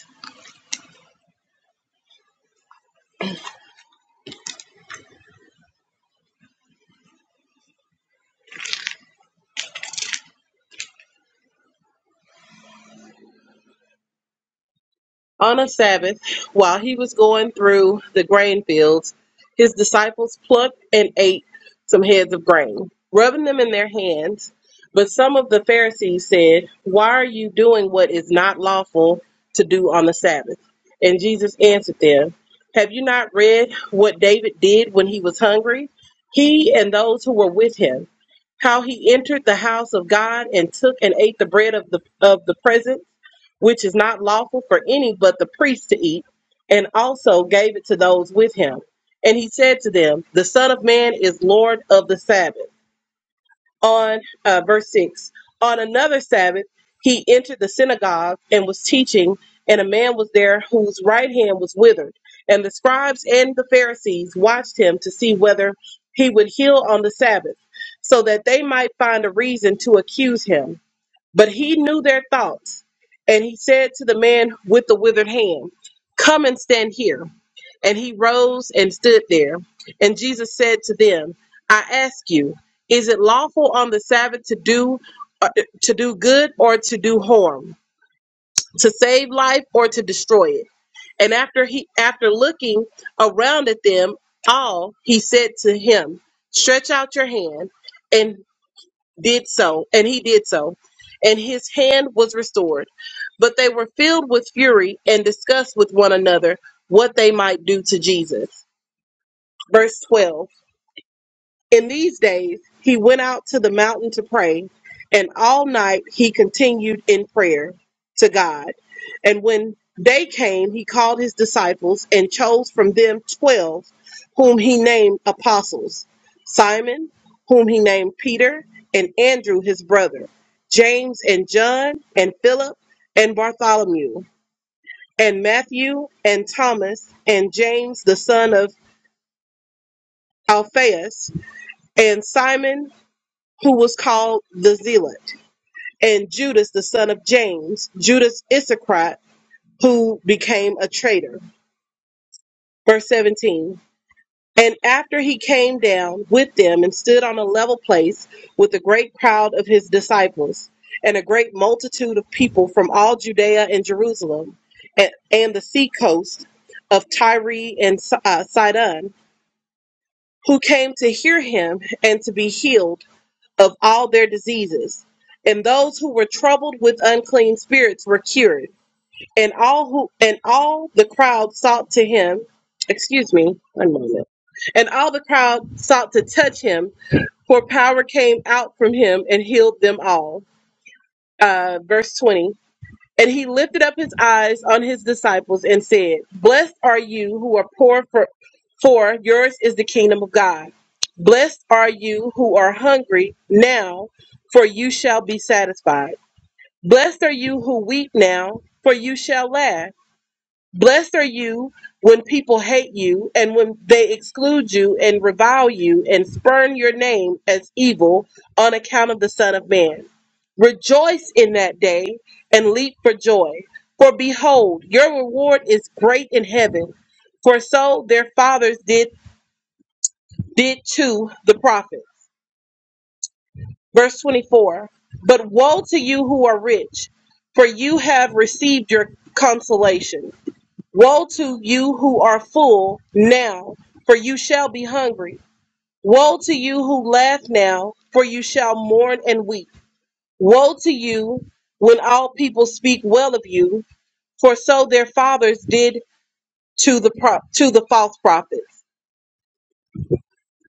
On a Sabbath, while he was going through the grain fields, his disciples plucked and ate some heads of grain, rubbing them in their hands. But some of the Pharisees said, Why are you doing what is not lawful to do on the Sabbath? And Jesus answered them, Have you not read what David did when he was hungry? He and those who were with him, how he entered the house of God and took and ate the bread of the of the presence which is not lawful for any but the priest to eat, and also gave it to those with him. And he said to them, The Son of Man is Lord of the Sabbath. On uh, verse 6, on another Sabbath, he entered the synagogue and was teaching, and a man was there whose right hand was withered. And the scribes and the Pharisees watched him to see whether he would heal on the Sabbath, so that they might find a reason to accuse him. But he knew their thoughts, and he said to the man with the withered hand, Come and stand here. And he rose and stood there. And Jesus said to them, I ask you, is it lawful on the Sabbath to do uh, to do good or to do harm, to save life or to destroy it? And after he after looking around at them all, he said to him, Stretch out your hand. And did so, and he did so, and his hand was restored. But they were filled with fury and discussed with one another what they might do to Jesus. Verse 12. In these days, he went out to the mountain to pray, and all night he continued in prayer to God. And when day came, he called his disciples and chose from them twelve, whom he named apostles Simon, whom he named Peter, and Andrew his brother, James and John, and Philip, and Bartholomew, and Matthew, and Thomas, and James the son of Alphaeus, and Simon who was called the Zealot, and Judas, the son of James, Judas Iscariot, who became a traitor. Verse 17. And after he came down with them and stood on a level place with a great crowd of his disciples and a great multitude of people from all Judea and Jerusalem and, and the sea coast of Tyre and Si- uh, Sidon, who came to hear him and to be healed of all their diseases. And those who were troubled with unclean spirits were cured. And all who and all the crowd sought to him, excuse me, one moment. And all the crowd sought to touch him, for power came out from him and healed them all. Uh, verse 20. And he lifted up his eyes on his disciples and said, Blessed are you who are poor, for, for yours is the kingdom of God. Blessed are you who are hungry now, for you shall be satisfied. Blessed are you who weep now, for you shall laugh. Blessed are you when people hate you and when they exclude you and revile you and spurn your name as evil on account of the Son of Man. Rejoice in that day and leap for joy. For behold, your reward is great in heaven. For so their fathers did did to the prophets. Verse 24. But woe to you who are rich, for you have received your consolation. Woe to you who are full now, for you shall be hungry. Woe to you who laugh now, for you shall mourn and weep. Woe to you when all people speak well of you, for so their fathers did to the pro- to the false prophets.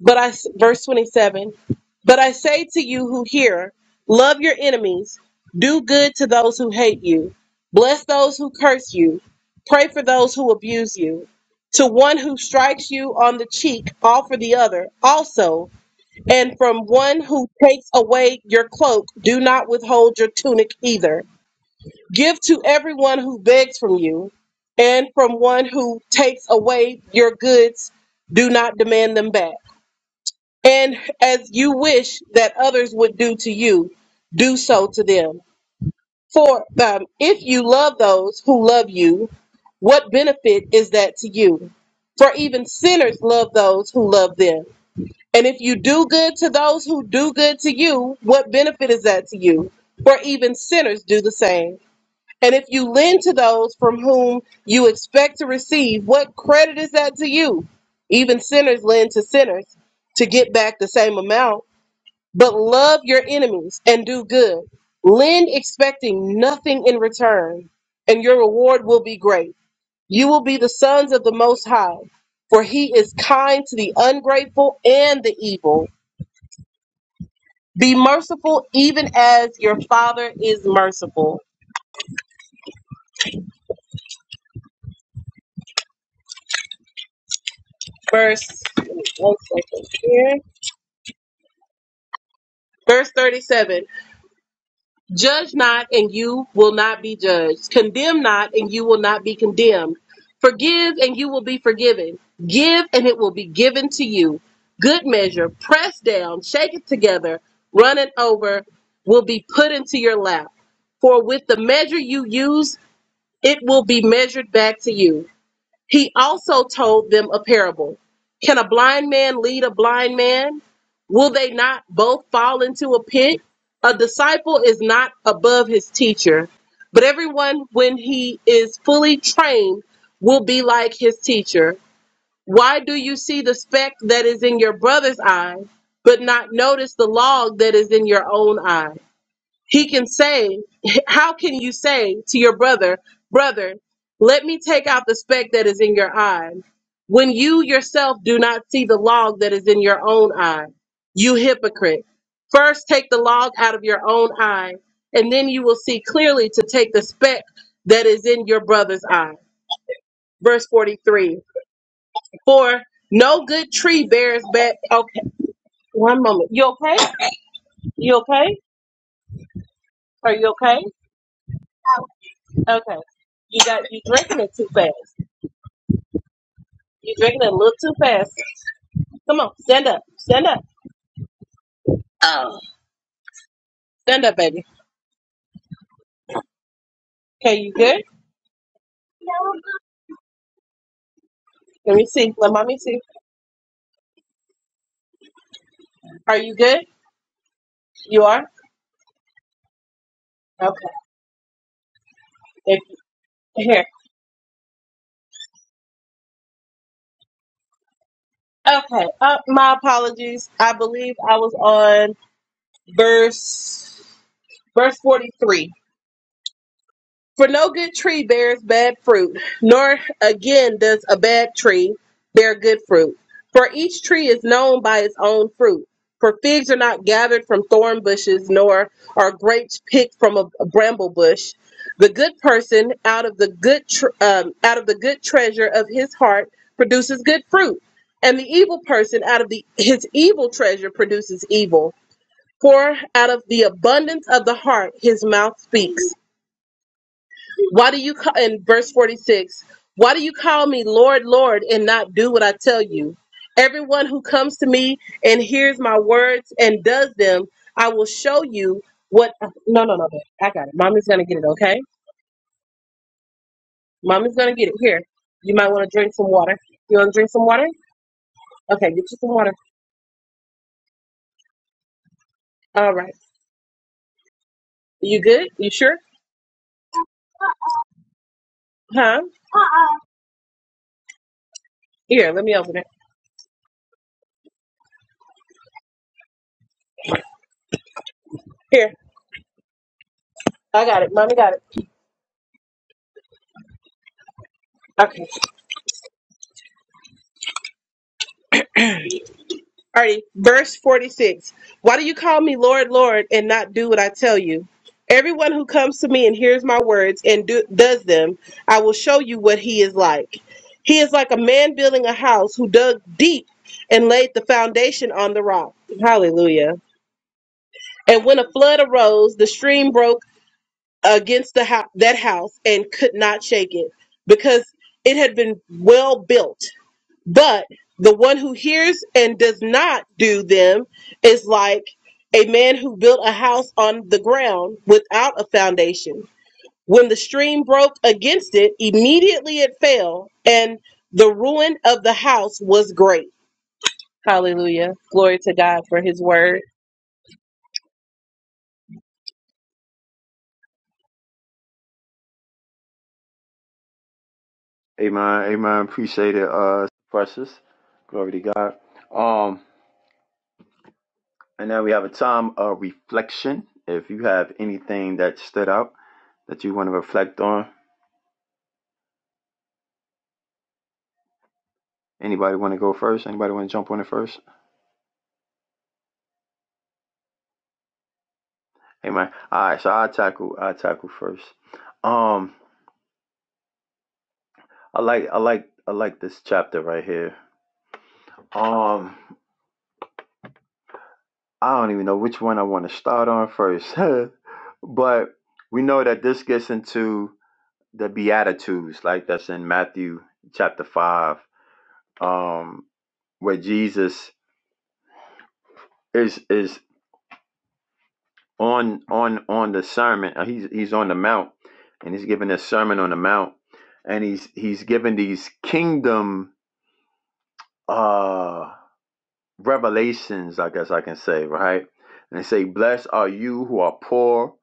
But I verse 27, but I say to you who hear, love your enemies, do good to those who hate you, bless those who curse you, pray for those who abuse you. To one who strikes you on the cheek, offer the other also, and from one who takes away your cloak, do not withhold your tunic either. Give to everyone who begs from you, and from one who takes away your goods, do not demand them back and as you wish that others would do to you, do so to them. For um, if you love those who love you, what benefit is that to you? For even sinners love those who love them. And if you do good to those who do good to you, what benefit is that to you? For even sinners do the same. And if you lend to those from whom you expect to receive, what credit is that to you? Even sinners lend to sinners to get back the same amount but love your enemies and do good. Lend expecting nothing in return, and your reward will be great. You will be the sons of the Most High, for He is kind to the ungrateful and the evil. Be merciful, even as your Father is merciful. Verse, one second here. Verse 37 Judge not, and you will not be judged. Condemn not, and you will not be condemned. Forgive, and you will be forgiven. Give, and it will be given to you. Good measure, pressed down, shaken together, running over, will be put into your lap. For with the measure you use, it will be measured back to you. He also told them a parable. Can a blind man lead a blind man? Will they not both fall into a pit? A disciple is not above his teacher, but everyone, when he is fully trained, will be like his teacher. Why do you see the speck that is in your brother's eye, but not notice the log that is in your own eye? He can say, How can you say to your brother, Brother, let me take out the speck that is in your eye, when you yourself do not see the log that is in your own eye? You hypocrite. First take the log out of your own eye, and then you will see clearly to take the speck that is in your brother's eye. Verse 43 For no good tree bears bad. Okay, one moment. You okay? You okay? Are you okay? Okay. You got you drinking it too fast. You drinking it a little too fast. Come on, stand up. Stand up. Oh. Stand up, baby. Okay, you good? No. Let me see. Let mommy see. Are you good? You are? Okay. If, here. Okay. Uh, my apologies. I believe I was on verse verse forty three. For no good tree bears bad fruit, nor again does a bad tree bear good fruit. For each tree is known by its own fruit. For figs are not gathered from thorn bushes, nor are grapes picked from a, a bramble bush. The good person out of the good tr um, out of the good treasure of his heart produces good fruit, and the evil person out of the his evil treasure produces evil. For out of the abundance of the heart his mouth speaks. Why do you call in verse 46? Why do you call me Lord, Lord, and not do what I tell you? Everyone who comes to me and hears my words and does them, I will show you what no no no I got it. Mommy's gonna get it, okay? Mommy's gonna get it. Here. You might want to drink some water. You wanna drink some water? Okay, get you some water. All right. You good? You sure? Huh? Here, let me open it. Here. I got it. Mommy got it. Okay. Alrighty, verse 46. Why do you call me Lord, Lord, and not do what I tell you? Everyone who comes to me and hears my words and do, does them, I will show you what he is like. He is like a man building a house who dug deep and laid the foundation on the rock. Hallelujah. And when a flood arose, the stream broke against the hou- that house and could not shake it because it had been well built. But the one who hears and does not do them is like a man who built a house on the ground without a foundation. When the stream broke against it, immediately it fell, and the ruin of the house was great. Hallelujah. Glory to God for his word. Amen. Amen. Appreciate it, uh, precious. Glory to God. Um, and now we have a time of reflection. If you have anything that stood out that you want to reflect on, anybody want to go first? Anybody want to jump on it first? Amen. All right. So I tackle. I tackle first. Um, I like. I like. I like this chapter right here. Um, I don't even know which one I want to start on first. but we know that this gets into the Beatitudes, like that's in Matthew chapter five, um, where Jesus is is on on on the sermon. uh, He's he's on the mount and he's giving a sermon on the mount, and he's he's giving these kingdom. Uh, revelations, I guess I can say, right? And they say, Blessed are you who are poor,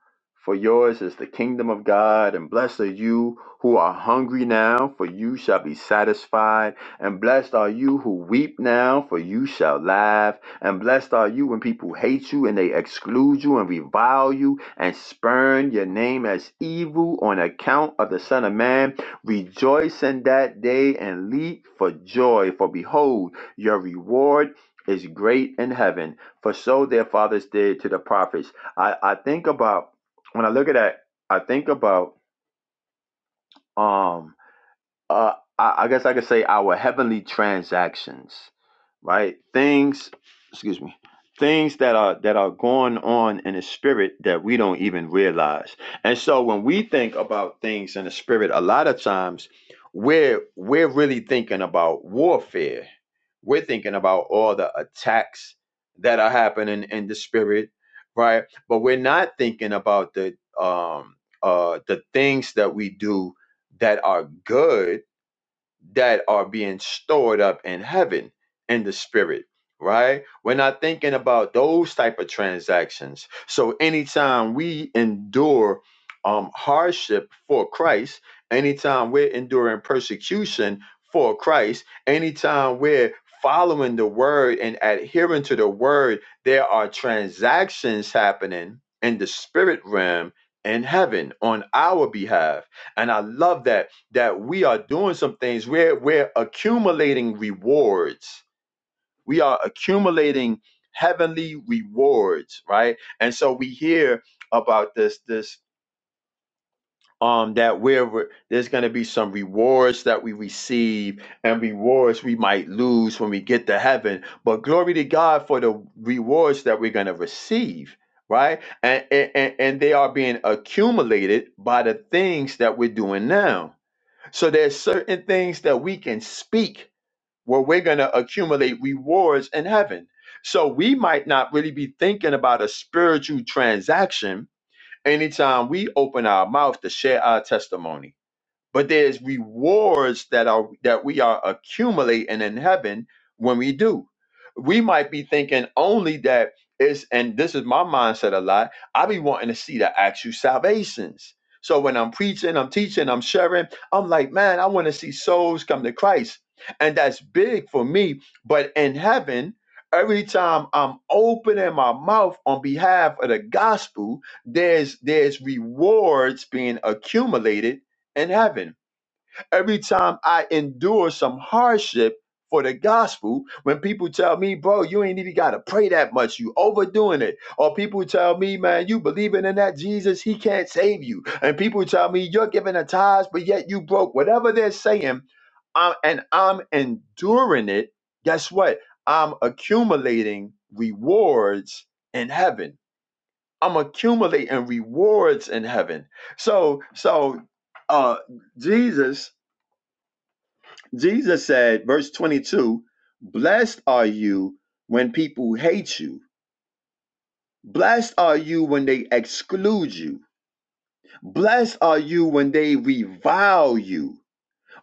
for yours is the kingdom of God. And blessed are you who are hungry now, for you shall be satisfied. And blessed are you who weep now, for you shall laugh. And blessed are you when people hate you and they exclude you and revile you and spurn your name as evil on account of the Son of Man. Rejoice in that day and leap for joy, for behold, your reward is great in heaven, for so their fathers did to the prophets. I, I think about when I look at that, I think about um uh, I, I guess I could say our heavenly transactions, right? Things, excuse me, things that are that are going on in the spirit that we don't even realize. And so when we think about things in the spirit, a lot of times we're we're really thinking about warfare. We're thinking about all the attacks that are happening in the spirit, right? But we're not thinking about the um uh the things that we do that are good that are being stored up in heaven in the spirit right we're not thinking about those type of transactions so anytime we endure um hardship for christ anytime we're enduring persecution for christ anytime we're following the word and adhering to the word there are transactions happening in the spirit realm in heaven on our behalf and i love that that we are doing some things we're we're accumulating rewards we are accumulating heavenly rewards right and so we hear about this this um that where we're, there's going to be some rewards that we receive and rewards we might lose when we get to heaven but glory to god for the rewards that we're going to receive right and, and and and they are being accumulated by the things that we're doing now so there's certain things that we can speak where we're going to accumulate rewards in heaven. So we might not really be thinking about a spiritual transaction anytime we open our mouth to share our testimony but there's rewards that are that we are accumulating in heaven when we do we might be thinking only that is and this is my mindset a lot i be wanting to see the actual salvations so when i'm preaching i'm teaching i'm sharing i'm like man i want to see souls come to christ and that's big for me but in heaven every time i'm opening my mouth on behalf of the gospel there's there's rewards being accumulated in heaven. Every time I endure some hardship for the gospel, when people tell me, bro, you ain't even got to pray that much, you overdoing it. Or people tell me, man, you believing in that Jesus, he can't save you. And people tell me, you're giving a tithes, but yet you broke. Whatever they're saying, I'm, and I'm enduring it, guess what? I'm accumulating rewards in heaven I'm accumulating rewards in heaven. So, so uh Jesus, Jesus said, verse 22, blessed are you when people hate you. Blessed are you when they exclude you. Blessed are you when they revile you.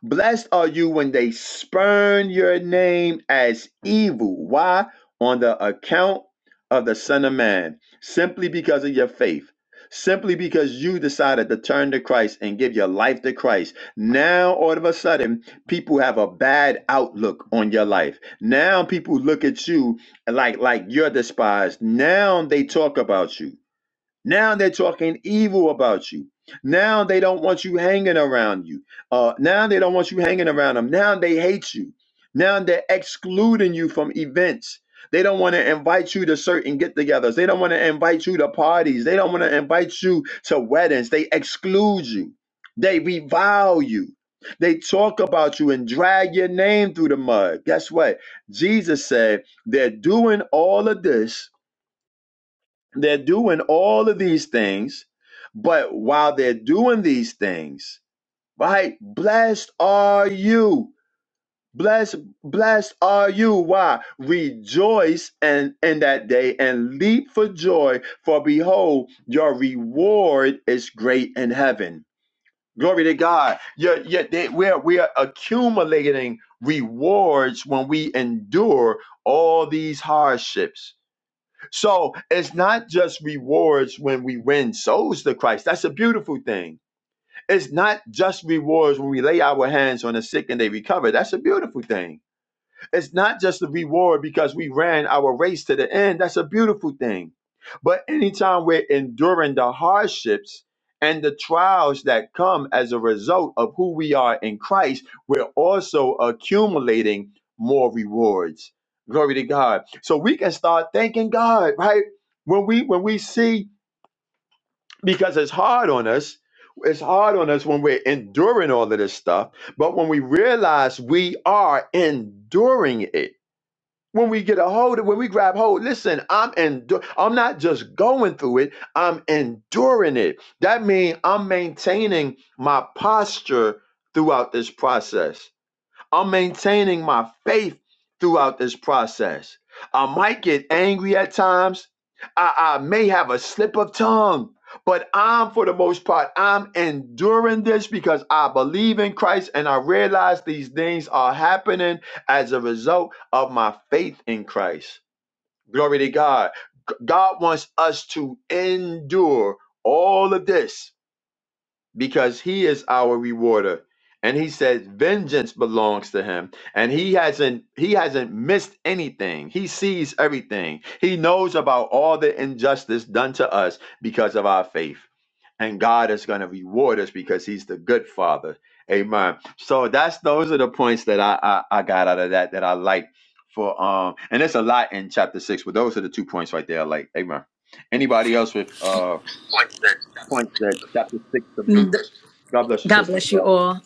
Blessed are you when they spurn your name as evil. Why? On the account of the Son of Man, simply because of your faith, simply because you decided to turn to Christ and give your life to Christ. Now, all of a sudden, people have a bad outlook on your life. Now, people look at you like like you're despised. Now they talk about you. Now they're talking evil about you. Now they don't want you hanging around you. Uh, now they don't want you hanging around them. Now they hate you. Now they're excluding you from events. They don't want to invite you to certain get togethers. They don't want to invite you to parties. They don't want to invite you to weddings. They exclude you. They revile you. They talk about you and drag your name through the mud. Guess what? Jesus said they're doing all of this they're doing all of these things, but while they're doing these things, right? Blessed are you. Blessed, blessed are you. Why? Rejoice and in that day and leap for joy, for behold, your reward is great in heaven. Glory to God. You're, you're, they, we're, we're accumulating rewards when we endure all these hardships so it's not just rewards when we win souls to Christ. That's a beautiful thing. It's not just rewards when we lay our hands on the sick and they recover. That's a beautiful thing. It's not just a reward because we ran our race to the end. That's a beautiful thing. But anytime we're enduring the hardships and the trials that come as a result of who we are in Christ, we're also accumulating more rewards. Glory to God. So we can start thanking God, right? When we when we see because it's hard on us, it's hard on us when we're enduring all of this stuff, but when we realize we are enduring it when we get a hold of when we grab hold listen i'm endu- i'm not just going through it i'm enduring it that means i'm maintaining my posture throughout this process I'm maintaining my faith throughout this process. I might get angry at times. I, I may have a slip of tongue, but I'm, for the most part, I'm enduring this because I believe in Christ and I realize these things are happening as a result of my faith in Christ. Glory to God. G- God wants us to endure all of this because he is our rewarder and he says vengeance belongs to him and he hasn't he hasn't missed anything he sees everything he knows about all the injustice done to us because of our faith and god is going to reward us because he's the good father amen so that's those are the points that i i, I got out of that that i like for um and there's a lot in chapter six but those are the two points right there I like amen anybody else with uh? points that chapter six of Luke. God bless you, God sister. bless you Sarah. all.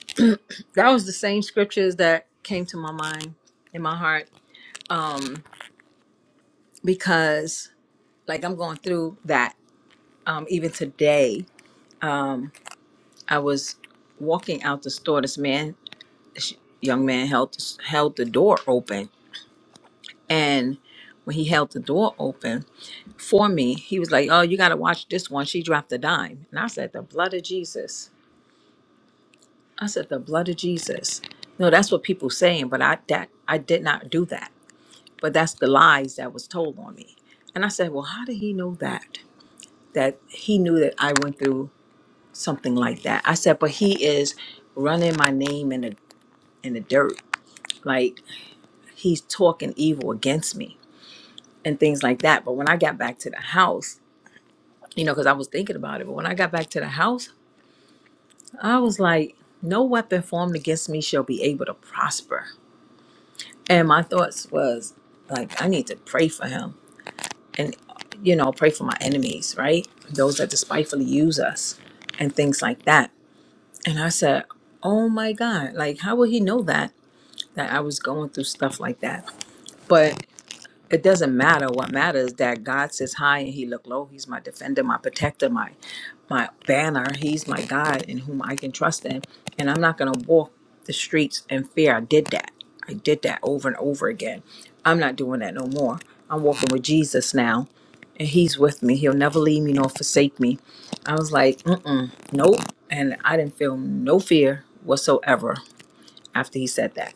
That was the same scriptures that came to my mind in my heart because, like, I'm going through that. Um, even today, I was walking out the store. This man, this young man, held held the door open, and when he held the door open for me, he was like, "Oh, you got to watch this one. She dropped a dime." And I said, "The blood of Jesus." I said, "The blood of Jesus." No, that's what people saying, but I that I did not do that. but that's the lies that was told on me. And I said, Well, how did he know that? That he knew that I went through something like that. I said, But he is running my name in the in the dirt. Like he's talking evil against me and things like that. But when I got back to the house, you know, because I was thinking about it, but when I got back to the house, I was like, No weapon formed against me shall be able to prosper. And my thoughts was like, I need to pray for him and you know pray for my enemies right those that despitefully use us and things like that and i said oh my god like how will he know that that i was going through stuff like that But. It doesn't matter. What matters is that God sits high and he look low. He's my defender, my protector, my my banner. He's my God in whom I can trust in. And I'm not gonna walk the streets in fear. I did that. I did that over and over again. I'm not doing that no more. I'm walking with Jesus now and he's with me. He'll never leave me nor forsake me. I was like, mm-mm, nope. And I didn't feel no fear whatsoever after he said that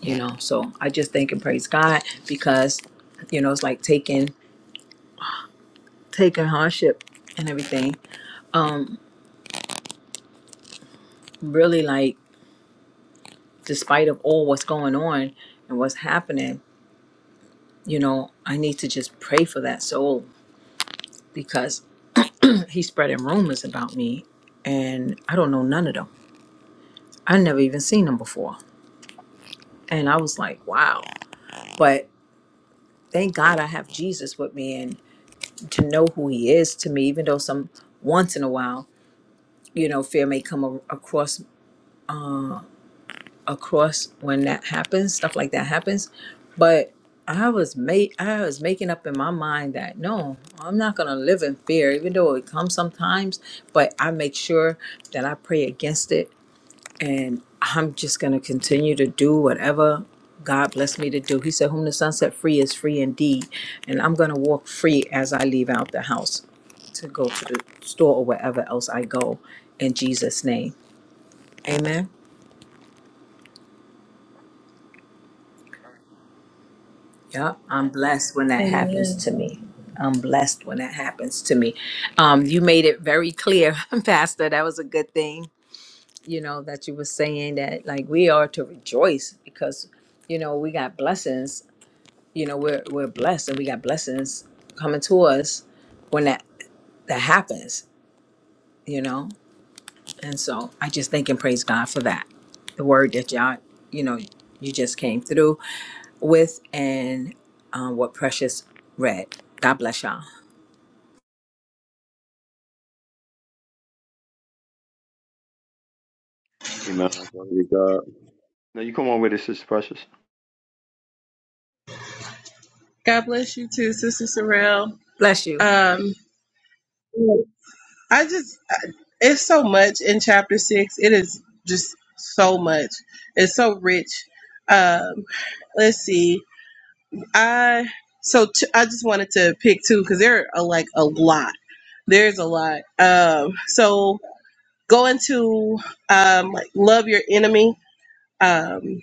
you know so i just thank and praise god because you know it's like taking taking hardship and everything um really like despite of all what's going on and what's happening you know i need to just pray for that soul because he's spreading rumors about me and i don't know none of them i never even seen them before and i was like wow but thank god i have jesus with me and to know who he is to me even though some once in a while you know fear may come a- across across when that happens, stuff like that happens. But I was made I was making up in my mind that no, I'm not gonna live in fear, even though it comes sometimes, but I make sure that I pray against it and I'm just gonna continue to do whatever God bless me to do. He said, Whom the sun set free is free indeed. And I'm gonna walk free as I leave out the house to go to the store or wherever else I go in Jesus' name. Amen. Yep, I'm blessed when that happens to me. I'm blessed when that happens to me. Um, you made it very clear, Pastor. That was a good thing, you know, that you were saying that like we are to rejoice because, you know, we got blessings. You know, we're we're blessed and we got blessings coming to us when that that happens. You know, and so I just thank and praise God for that. The word that y'all, you know, you just came through with and um, what Precious read. God bless y'all. Amen. Glory to God. Now you come on with it, Sister Precious. God bless you too, Sister Sorrell. Bless you. Um, I just, it's so much in chapter six. It is just so much. It's so rich. Um, Let's see. I so t- I just wanted to pick two because there are like a lot. There's a lot. Um, so going to um, like love your enemy. Um,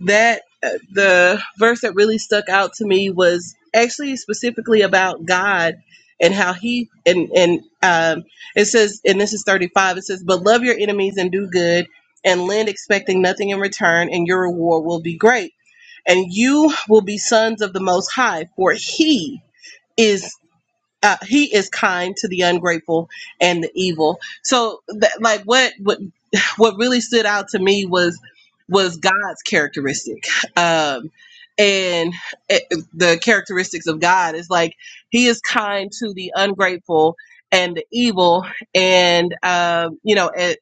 that uh, the verse that really stuck out to me was actually specifically about God and how He and and um, it says and this is 35. It says, "But love your enemies and do good." And lend expecting nothing in return, and your reward will be great and you will be sons of the most high for he is uh, he is kind to the ungrateful and the evil so that, like what, what what really stood out to me was was god's characteristic um and it, the characteristics of god is like he is kind to the ungrateful and the evil and um you know it,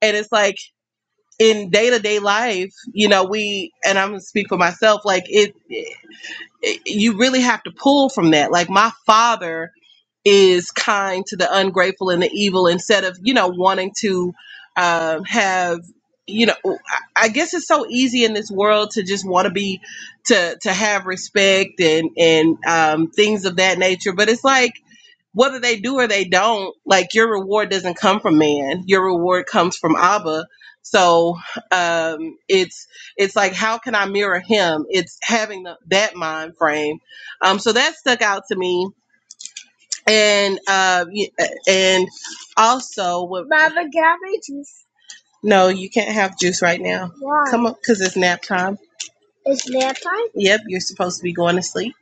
and it's like in day-to-day life you know we and i'm gonna speak for myself like it eh, you really have to pull from that. Like my father is kind to the ungrateful and the evil instead of you know wanting to um, have you know I I guess it's so easy in this world to just want to be to to have respect and and um, things of that nature. But it's like whether they do or they don't, like your reward doesn't come from man. Your reward comes from Abba. So um, it's it's like how can I mirror him? It's having the, that mind frame. Um, so that stuck out to me, and uh, y- and also what? Mama, can I make juice? No, you can't have juice right now. Why? Come up, cause it's nap time. It's nap time. Yep, you're supposed to be going to sleep.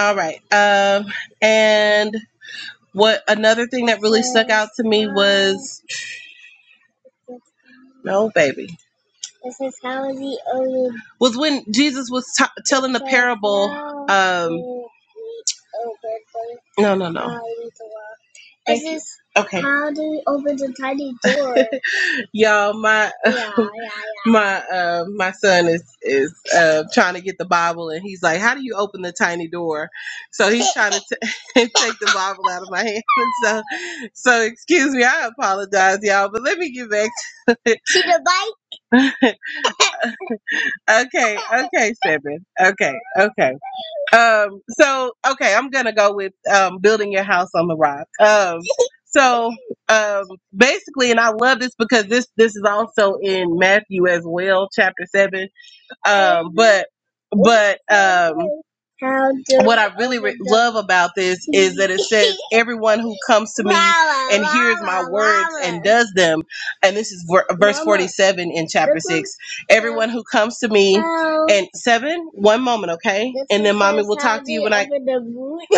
All right. Um, and What another thing that really stuck out to me was no baby. Was when Jesus was t- telling the parable. Um, no, no, no. Thank you. Okay. How do you open the tiny door? Y'all, my Yeah, yeah, my uh, my son is is uh, trying to get the Bible, and he's like, "How do you open the tiny door?" So he's trying to t- take the Bible out of my hand. so, so excuse me, I apologize, y'all, but let me get back to it. yeah. the bike? okay, okay, Seven. Okay, okay. Um, so okay, I'm gonna go with um, building your house on the rock. Um, so um, basically, and I love this because this this is also in Matthew as well, chapter seven um, but but um, what I really re- love about this is that it says everyone who comes to me and hears my words and does them, and this is ver- verse forty-seven in chapter six. Everyone who comes to me and seven, one moment, okay, and then mommy will talk to you when I.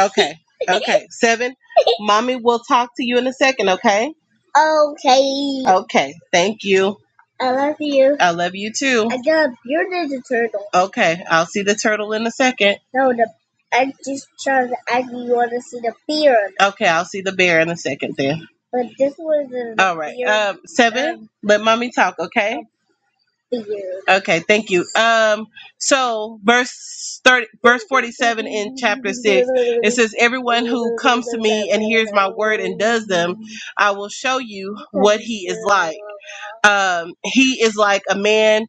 Okay, okay, seven. Mommy will talk to you in a second, okay? Okay. Okay, thank you. I love you. I love you too. I love your Ninja Turtle. Okay, I'll see the turtle in a second. No, the I just trying to ask you. You want to see the bear. Okay, I'll see the bear in a second then. but this wasn't the All right. beard. Um, seven. Um, Let mommy talk. Okay. Okay, thank you. Um, so verse thirty, verse forty-seven in chapter six, it says, "Everyone who comes to me and hears my word and does them, I will show you what he is like. Um, he is like a man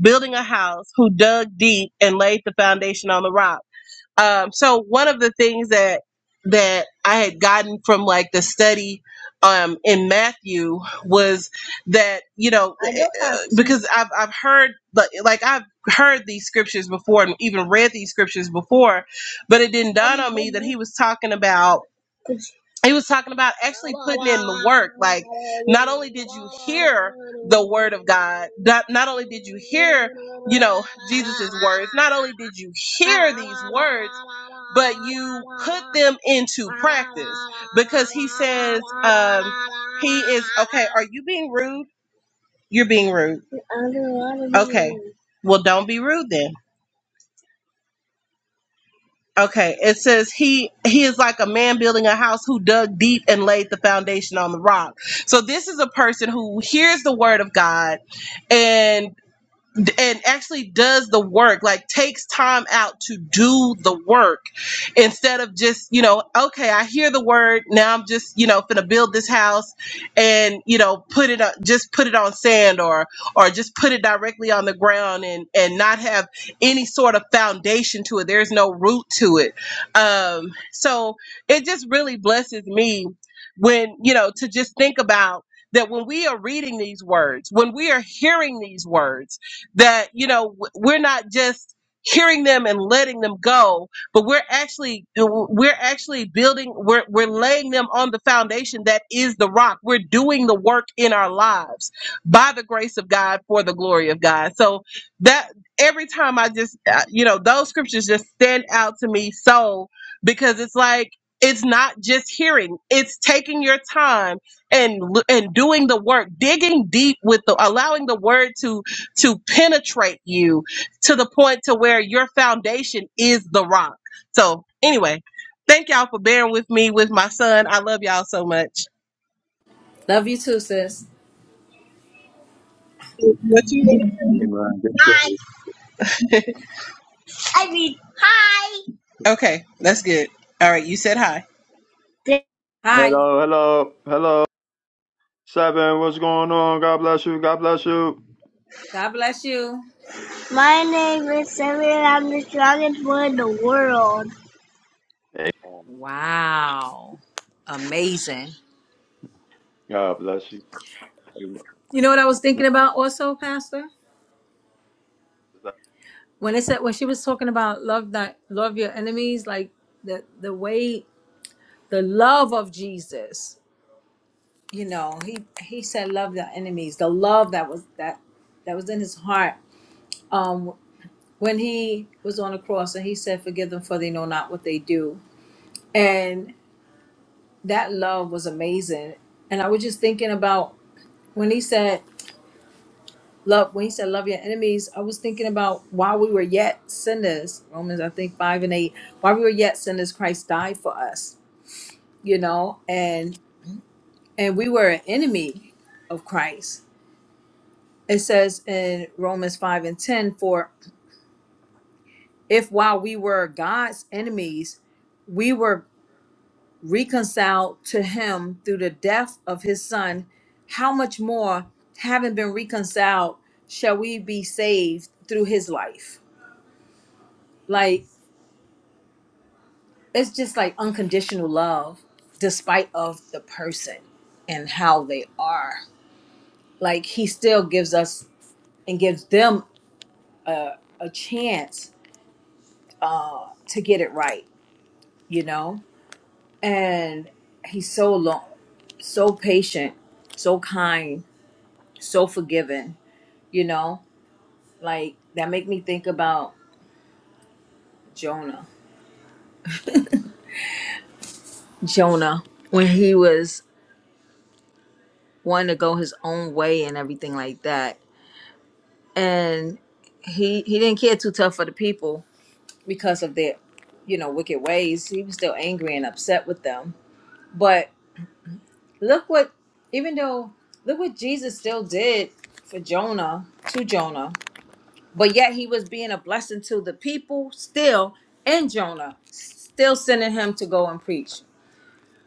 building a house who dug deep and laid the foundation on the rock." Um, so one of the things that that I had gotten from like the study um, in Matthew was that you know I know uh, that. uh, because I've I've heard like like I've heard these scriptures before and even read these scriptures before, but it didn't dawn on me that he was talking about he was talking about actually putting in the work like not only did you hear the word of god not, not only did you hear you know jesus's words not only did you hear these words but you put them into practice because he says um he is okay are you being rude you're being rude okay well don't be rude then Okay, it says he he is like a man building a house who dug deep and laid the foundation on the rock. So this is a person who hears the word of God and d- and actually does the work like takes time out to do the work instead of just you know okay i hear the word now i'm just you know gonna build this house and you know put it up just put it on sand or or just put it directly on the ground and and not have any sort of foundation to it there's no root to it um so it just really blesses me when you know to just think about that when we are reading these words when we are hearing these words that you know we're not just hearing them and letting them go but we're actually we're actually building we're we're laying them on the foundation that is the rock we're doing the work in our lives by the grace of God for the glory of God so that every time i just uh, you know those scriptures just stand out to me so because it's like it's not just hearing it's taking your time and l- and doing the work digging deep with the allowing the word to to penetrate you to the point to where your foundation is the rock. So anyway, thank y'all for bearing with me with my son. I love y'all so much. Love you too, sis. What you doing? Amen. Hi. I mean hi. Okay, that's good. All right, you said hi. Hi. Hello, hello, hello. Seven, what's going on? God bless you. God bless you. God bless you. My name is Samuel. I'm the strongest one in the world. Amen. Wow. Amazing. God bless you. You know what I was thinking about also, Pastor? When it said when she was talking about love that love your enemies, like the the way the love of Jesus. you know he he said love your enemies the love that was that that was in his heart um when he was on the cross and he said forgive them for they know not what they do and that love was amazing and i was just thinking about when he said love when he said love your enemies i was thinking about while we were yet sinners romans i think 5 and 8 while we were yet sinners christ died for us you know and and we were an enemy of christ it says in Romans 5 and 10 for if while we were God's enemies, we were reconciled to him through the death of his son, how much more, having been reconciled, shall we be saved through his life? Like it's just like unconditional love despite of the person and how they are. Like he still gives us and gives them a chance uh to get it right, you know? and he's so long, so patient, so kind, so forgiving. You know, like that make me think about Jonah. Jonah when he was wanting to go his own way and everything like that, and he he didn't care too tough for the people because of their, you know, wicked ways. He was still angry and upset with them. But look what, even though look what Jesus still did for Jonah to Jonah but yet he was being a blessing to the people still and jonah still sending him to go and preach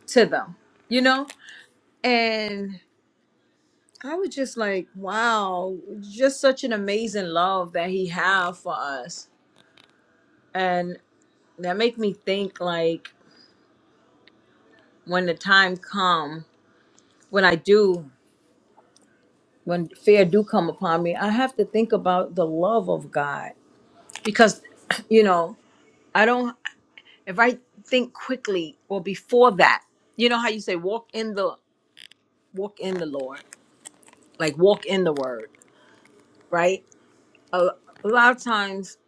to them you know and i was just like wow just such an amazing love that he have for us and that make me think like when the time come when i do when fear do come upon me i have to think about the love of god because you know I don't. if I think quickly or before that, you know how you say walk in the walk in the Lord, like walk in the word, right? A, a lot of times,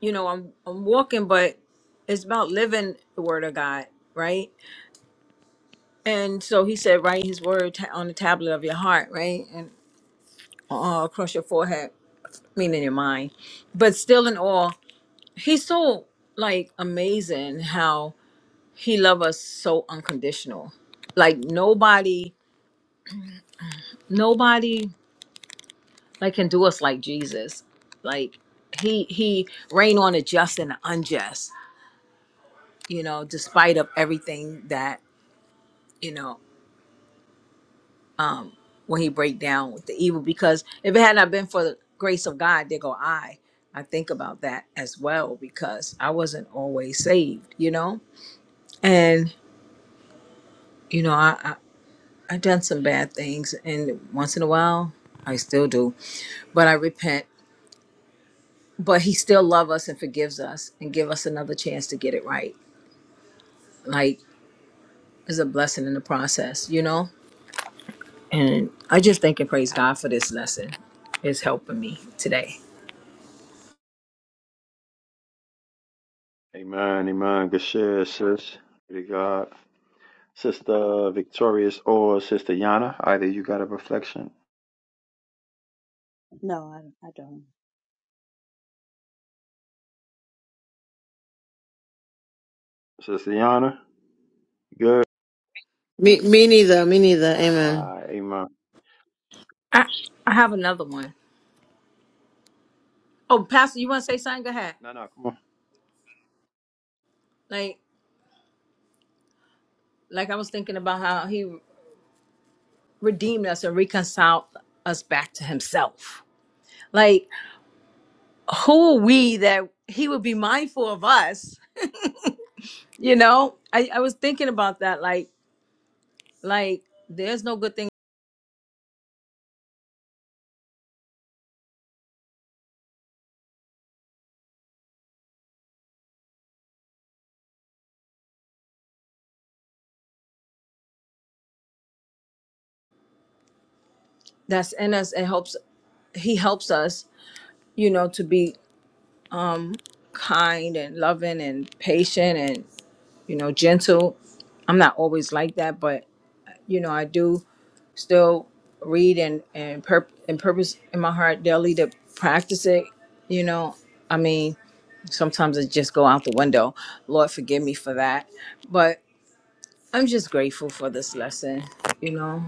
you know, I'm I'm walking, but it's about living the word of God, right? And so he said, write his word ta- on the tablet of your heart, right? And uh, across your forehead, meaning your mind. But still in all, he's so like amazing how he love us so unconditional. Like nobody nobody like can do us like Jesus. Like he he reign on the just and the unjust, you know, despite of everything that, you know, when he break down with the evil because if it had not been for the grace of God, there go I. I think about that as well because I wasn't always saved, you know? And, you know, I, I I done some bad things and once in a while I still do. But I repent. But he still love us and forgives us and give us another chance to get it right like it's a blessing in the process, you know? And I just thank and praise God for this lesson. It's helping me today. Amen. Amen. Good share, sis. Glory to God. Sister Victorious or Sister Yana. Either you got a reflection. Sister Yana. Good. Me, me neither. Me neither. Amen. Uh, amen. I I have another one. Oh, Pastor, you wanna say something? Go ahead. No, no, come on. Like like I was thinking about how he redeemed us and reconciled us back to himself. Like who are we that he would be mindful of us? You know? I, I was thinking about that. Like like there's no good thing that's in us It helps he helps us, you know, to be kind and loving and patient and you know gentle i'm not always like that but you know i do still read and and, pur- and purpose in my heart daily to practice it you know i mean sometimes it just go out the window lord forgive me for that but i'm just grateful for this lesson you know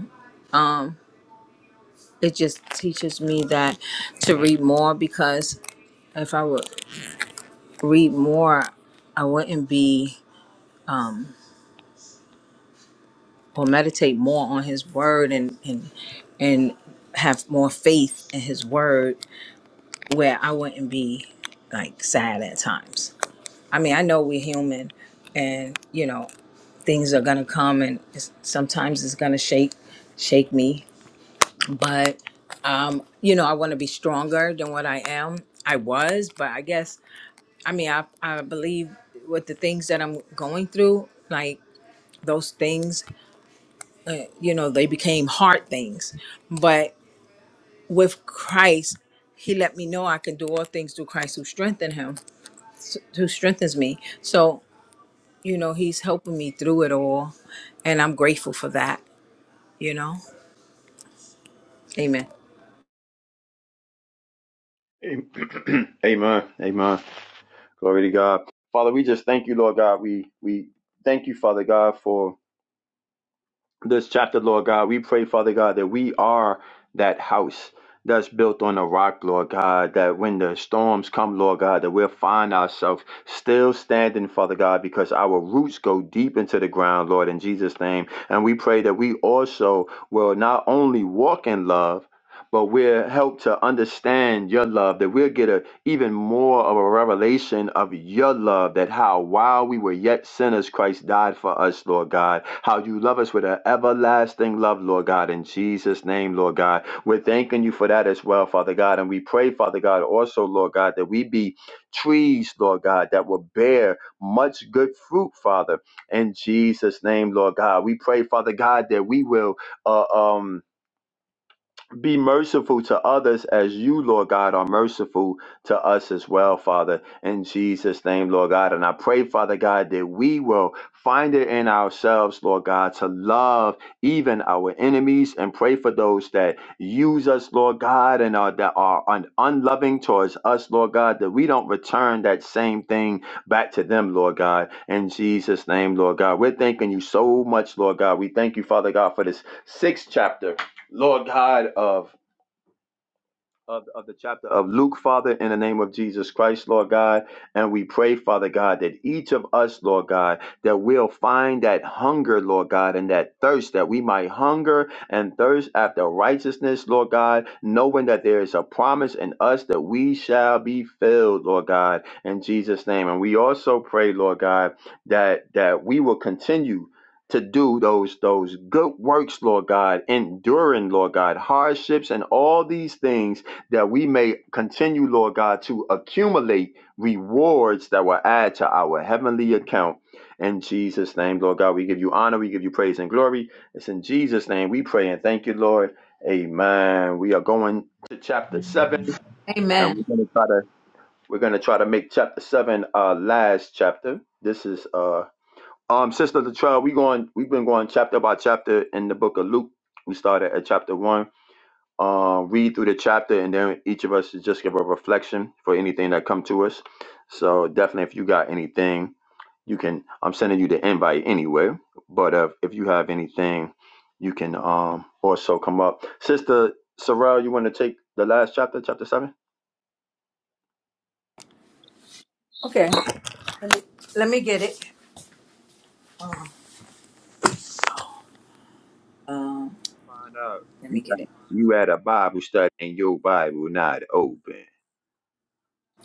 it just teaches me that to read more because if i would read more i wouldn't be or meditate more on his word and and and have more faith in his word where I wouldn't be like sad at times. I mean, I know we're human and you know, things are going to come and it's, sometimes it's going to shake shake me, but um you know, I want to be stronger than what I am. I was, but I guess I mean, I I believe with the things that I'm going through like those things, you know, they became hard things. with Christ, he let me know I can do all things through Christ who strengthened him, who strengthens me. So, you know, he's helping me through it all. And I'm grateful for that, you know? Amen. Amen. amen. Amen. Glory to God. Father, we just thank you, Lord God. We we thank you, Father God, for this chapter, Lord God. We pray, Father God, that we are that house that's built on a rock, Lord God, that when the storms come, Lord God, that we'll find ourselves still standing, Father God, because our roots go deep into the ground, Lord, in Jesus' name. And we pray that we also will not only walk in love, but we'll help to understand your love, that we'll get a even more of a revelation of your love that how while we were yet sinners, Christ died for us, Lord God. How you love us with an everlasting love, Lord God, in Jesus' name, Lord God. We're thanking you for that as well, Father God. And we pray, Father God, also, Lord God, that we be trees, Lord God, that will bear much good fruit, Father, in Jesus' name, Lord God. We pray, Father God, that we will uh, um be merciful to others as you, Lord God, are merciful to us as well, Father, in Jesus' name, Lord God. And I pray, Father God, that we will find it in ourselves, Lord God, to love even our enemies and pray for those that use us, Lord God, and are, that are un- unloving towards us, Lord God, that we don't return that same thing back to them, Lord God, in Jesus' name, Lord God. We're thanking you so much, Lord God. We thank you, Father God, for this sixth chapter Lord God of of, of the chapter of Luke, Father, in the name of Jesus Christ, Lord God. And we pray, Father God, that each of us, Lord God, that we'll find that hunger, Lord God, and that thirst, that we might hunger and thirst after righteousness, Lord God, knowing that there is a promise in us that we shall be filled, Lord God, in Jesus' name. And we also pray, Lord God, that that we will continue to do those those good works, Lord God, enduring, Lord God, hardships and all these things that we may continue, Lord God, to accumulate rewards that will add to our heavenly account. In Jesus' name, Lord God, we give you honor, we give you praise and glory. It's in Jesus' name we pray and thank you, Lord. Amen. We are going to chapter seven, and we're Amen. gonna try to we're gonna try to make chapter seven our last chapter. This is uh um sister the trial. We going we've been going chapter by chapter in the book of Luke. We started at chapter one uh, read through the chapter, and then each of us should just give a reflection for anything that come to us. So definitely, if you got anything, you can. I'm sending you the invite anyway. But uh, if you have anything, you can um also come up, Sister Sorrell. You want to take the last chapter, chapter seven? Okay. Let me, let me get it. Um, Find out. let You me get had, it. you had a Bible study, and your Bible not open.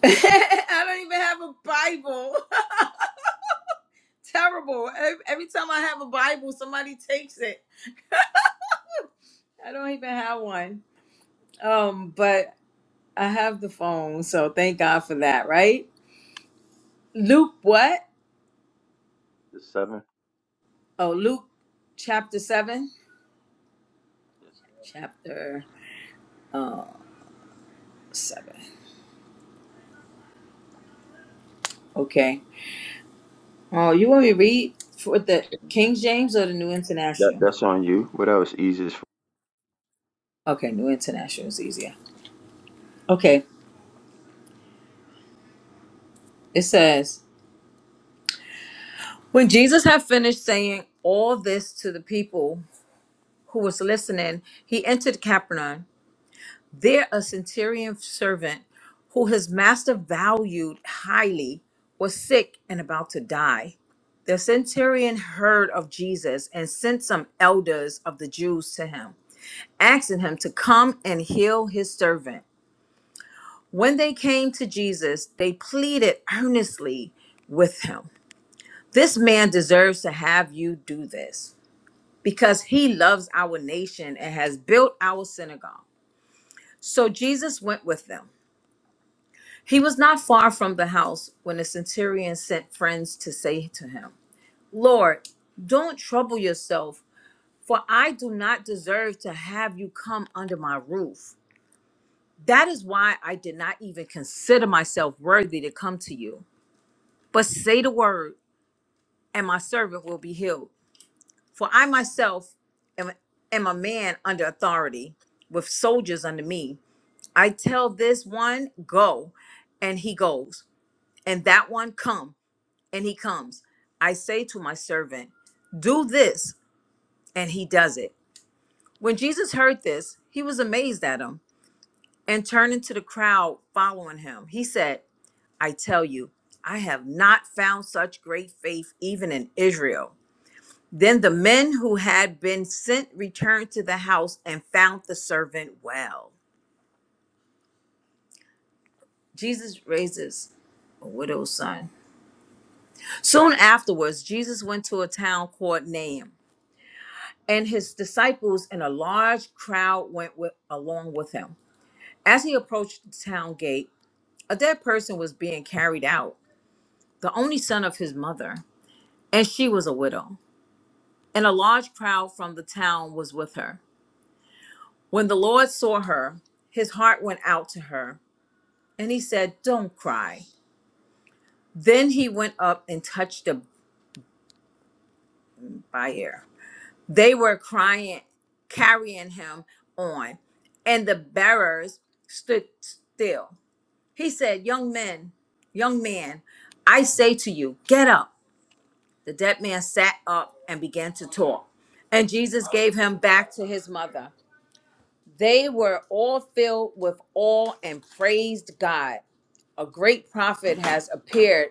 I don't even have a Bible. Terrible. Ev- Every time I have a Bible, somebody takes it. I don't even have one. Um, but I have the phone, so thank God for that, right? Luke what? The seven. Oh, Luke chapter 7. Yes. Chapter 7. Okay. Oh, you want me to read for the King James or the New That, International? that's on you. What else? Easiest. for Okay, New International is easier. Okay. It says, When Jesus had finished saying all this to the people who was listening, he entered Capernaum. There, a centurion servant who his master valued highly was sick and about to die. The centurion heard of Jesus and sent some elders of the Jews to him, asking him to come and heal his servant. When they came to Jesus, they pleaded earnestly with him This man deserves to have you do this because he loves our nation and has built our synagogue. So Jesus went with them. He was not far from the house when the centurion sent friends to say to him, Lord, don't trouble yourself, for I do not deserve to have you come under my roof. That is why I did not even consider myself worthy to come to you. But say the word, and my servant will be healed. For I myself am, am a man under authority, with soldiers under me. I tell this one, go, and he goes, and that one, come. and he comes. I say to my servant, Do this, and he does it. When Jesus heard this, he was amazed at him and turning to the crowd following him, he said, I tell you, I have not found such great faith even in Israel. Then the men who had been sent returned to the house and found the servant well. Jesus raises a widow's son. Soon afterwards, Jesus went to a town called Nain. and his disciples and a large crowd went with, along with him. As he approached the town gate, a dead person was being carried out, the only son of his mother, and she was a widow. And a large crowd from the town was with her. When the Lord saw her, his heart went out to her, and he said, Don't cry. Then he went up and touched the bier. They were crying, carrying him on, and the bearers stood still. He said, Young men, young man, I say to you, get up. The dead man sat up and began to talk. And Jesus gave him back to his mother. They were all filled with awe and praised God. A great prophet has appeared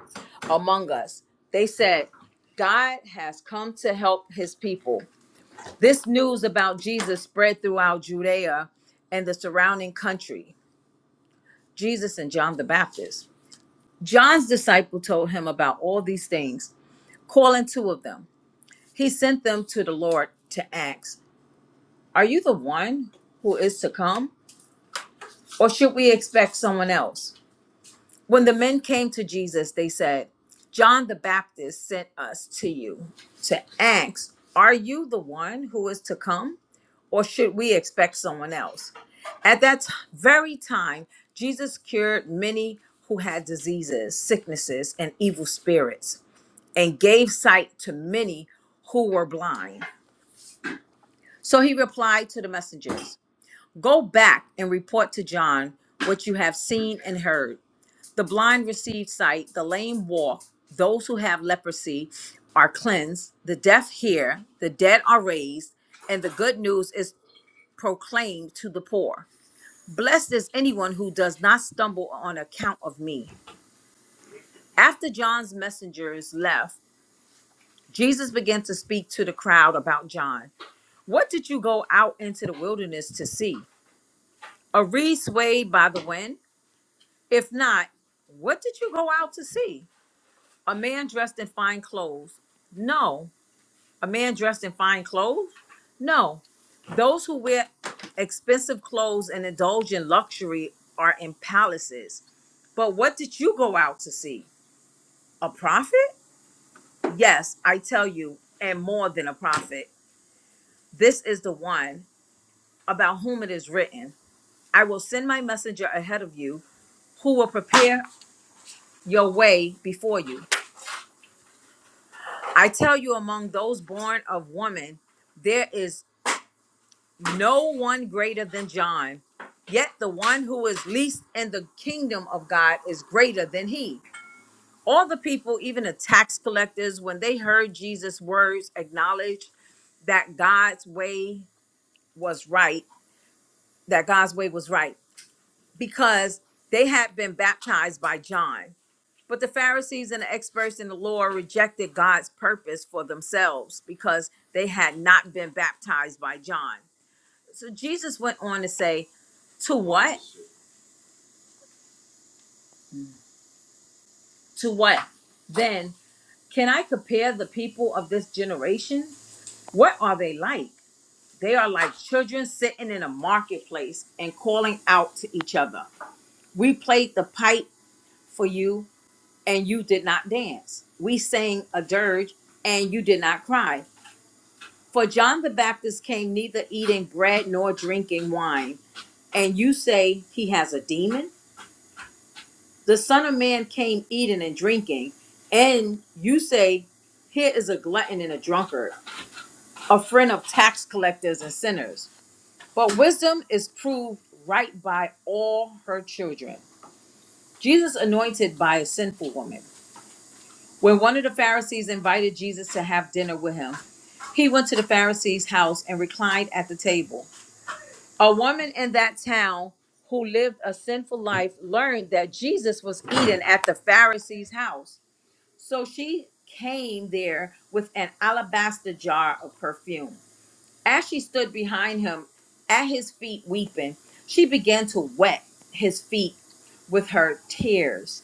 among us. They said, God has come to help his people. This news about Jesus spread throughout Judea and the surrounding country. Jesus and John the Baptist. John's disciple told him about all these things, calling two of them. He sent them to the Lord to ask, Are you the one who is to come, or should we expect someone else? When the men came to Jesus, they said, John the Baptist sent us to you to ask, 'Are you the one who is to come, or should we expect someone else? At that t- very time, Jesus cured many who had diseases, sicknesses, and evil spirits and gave sight to many who were blind. So he replied to the messengers Go back and report to John what you have seen and heard. The blind receive sight, the lame walk, those who have leprosy are cleansed, the deaf hear, the dead are raised, and the good news is proclaimed to the poor. Blessed is anyone who does not stumble on account of me. After John's messengers left, Jesus began to speak to the crowd about John. What did you go out into the wilderness to see? A reed swayed by the wind? If not, what did you go out to see? A man dressed in fine clothes? No. A man dressed in fine clothes? No. Those who wear expensive clothes and indulge in luxury are in palaces. But what did you go out to see? A prophet? Yes, I tell you, and more than a prophet. This is the one about whom it is written I will send my messenger ahead of you who will prepare your way before you. I tell you, among those born of woman, there is no one greater than John. Yet the one who is least in the kingdom of God is greater than he. All the people, even the tax collectors, when they heard Jesus' words, acknowledged that God's way was right, that God's way was right, because they had been baptized by John. But the Pharisees and the experts in the law rejected God's purpose for themselves because they had not been baptized by John. So Jesus went on to say, To what? To what? Then can I compare the people of this generation? What are they like? They are like children sitting in a marketplace and calling out to each other. We played the pipe for you, and you did not dance. We sang a dirge, and you did not cry. For John the Baptist came neither eating bread nor drinking wine, and you say he has a demon? The Son of Man came eating and drinking, and you say, Here is a glutton and a drunkard, a friend of tax collectors and sinners. But wisdom is proved right by all her children. Jesus anointed by a sinful woman. When one of the Pharisees invited Jesus to have dinner with him, he went to the Pharisee's house and reclined at the table. A woman in that town who lived a sinful life learned that Jesus was eating at the Pharisee's house. So she came there with an alabaster jar of perfume. As she stood behind him at his feet weeping, she began to wet his feet with her tears.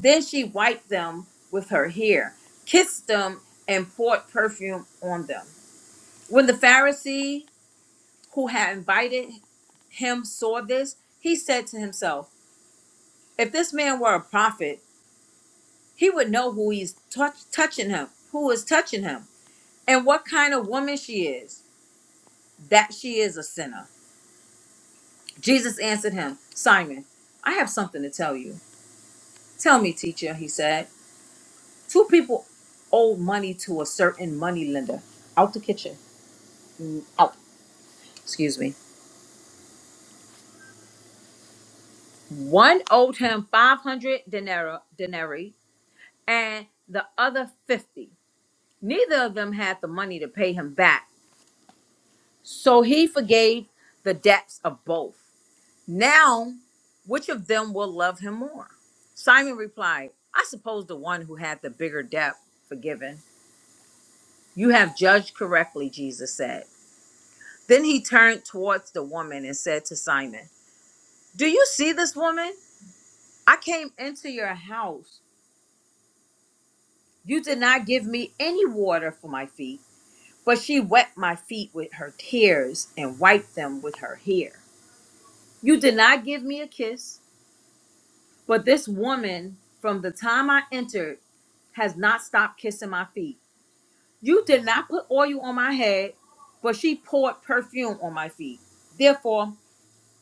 Then she wiped them with her hair, kissed them, and poured perfume on them. When the Pharisee who had invited him saw this, he said to himself, If this man were a prophet, he would know who he's touch, touching him, who is touching him, and what kind of woman she is, that she is a sinner. Jesus answered him, Simon, I have something to tell you. Tell me, teacher, he said. Two people owed money to a certain money lender. Out the kitchen. Mm, Out. Excuse me. One owed him 500 denaro- denarii and the other 50. Neither of them had the money to pay him back. So he forgave the debts of both. Now, which of them will love him more? Simon replied, I suppose the one who had the bigger debt forgiven. You have judged correctly, Jesus said. Then he turned towards the woman and said to Simon, Do you see this woman? I came into your house. You did not give me any water for my feet, but she wet my feet with her tears and wiped them with her hair. You did not give me a kiss, but this woman, from the time I entered, has not stopped kissing my feet. You did not put oil on my head, but she poured perfume on my feet. Therefore,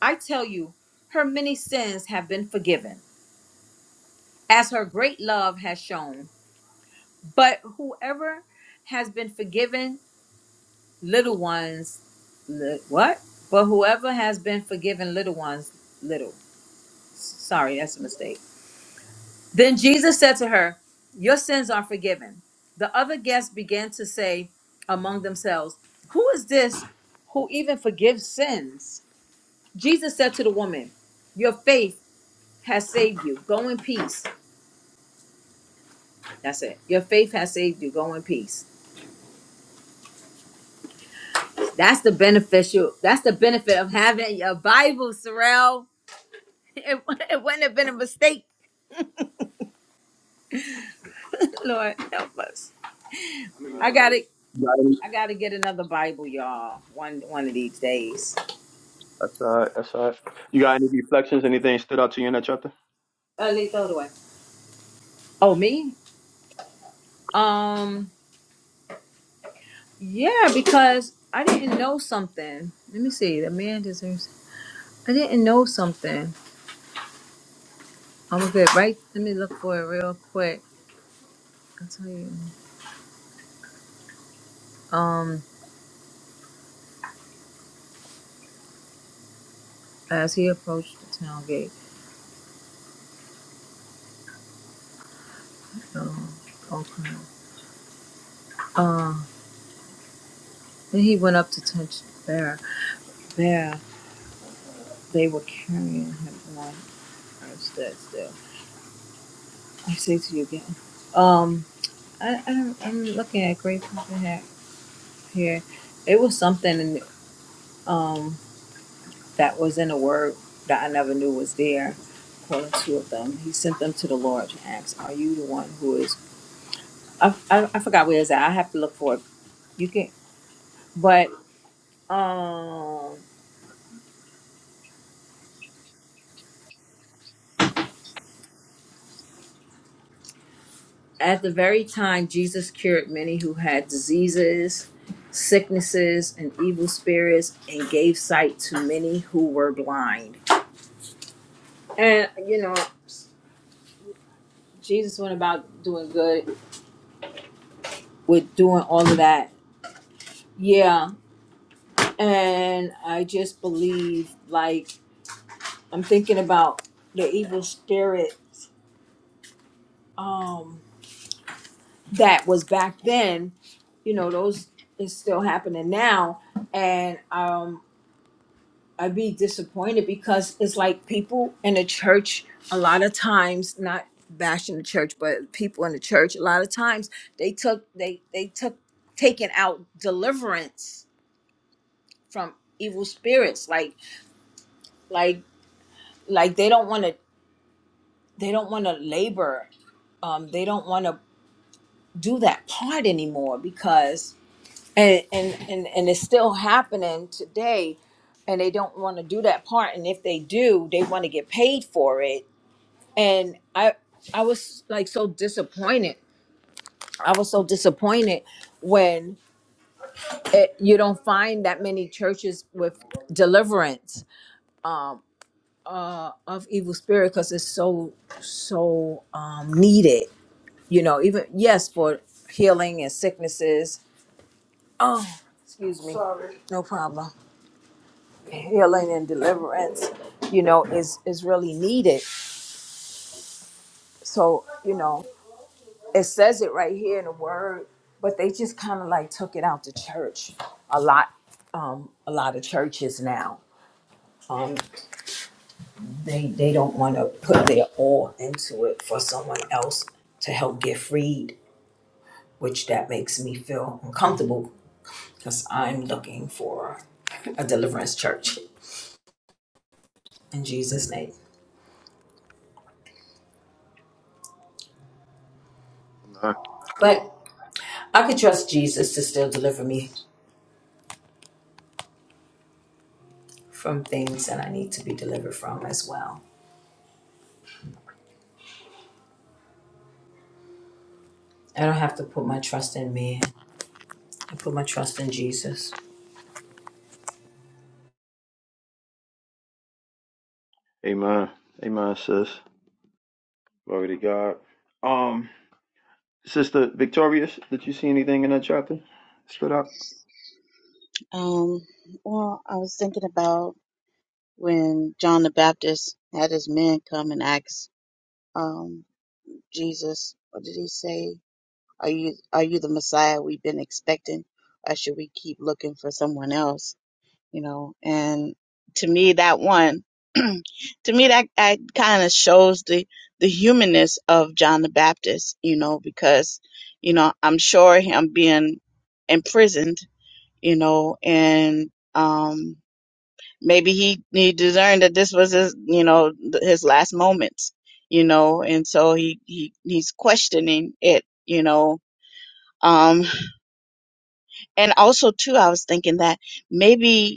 I tell you, her many sins have been forgiven, as her great love has shown. But whoever has been forgiven little ones, li- what? But whoever has been forgiven little ones, little. Sorry, that's a mistake Then Jesus said to her, Your sins are forgiven. The other guests began to say among themselves, Who is this who even forgives sins? Jesus said to the woman, Your faith has saved you. Go in peace. That's it. Your faith has saved you. Go in peace. That's the beneficial. That's the benefit of having your Bible, Sorrel. It, it wouldn't have been a mistake. Lord, help us. I gotta, you got I gotta get another Bible, y'all. One, one of these days. That's all right. That's all right. You got any reflections? Anything stood out to you in that chapter? Uh, throw it away. Oh, me? Um, yeah, because I didn't know something. Let me see. The man deserves. I didn't know something. I'm gonna get right. Let me look for it real quick. I'll tell you. Um, as he approached the town gate, um, okay. Uh, then he went up to touch Bear. There, they were carrying him on. I stood still. I say to you again. Um, I, I I'm looking at great heck here. It was something. that was in a word that I never knew was there, Calling two of them. He sent them to the Lord to ask, Are you the one who is I, I, I forgot where it's at. I have to look for it. You can but um at the very time Jesus cured many who had diseases, sicknesses, and evil spirits, and gave sight to many who were blind. And you know, Jesus went about doing good with doing all of that. Yeah. and I just believe like I'm thinking about the evil spirit um that was back then, you know, those is still happening now and um I'd be disappointed because it's like people in the church a lot of times not bashing the church but people in the church a lot of times they took they they took taking out deliverance from evil spirits like like like they don't want to they don't want to labor um, they don't want to do that part anymore because and, and and and it's still happening today and they don't want to do that part and if they do they want to get paid for it and i i was like so disappointed i was so disappointed when it, you don't find that many churches with deliverance um, uh, of evil spirit because it's so so um, needed you know, even yes, for healing and sicknesses. Oh, excuse me. Sorry. No problem. Healing and deliverance, you know, is is really needed. So, you know, it says it right here in the word, but they just kind of like took it out to church a lot. Um, a lot of churches now. Um, they they don't want to put their all into it for someone else to help get freed, which that makes me feel uncomfortable because I'm looking for a deliverance church in Jesus' name. Amen. But I could trust Jesus to still deliver me from things that I need to be delivered from as well. I don't have to put my trust in man. I put my trust in Jesus. Amen. Amen, sis. Glory to God. Um, Sister Victorious, did you see anything in that chapter? Stood out? Um, well, I was thinking about when John the Baptist had his men come and ask um, Jesus, what did he say? Are you are you the Messiah we've been expecting, or should we keep looking for someone else? You know, and to me that one, to me that that kind of shows the the humanness of John the Baptist. You know, because you know I'm sure him being imprisoned, you know, and um maybe he he discerned that this was his you know th- his last moments, you know, and so he he he's questioning it, you know. Um, And also, too, I was thinking that maybe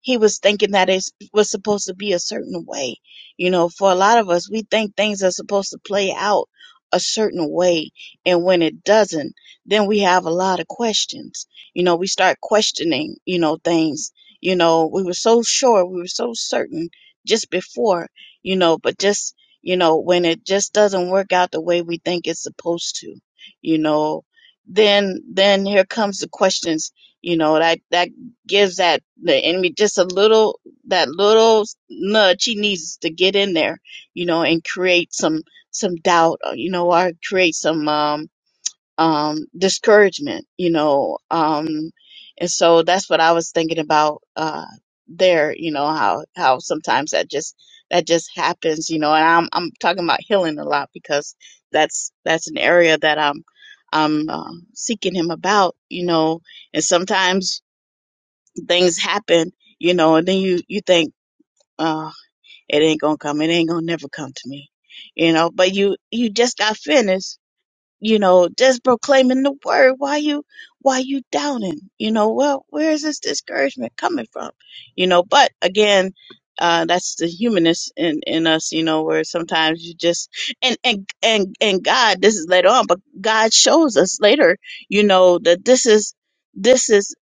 he was thinking that it was supposed to be a certain way. You know, for a lot of us, we think things are supposed to play out a certain way. And when it doesn't, then we have a lot of questions. You know, we start questioning, you know, things. You know, we were so sure, we were so certain just before, you know, but just, you know, when it just doesn't work out the way we think it's supposed to, you know, then, then here comes the questions, you know, that, that gives that the enemy just a little that little nudge he needs to get in there, you know, and create some some doubt, uh, you know, or create some um um discouragement, you know. Um and so that's what I was thinking about uh there, you know, how how sometimes that just that just happens, you know, and I'm I'm talking about healing a lot because that's that's an area that I'm I'm uh, seeking him about, you know, and sometimes things happen, you know, and then you you think, uh, it ain't gonna come, it ain't gonna never come to me, you know. But you you just got finished, you know, just proclaiming the word. Why you, why you doubting? You know, well, where is this discouragement coming from? You know, but again, uh, that's the humanist in, in us, you know, where sometimes you just, and, and, and, and God, this is later on, but God shows us later, you know, that this is, this is,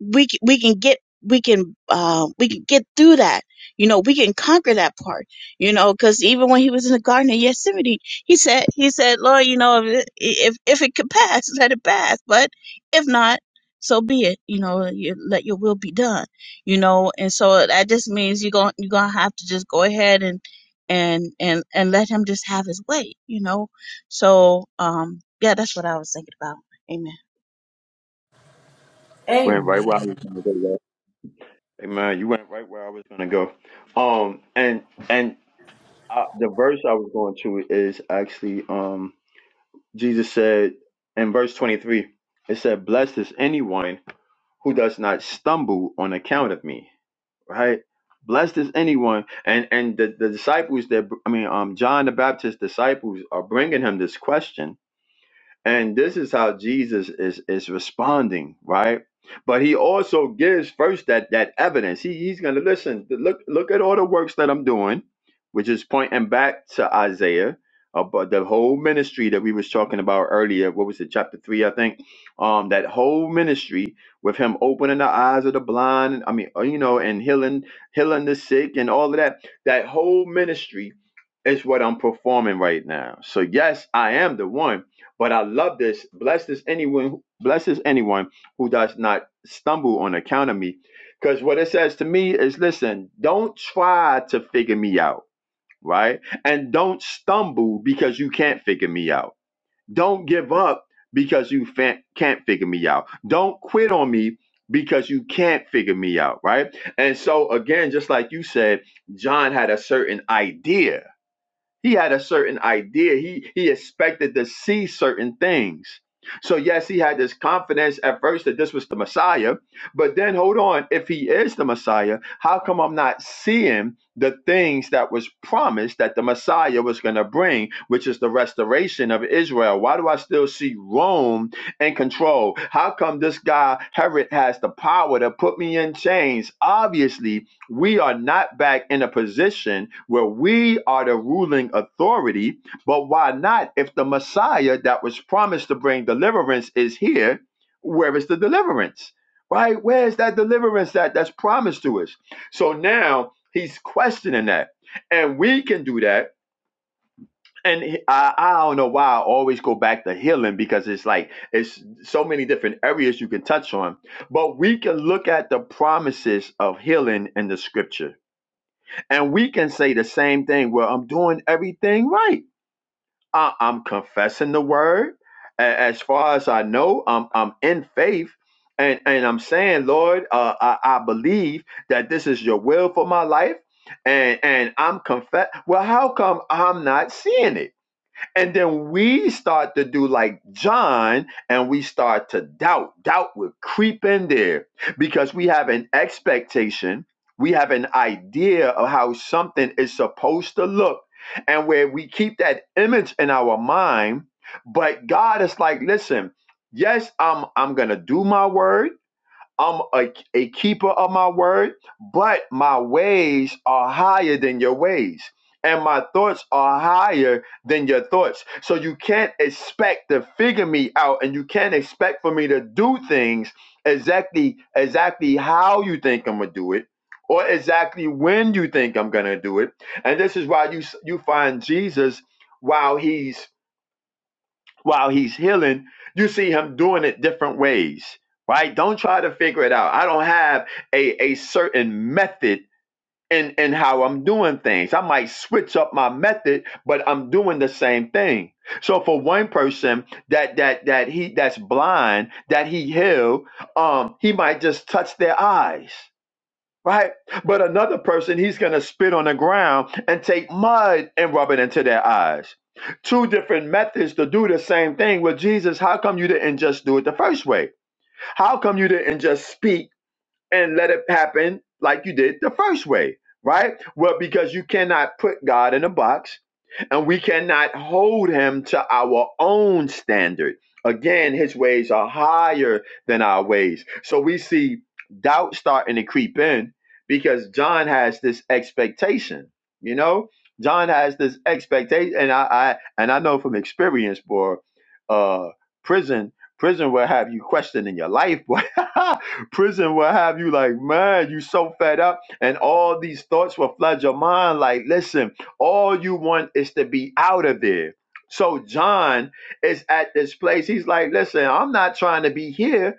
we, c- we can get, we can, uh, we can get through that. You know, we can conquer that part, you know, because even when he was in the Garden of Gethsemane, he said, he said, Lord, you know, if, if if it could pass, let it pass. But if not, so be it. You know, you, let your will be done. You know, and so that just means you're going you're gonna have to just go ahead and and and and let him just have his way. You know, so um, yeah, that's what I was thinking about. Amen. You went right where I Amen. was gonna go. y'all. Amen. You went right where I was gonna go. Um, and and uh, the verse I was going to is actually um Jesus said in verse twenty three. It said, "Blessed is anyone who does not stumble on account of me." right? Blessed is anyone, and and the, the disciples that I mean, um, John the Baptist's disciples are bringing him this question, and this is how Jesus is is responding, right? But he also gives first that that evidence. He, he's going to listen. Look look at all the works that I'm doing, which is pointing back to Isaiah about the whole ministry that we was talking about earlier. What was it, chapter three, I think? Um, that whole ministry with him opening the eyes of the blind. I mean, uh, you know, and healing healing the sick and all of that. That whole ministry is what I'm performing right now. So yes, I am the one but I love this. Blessed is anyone, blessed is anyone who does not stumble on account of me. Because what it says to me is listen, don't try to figure me out, right? And don't stumble because you can't figure me out. Don't give up because you fa- can't figure me out. Don't quit on me because you can't figure me out, right? And so, again, just like you said, John had a certain idea he had a certain idea. He he expected to see certain things. So yes, he had this confidence at first that this was the Messiah, but then hold on, if he is the Messiah, how come I'm not seeing the things that was promised that the Messiah was going to bring, which is the restoration of Israel? Why do I still see Rome in control? How come this guy Herod has the power to put me in chains? Obviously, we are not back in a position where we are the ruling authority. But why not? If the Messiah that was promised to bring deliverance is here, where is the deliverance? Right? Where is that deliverance that, that's promised to us? So now he's questioning that. And we can do that. And I, I don't know why I always go back to healing because it's like it's so many different areas you can touch on, but we can look at the promises of healing in the scripture and we can say the same thing. Well, I'm doing everything right. I, am confessing the word. A- As far as I know, I'm, I'm in faith. And, and I'm saying, Lord, uh, I, I believe that this is your will for my life. And, and I'm confess. Well, how come I'm not seeing it? And then we start to do like John and we start to doubt. Doubt will creep in there because we have an expectation, we have an idea of how something is supposed to look, and where we keep that image in our mind. But God is like, listen, yes, I'm I'm gonna do my word. I'm a, a keeper of my word, but my ways are higher than your ways. And my thoughts are higher than your thoughts. So you can't expect to figure me out and you can't expect for me to do things exactly exactly how you think I'm gonna do it or exactly when you think I'm gonna do it. And this is why you s- you find Jesus while he's while he's healing, you see him doing it different ways, right? Don't try to figure it out. I don't have a, a certain method in, in how I'm doing things. I might switch up my method, but I'm doing the same thing. So for one person that that that he that's blind, that he healed, um, he might just touch their eyes right? But another person, he's going to spit on the ground and take mud and rub it into their eyes. Two different methods to do the same thing. Well, Jesus, how come you didn't just do it the first way? How come you didn't just speak and let it happen like you did the first way, right? Well, because you cannot put God in a box and we cannot hold him to our own standard. Again, his ways are higher than our ways. So we see doubt starting to creep in because John has this expectation, you know? John has this expectation, and I, I and I know from experience, boy, uh, prison, prison will have you questioning your life, boy. prison will have you like, man, you so fed up, and all these thoughts will flood your mind. Like, listen, all you want is to be out of there. So John is at this place. He's like, listen, I'm not trying to be here.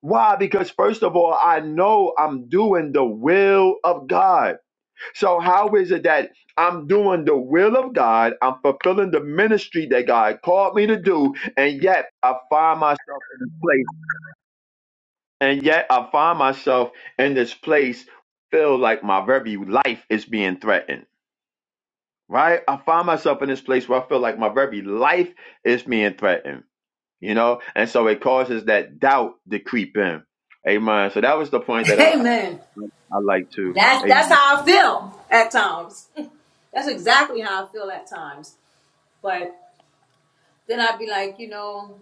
Why? Because first of all, I know I'm doing the will of God. So how is it that I'm doing the will of God? I'm fulfilling the ministry that God called me to do, and yet I find myself in this place. And yet I find myself in this place, feel like my very life is being threatened. right? I find myself in this place where I feel like my very life is being threatened, you know? And so it causes that doubt to creep in. Amen. So that was the point that I, I, Amen. I like to. That's that's Amen. how I feel at times. That's exactly how I feel at times. But then I'd be like, you know.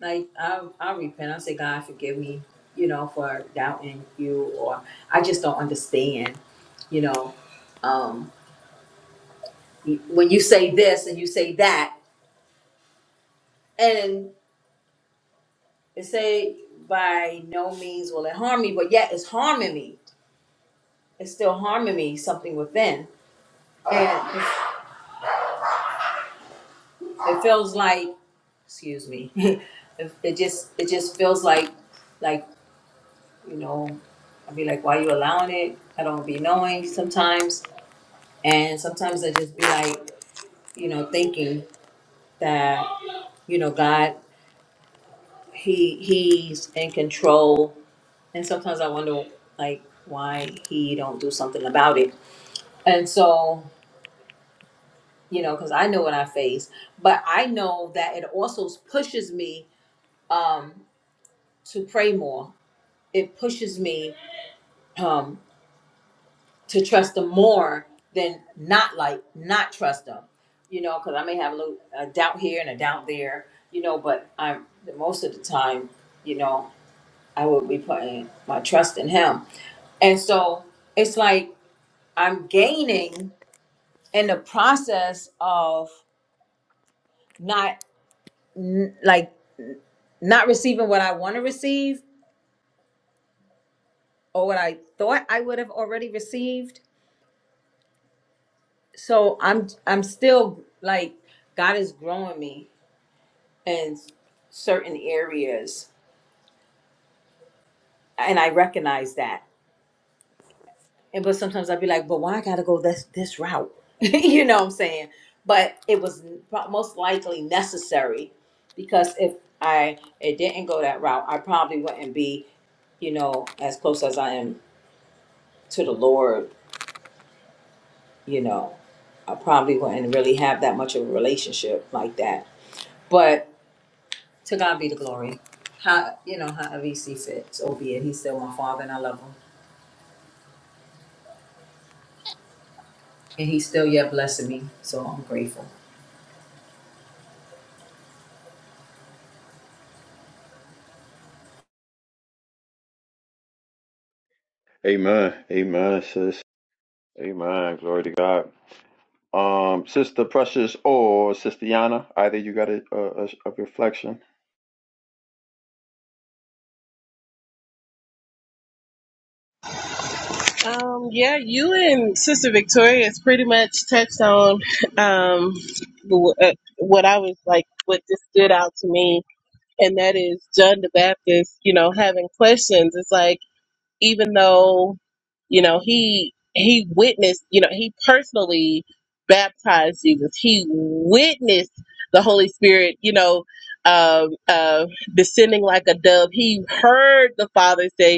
Like I, I repent. I say, God, forgive me, you know, for doubting you, or I just don't understand, you know. Um, y- when you say this and you say that, and it say by no means will it harm me, but yet it's harming me. It's still harming me something within, and it, it feels like, excuse me, it, it just it just feels like, like you know, I'd be like, why you allowing it? I don't be knowing sometimes And sometimes I just be like, you know, thinking that, you know, God, he he's in control. And sometimes I wonder like why he don't do something about it. And so, you know, cuz I know what I face, but I know that it also pushes me um to pray more. It pushes me Um, to trust them more than not like not trust them you know because i may have a little a doubt here and a doubt there you know but i'm most of the time you know i will be putting my trust in him and so it's like i'm gaining in the process of not n- like not receiving what i want to receive or what i thought i would have already received so i'm i'm still like god is growing me in certain areas and i recognize that and but sometimes i'd be like but why i gotta go this this route you know what i'm saying but it was most likely necessary because if i it didn't go that route i probably wouldn't be you know as close as i am to the lord you know i probably wouldn't really have that much of a relationship like that but to god be the glory how you know however he see fit so be it he's still my father and i love him and he's still yet blessing me. So I'm grateful. Amen. Amen, sis. Amen. Glory to God. Um, Sister Precious or Sister Yana, either you got a, a, a, reflection. Um, yeah, you and Sister Victoria has pretty much touched on um, wh- uh, what I was like, what just stood out to me and that is John the Baptist, you know, having questions. It's like even though, you know, he he witnessed, you know, he personally baptized Jesus. He witnessed the Holy Spirit, you know, um, uh, descending like a dove. He heard the Father say,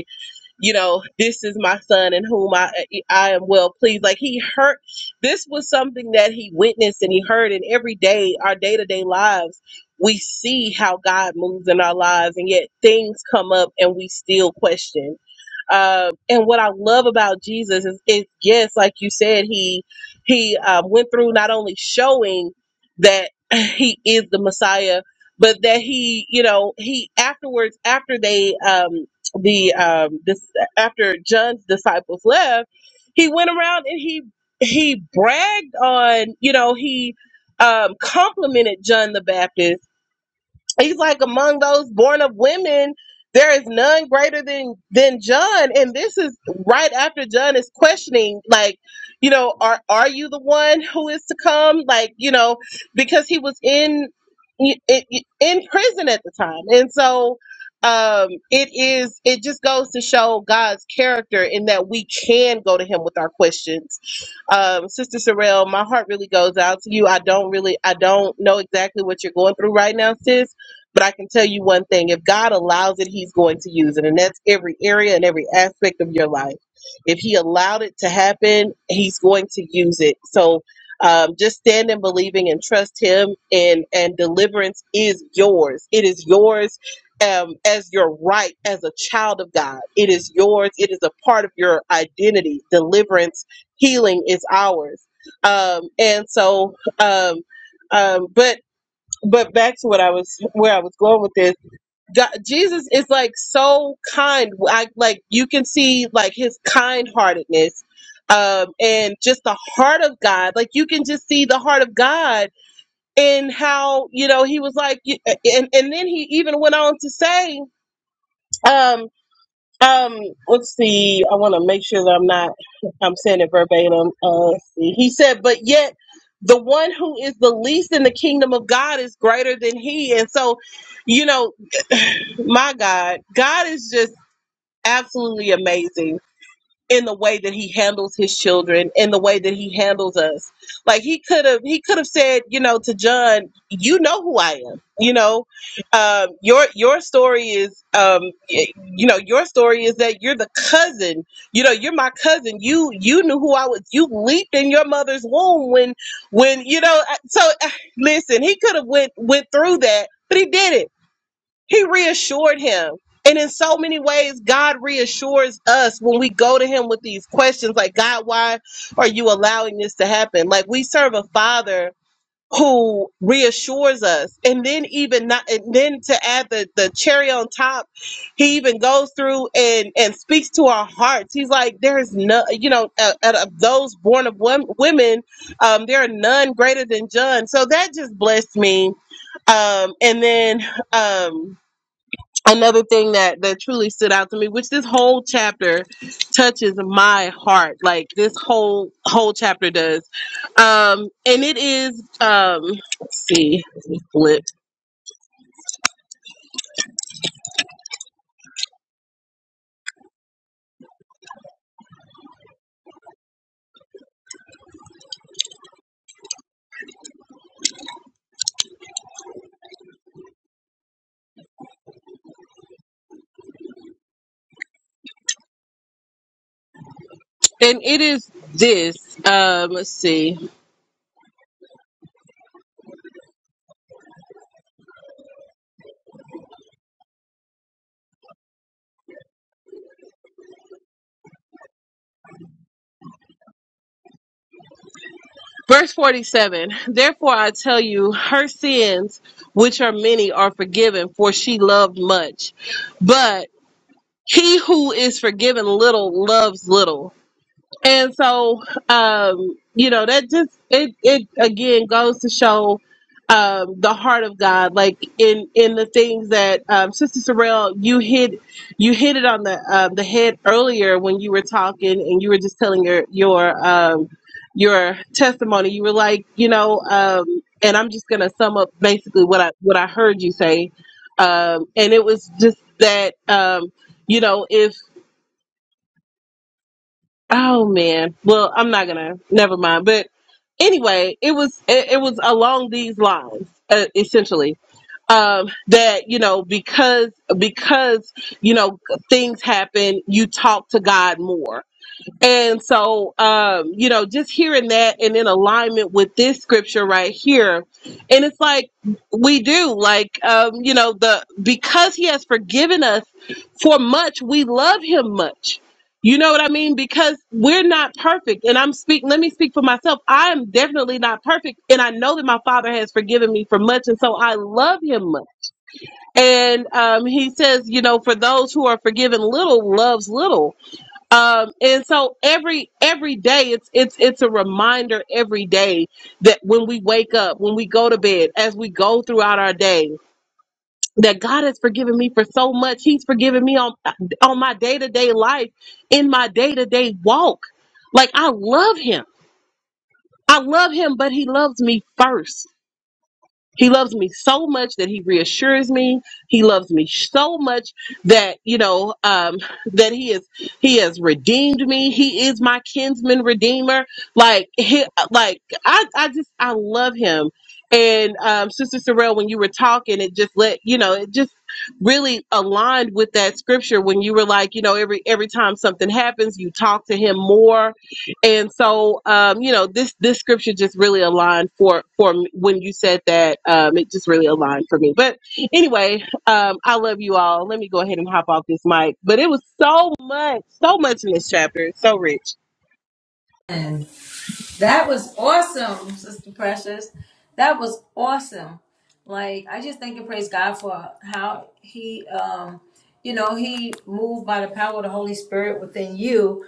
you know, this is my son in whom I I am well pleased. Like he heard this was something that he witnessed and he heard And every day, our day-to-day lives, we see how God moves in our lives and yet things come up and we still question. Um, and what I love about Jesus is, is yes, like you said, he he um, went through not only showing that he is the Messiah, but that he, you know, he afterwards after they um, the um this after John's disciples left, he went around and he he bragged on, you know, he um complimented John the Baptist He's like among those born of women, there is none greater than than John. And this is right after John is questioning, like, you know, are are you the one who is to come? Like, you know, because he was in in, in prison at the time, and so um it is it just goes to show god's character in that we can go to him with our questions um, Sister Sorrell, my heart really goes out to you. I don't really, I don't know exactly what you're going through right now, sis. But I can tell you one thing if God allows it, He's going to use it. And that's every area and every aspect of your life. If He allowed it to happen, He's going to use it. So um, just stand in believing and trust Him, and, and deliverance is yours. It is yours um, as your right as a child of God. It is yours, it is a part of your identity. Deliverance, healing is ours. Um, and so, um, um, but but back to what I was where I was going with this. God, Jesus is like so kind. I like you can see like his kind heartedness um and just the heart of God. Like you can just see the heart of God in how, you know, he was like you- and and then he even went on to say um um, let's see. I want to make sure that I'm not. I'm saying it verbatim. Uh, let's see. He said, "But yet, the one who is the least in the kingdom of God is greater than he." And so, you know, my God, God is just absolutely amazing in the way that he handles his children in the way that he handles us like he could have he could have said you know to john you know who i am you know um, your your story is um, y- you know your story is that you're the cousin you know you're my cousin you you knew who i was you leaped in your mother's womb when when you know I- so listen he could have went went through that but he didn't he reassured him. And in so many ways, God reassures us when we go to him with these questions like, God, why are you allowing this to happen? Like, we serve a father who reassures us. And then, even not, and then to add the, the cherry on top, he even goes through and, and speaks to our hearts. He's like, there's no, you know, out out of those born of wom- women, um, there are none greater than John. So that just blessed me. Um, and then, um, another thing that that truly stood out to me which this whole chapter touches my heart like this whole whole chapter does um and it is um let's see let me flip and it is this um let's see verse 47 therefore i tell you her sins which are many are forgiven for she loved much but he who is forgiven little loves little And so, um, you know, that just it it again goes to show um, the heart of God, like in in the things that um, Sister Sorrell, you hit you hit it on the um, the head earlier when you were talking and you were just telling your your um, your testimony. You were like, you know, um, and I'm just gonna sum up basically what I what I heard you say, um, and it was just that um, you know if Oh man. Well, I'm not gonna. Never mind. But anyway, it was it, it was along these lines, uh, essentially. Um, that you know because because you know things happen, you talk to God more. And so, um, you know, just hearing that and in alignment with this scripture right here, and it's like we do, like, um, you know, the because He has forgiven us for much, we love Him much. You know what I mean? Because we're not perfect, and I'm speaking. Let me speak for myself. I am definitely not perfect, and I know that my Father has forgiven me for much, and so I love Him much. And um, He says, you know, for those who are forgiven little, loves little um and so every every day it's it's it's a reminder every day that when we wake up when we go to bed as we go throughout our day that God has forgiven me for so much he's forgiven me on on my day-to-day life in my day-to-day walk like I love him I love him but he loves me first he loves me so much that he reassures me. He loves me so much that you know um, that he is he has redeemed me. He is my kinsman redeemer. Like he, like I I just I love him. And um, Sister Sorrell, when you were talking, it just let you know it just really aligned with that scripture when you were like you know every every time something happens, you talk to him more and so um you know this this scripture just really aligned for for me when you said that um it just really aligned for me but anyway um i love you all let me go ahead and hop off this mic but it was so much so much in this chapter It's so rich And that was awesome, Sister Precious. That was awesome. Like I just thank and praise God for how He, um, you know, He moved by the power of the Holy Spirit within you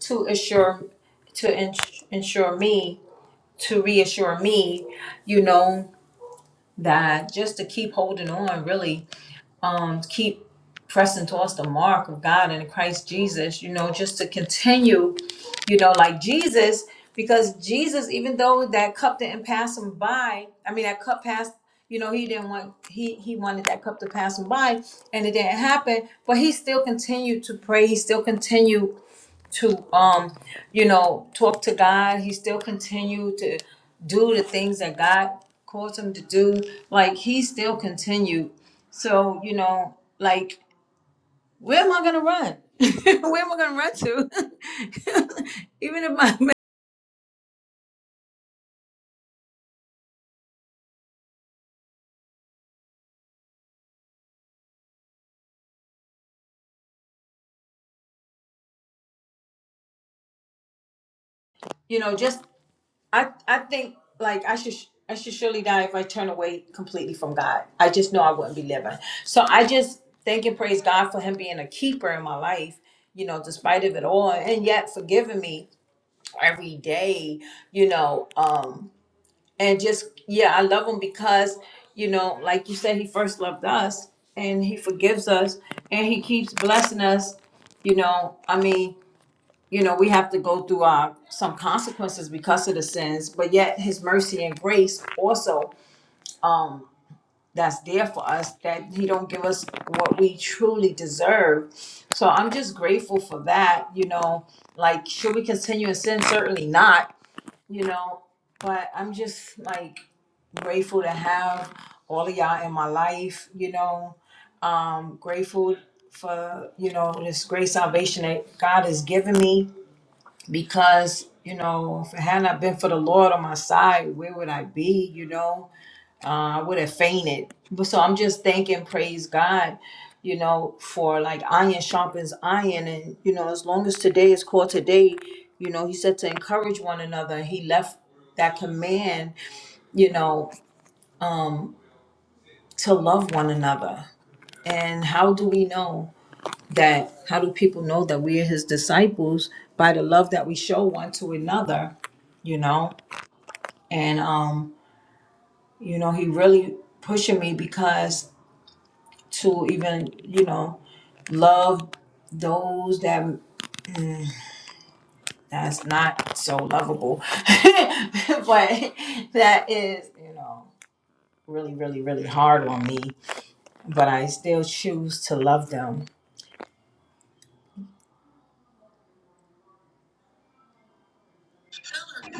to assure, to ins- ensure me, to reassure me, you know, that just to keep holding on, really, um, keep pressing towards the mark of God in Christ Jesus, you know, just to continue, you know, like Jesus, because Jesus, even though that cup didn't pass him by, I mean, that cup passed, you know, he didn't want, he, he wanted that cup to pass him by and it didn't happen, but he still continued to pray. He still continued to um you know talk to god he still continued to do the things that god caused him to do like he still continued so you know like where am i gonna run where am i gonna run to even if my you know just I I think like I should I should surely die if I turn away completely from God. I just know I wouldn't be living. So I just thank and praise God for Him being a keeper in my life. You know, despite of it all, and yet forgiving me every day. You know, um, and just yeah, I love Him because you know, like you said, He first loved us, and He forgives us, and He keeps blessing us. You know, I mean, you know, we have to go through uh, some consequences because of the sins, but yet His mercy and grace also um, that's there for us that He don't give us what we truly deserve. So I'm just grateful for that. You know, like should we continue in sin? Certainly not. You know, but I'm just like grateful to have all of y'all in my life. You know, um, grateful for you know this great salvation that God has given me because you know if it had not been for the lord on my side where would i be you know uh, i would have fainted but so i'm just thanking praise god you know for like iron sharpens iron and you know as long as today is called today you know he said to encourage one another he left that command you know to love one another and how do we know that how do people know that we are his disciples by the love that we show one to another you know and um you know he really pushing me because to even you know love those that that's not so lovable but that is you know really really really hard on me but i still choose to love them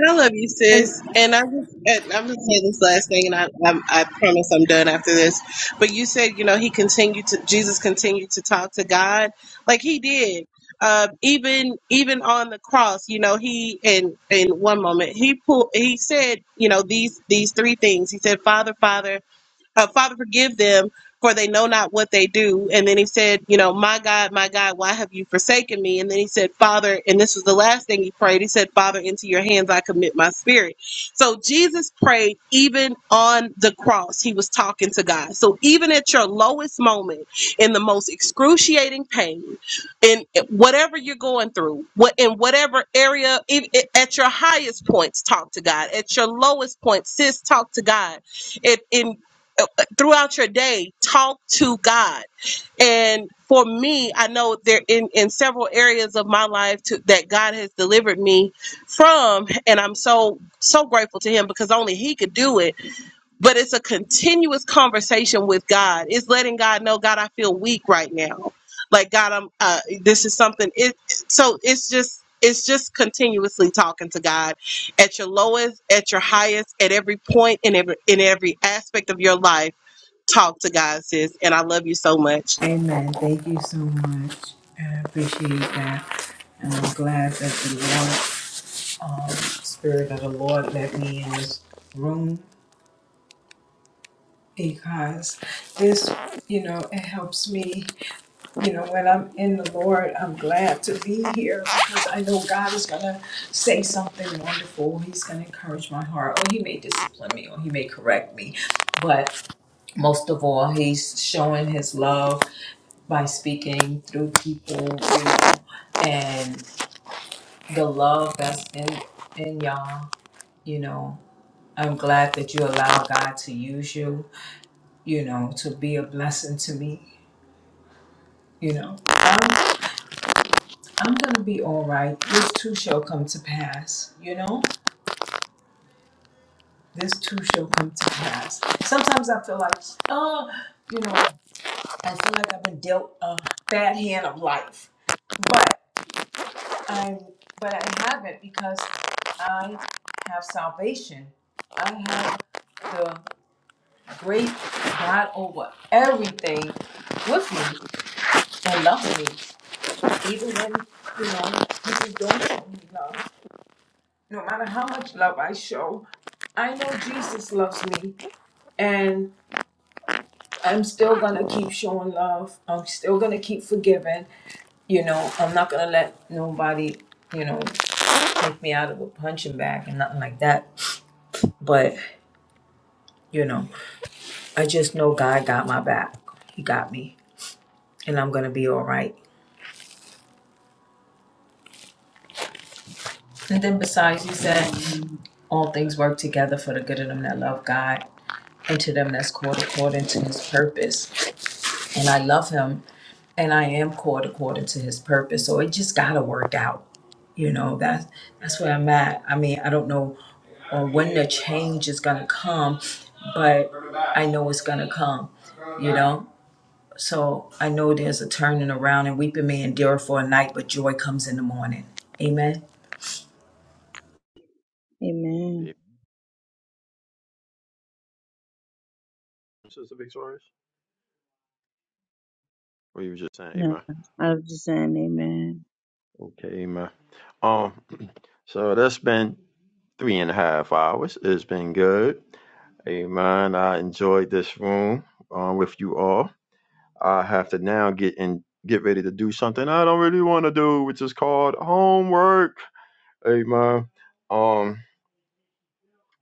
I love you, sis. And I'm just, and I'm gonna say this last thing, and I, I'm, I promise I'm done after this. But you said, you know, he continued to Jesus continued to talk to God, like he did, uh, even even on the cross. You know, he in in one moment he pulled, he said, you know, these these three things. He said, Father, Father. Uh, Father, forgive them, for they know not what they do. And then he said, You know, my God, my God, why have you forsaken me? And then he said, Father, and this was the last thing he prayed. He said, Father, into your hands I commit my spirit. So Jesus prayed even on the cross. He was talking to God. So even at your lowest moment, in the most excruciating pain, in whatever you're going through, what in whatever area, if, if- at your highest points, talk to God. At your lowest point, sis, talk to God. It in throughout your day talk to god and for me i know there in in several areas of my life to, that god has delivered me from and i'm so so grateful to him because only he could do it but it's a continuous conversation with god it's letting god know god i feel weak right now like god i'm uh, this is something it so it's just it's just continuously talking to god at your lowest at your highest at every point in every in every aspect of your life talk to God, sis. And I love you so much. amen thank you so much i appreciate that and i'm glad that the lord um, spirit of the lord led me in this room because this, you know, it helps me. You know, when I'm in the Lord, I'm glad to be here because I know God is going to say something wonderful. He's going to encourage my heart, or He may discipline me, or He may correct me. But most of all, He's showing His love by speaking through people, you know, and the love that's in, in y'all, you know. I'm glad that you allow God to use you, you know, to be a blessing to me You know, I'm, I'm gonna be all right. This too shall come to pass. You know, this too shall come to pass. Sometimes I feel like, oh, you know, I feel like I've been dealt a bad hand of life, but I, but I haven't because I have salvation. I have the great God over everything with me and loving me, even when you know people don't love me. no matter how much love I show, I know Jesus loves me and I'm still gonna keep showing love. I'm still gonna keep forgiving. You know, I'm not gonna let nobody, you know, take me out of a punching bag and nothing like that. But, you know, I just know God got my back. He got me. And I'm gonna be all right. And then besides, he said, all things work together for the good of them that love God and to them that's called according to his purpose. And I love him and I am called according to his purpose. So it just gotta work out. You know, that's that's where I'm at. I mean, I don't know uh, when the change is gonna come, but I know it's gonna come, you know. So I know there's a turning around and weeping may endure for a night, but joy comes in the morning. Amen. Amen. Amen, Sister Victorious. What you were just saying, No, Amen. I was just saying amen. Okay, Amen. Um, so that's been Three and a half hours. It's been good. amen. I enjoyed this room uh, with you all. I have to now get in, get ready to do something I don't really want to do, which is called homework. amen. Um,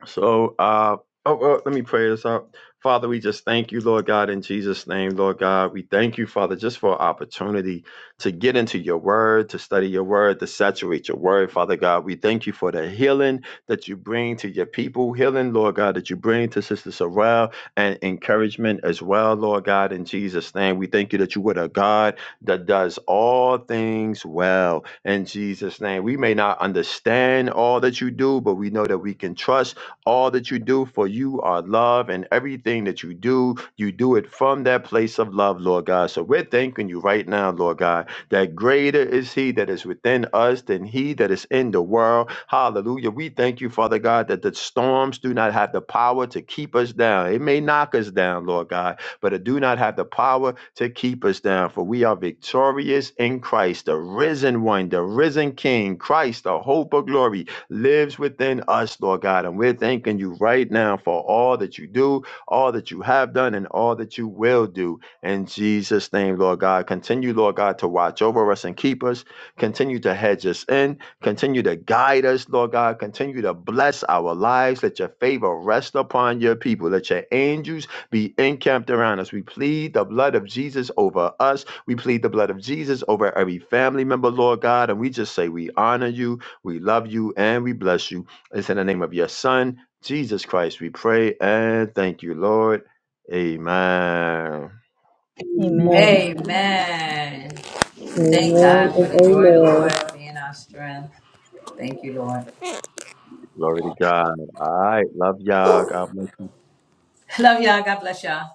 so, uh, oh, well, let me pray this out. Father, we just thank you, Lord God, in Jesus' name, Lord God. We thank you, Father, just for our opportunity to get into your word, to study your word, to saturate your word, Father God. We thank you for the healing that you bring to your people, healing, Lord God, that you bring to Sister Sorrell, and encouragement as well, Lord God, in Jesus' name. We thank you that you are a God that does all things well, in Jesus' name. We may not understand all that you do, but we know that we can trust all that you do, for you are love, and everything that you do, you do it from that place of love, Lord God. So we're thanking you right now, Lord God, that greater is He that is within us than He that is in the world. Hallelujah. We thank you, Father God, that the storms do not have the power to keep us down. It may knock us down, Lord God, but it do not have the power to keep us down. For we are victorious in Christ, the risen one, the risen King, Christ, the hope of glory lives within us, Lord God. And we're thanking you right now for all that you do, all that you have done, and all that you will do. In Jesus' name, Lord God, continue, Lord God, to watch over us and keep us. Continue to hedge us in. Continue to guide us, Lord God. Continue to bless our lives. Let your favor rest upon your people. Let your angels be encamped around us. We plead the blood of Jesus over us. We plead the blood of Jesus over every family member, Lord God. And we just say, We honor you. We love you and we bless you. It's in the name of your Son, Jesus Christ, we pray and thank you, Lord. Amen. Amen. Amen. Amen. Thank Amen God for and the joy of the amen. Lord being our strength. Thank you, Lord. Glory to God. All right. Love y'all. God bless you. Love y'all. God bless y'all.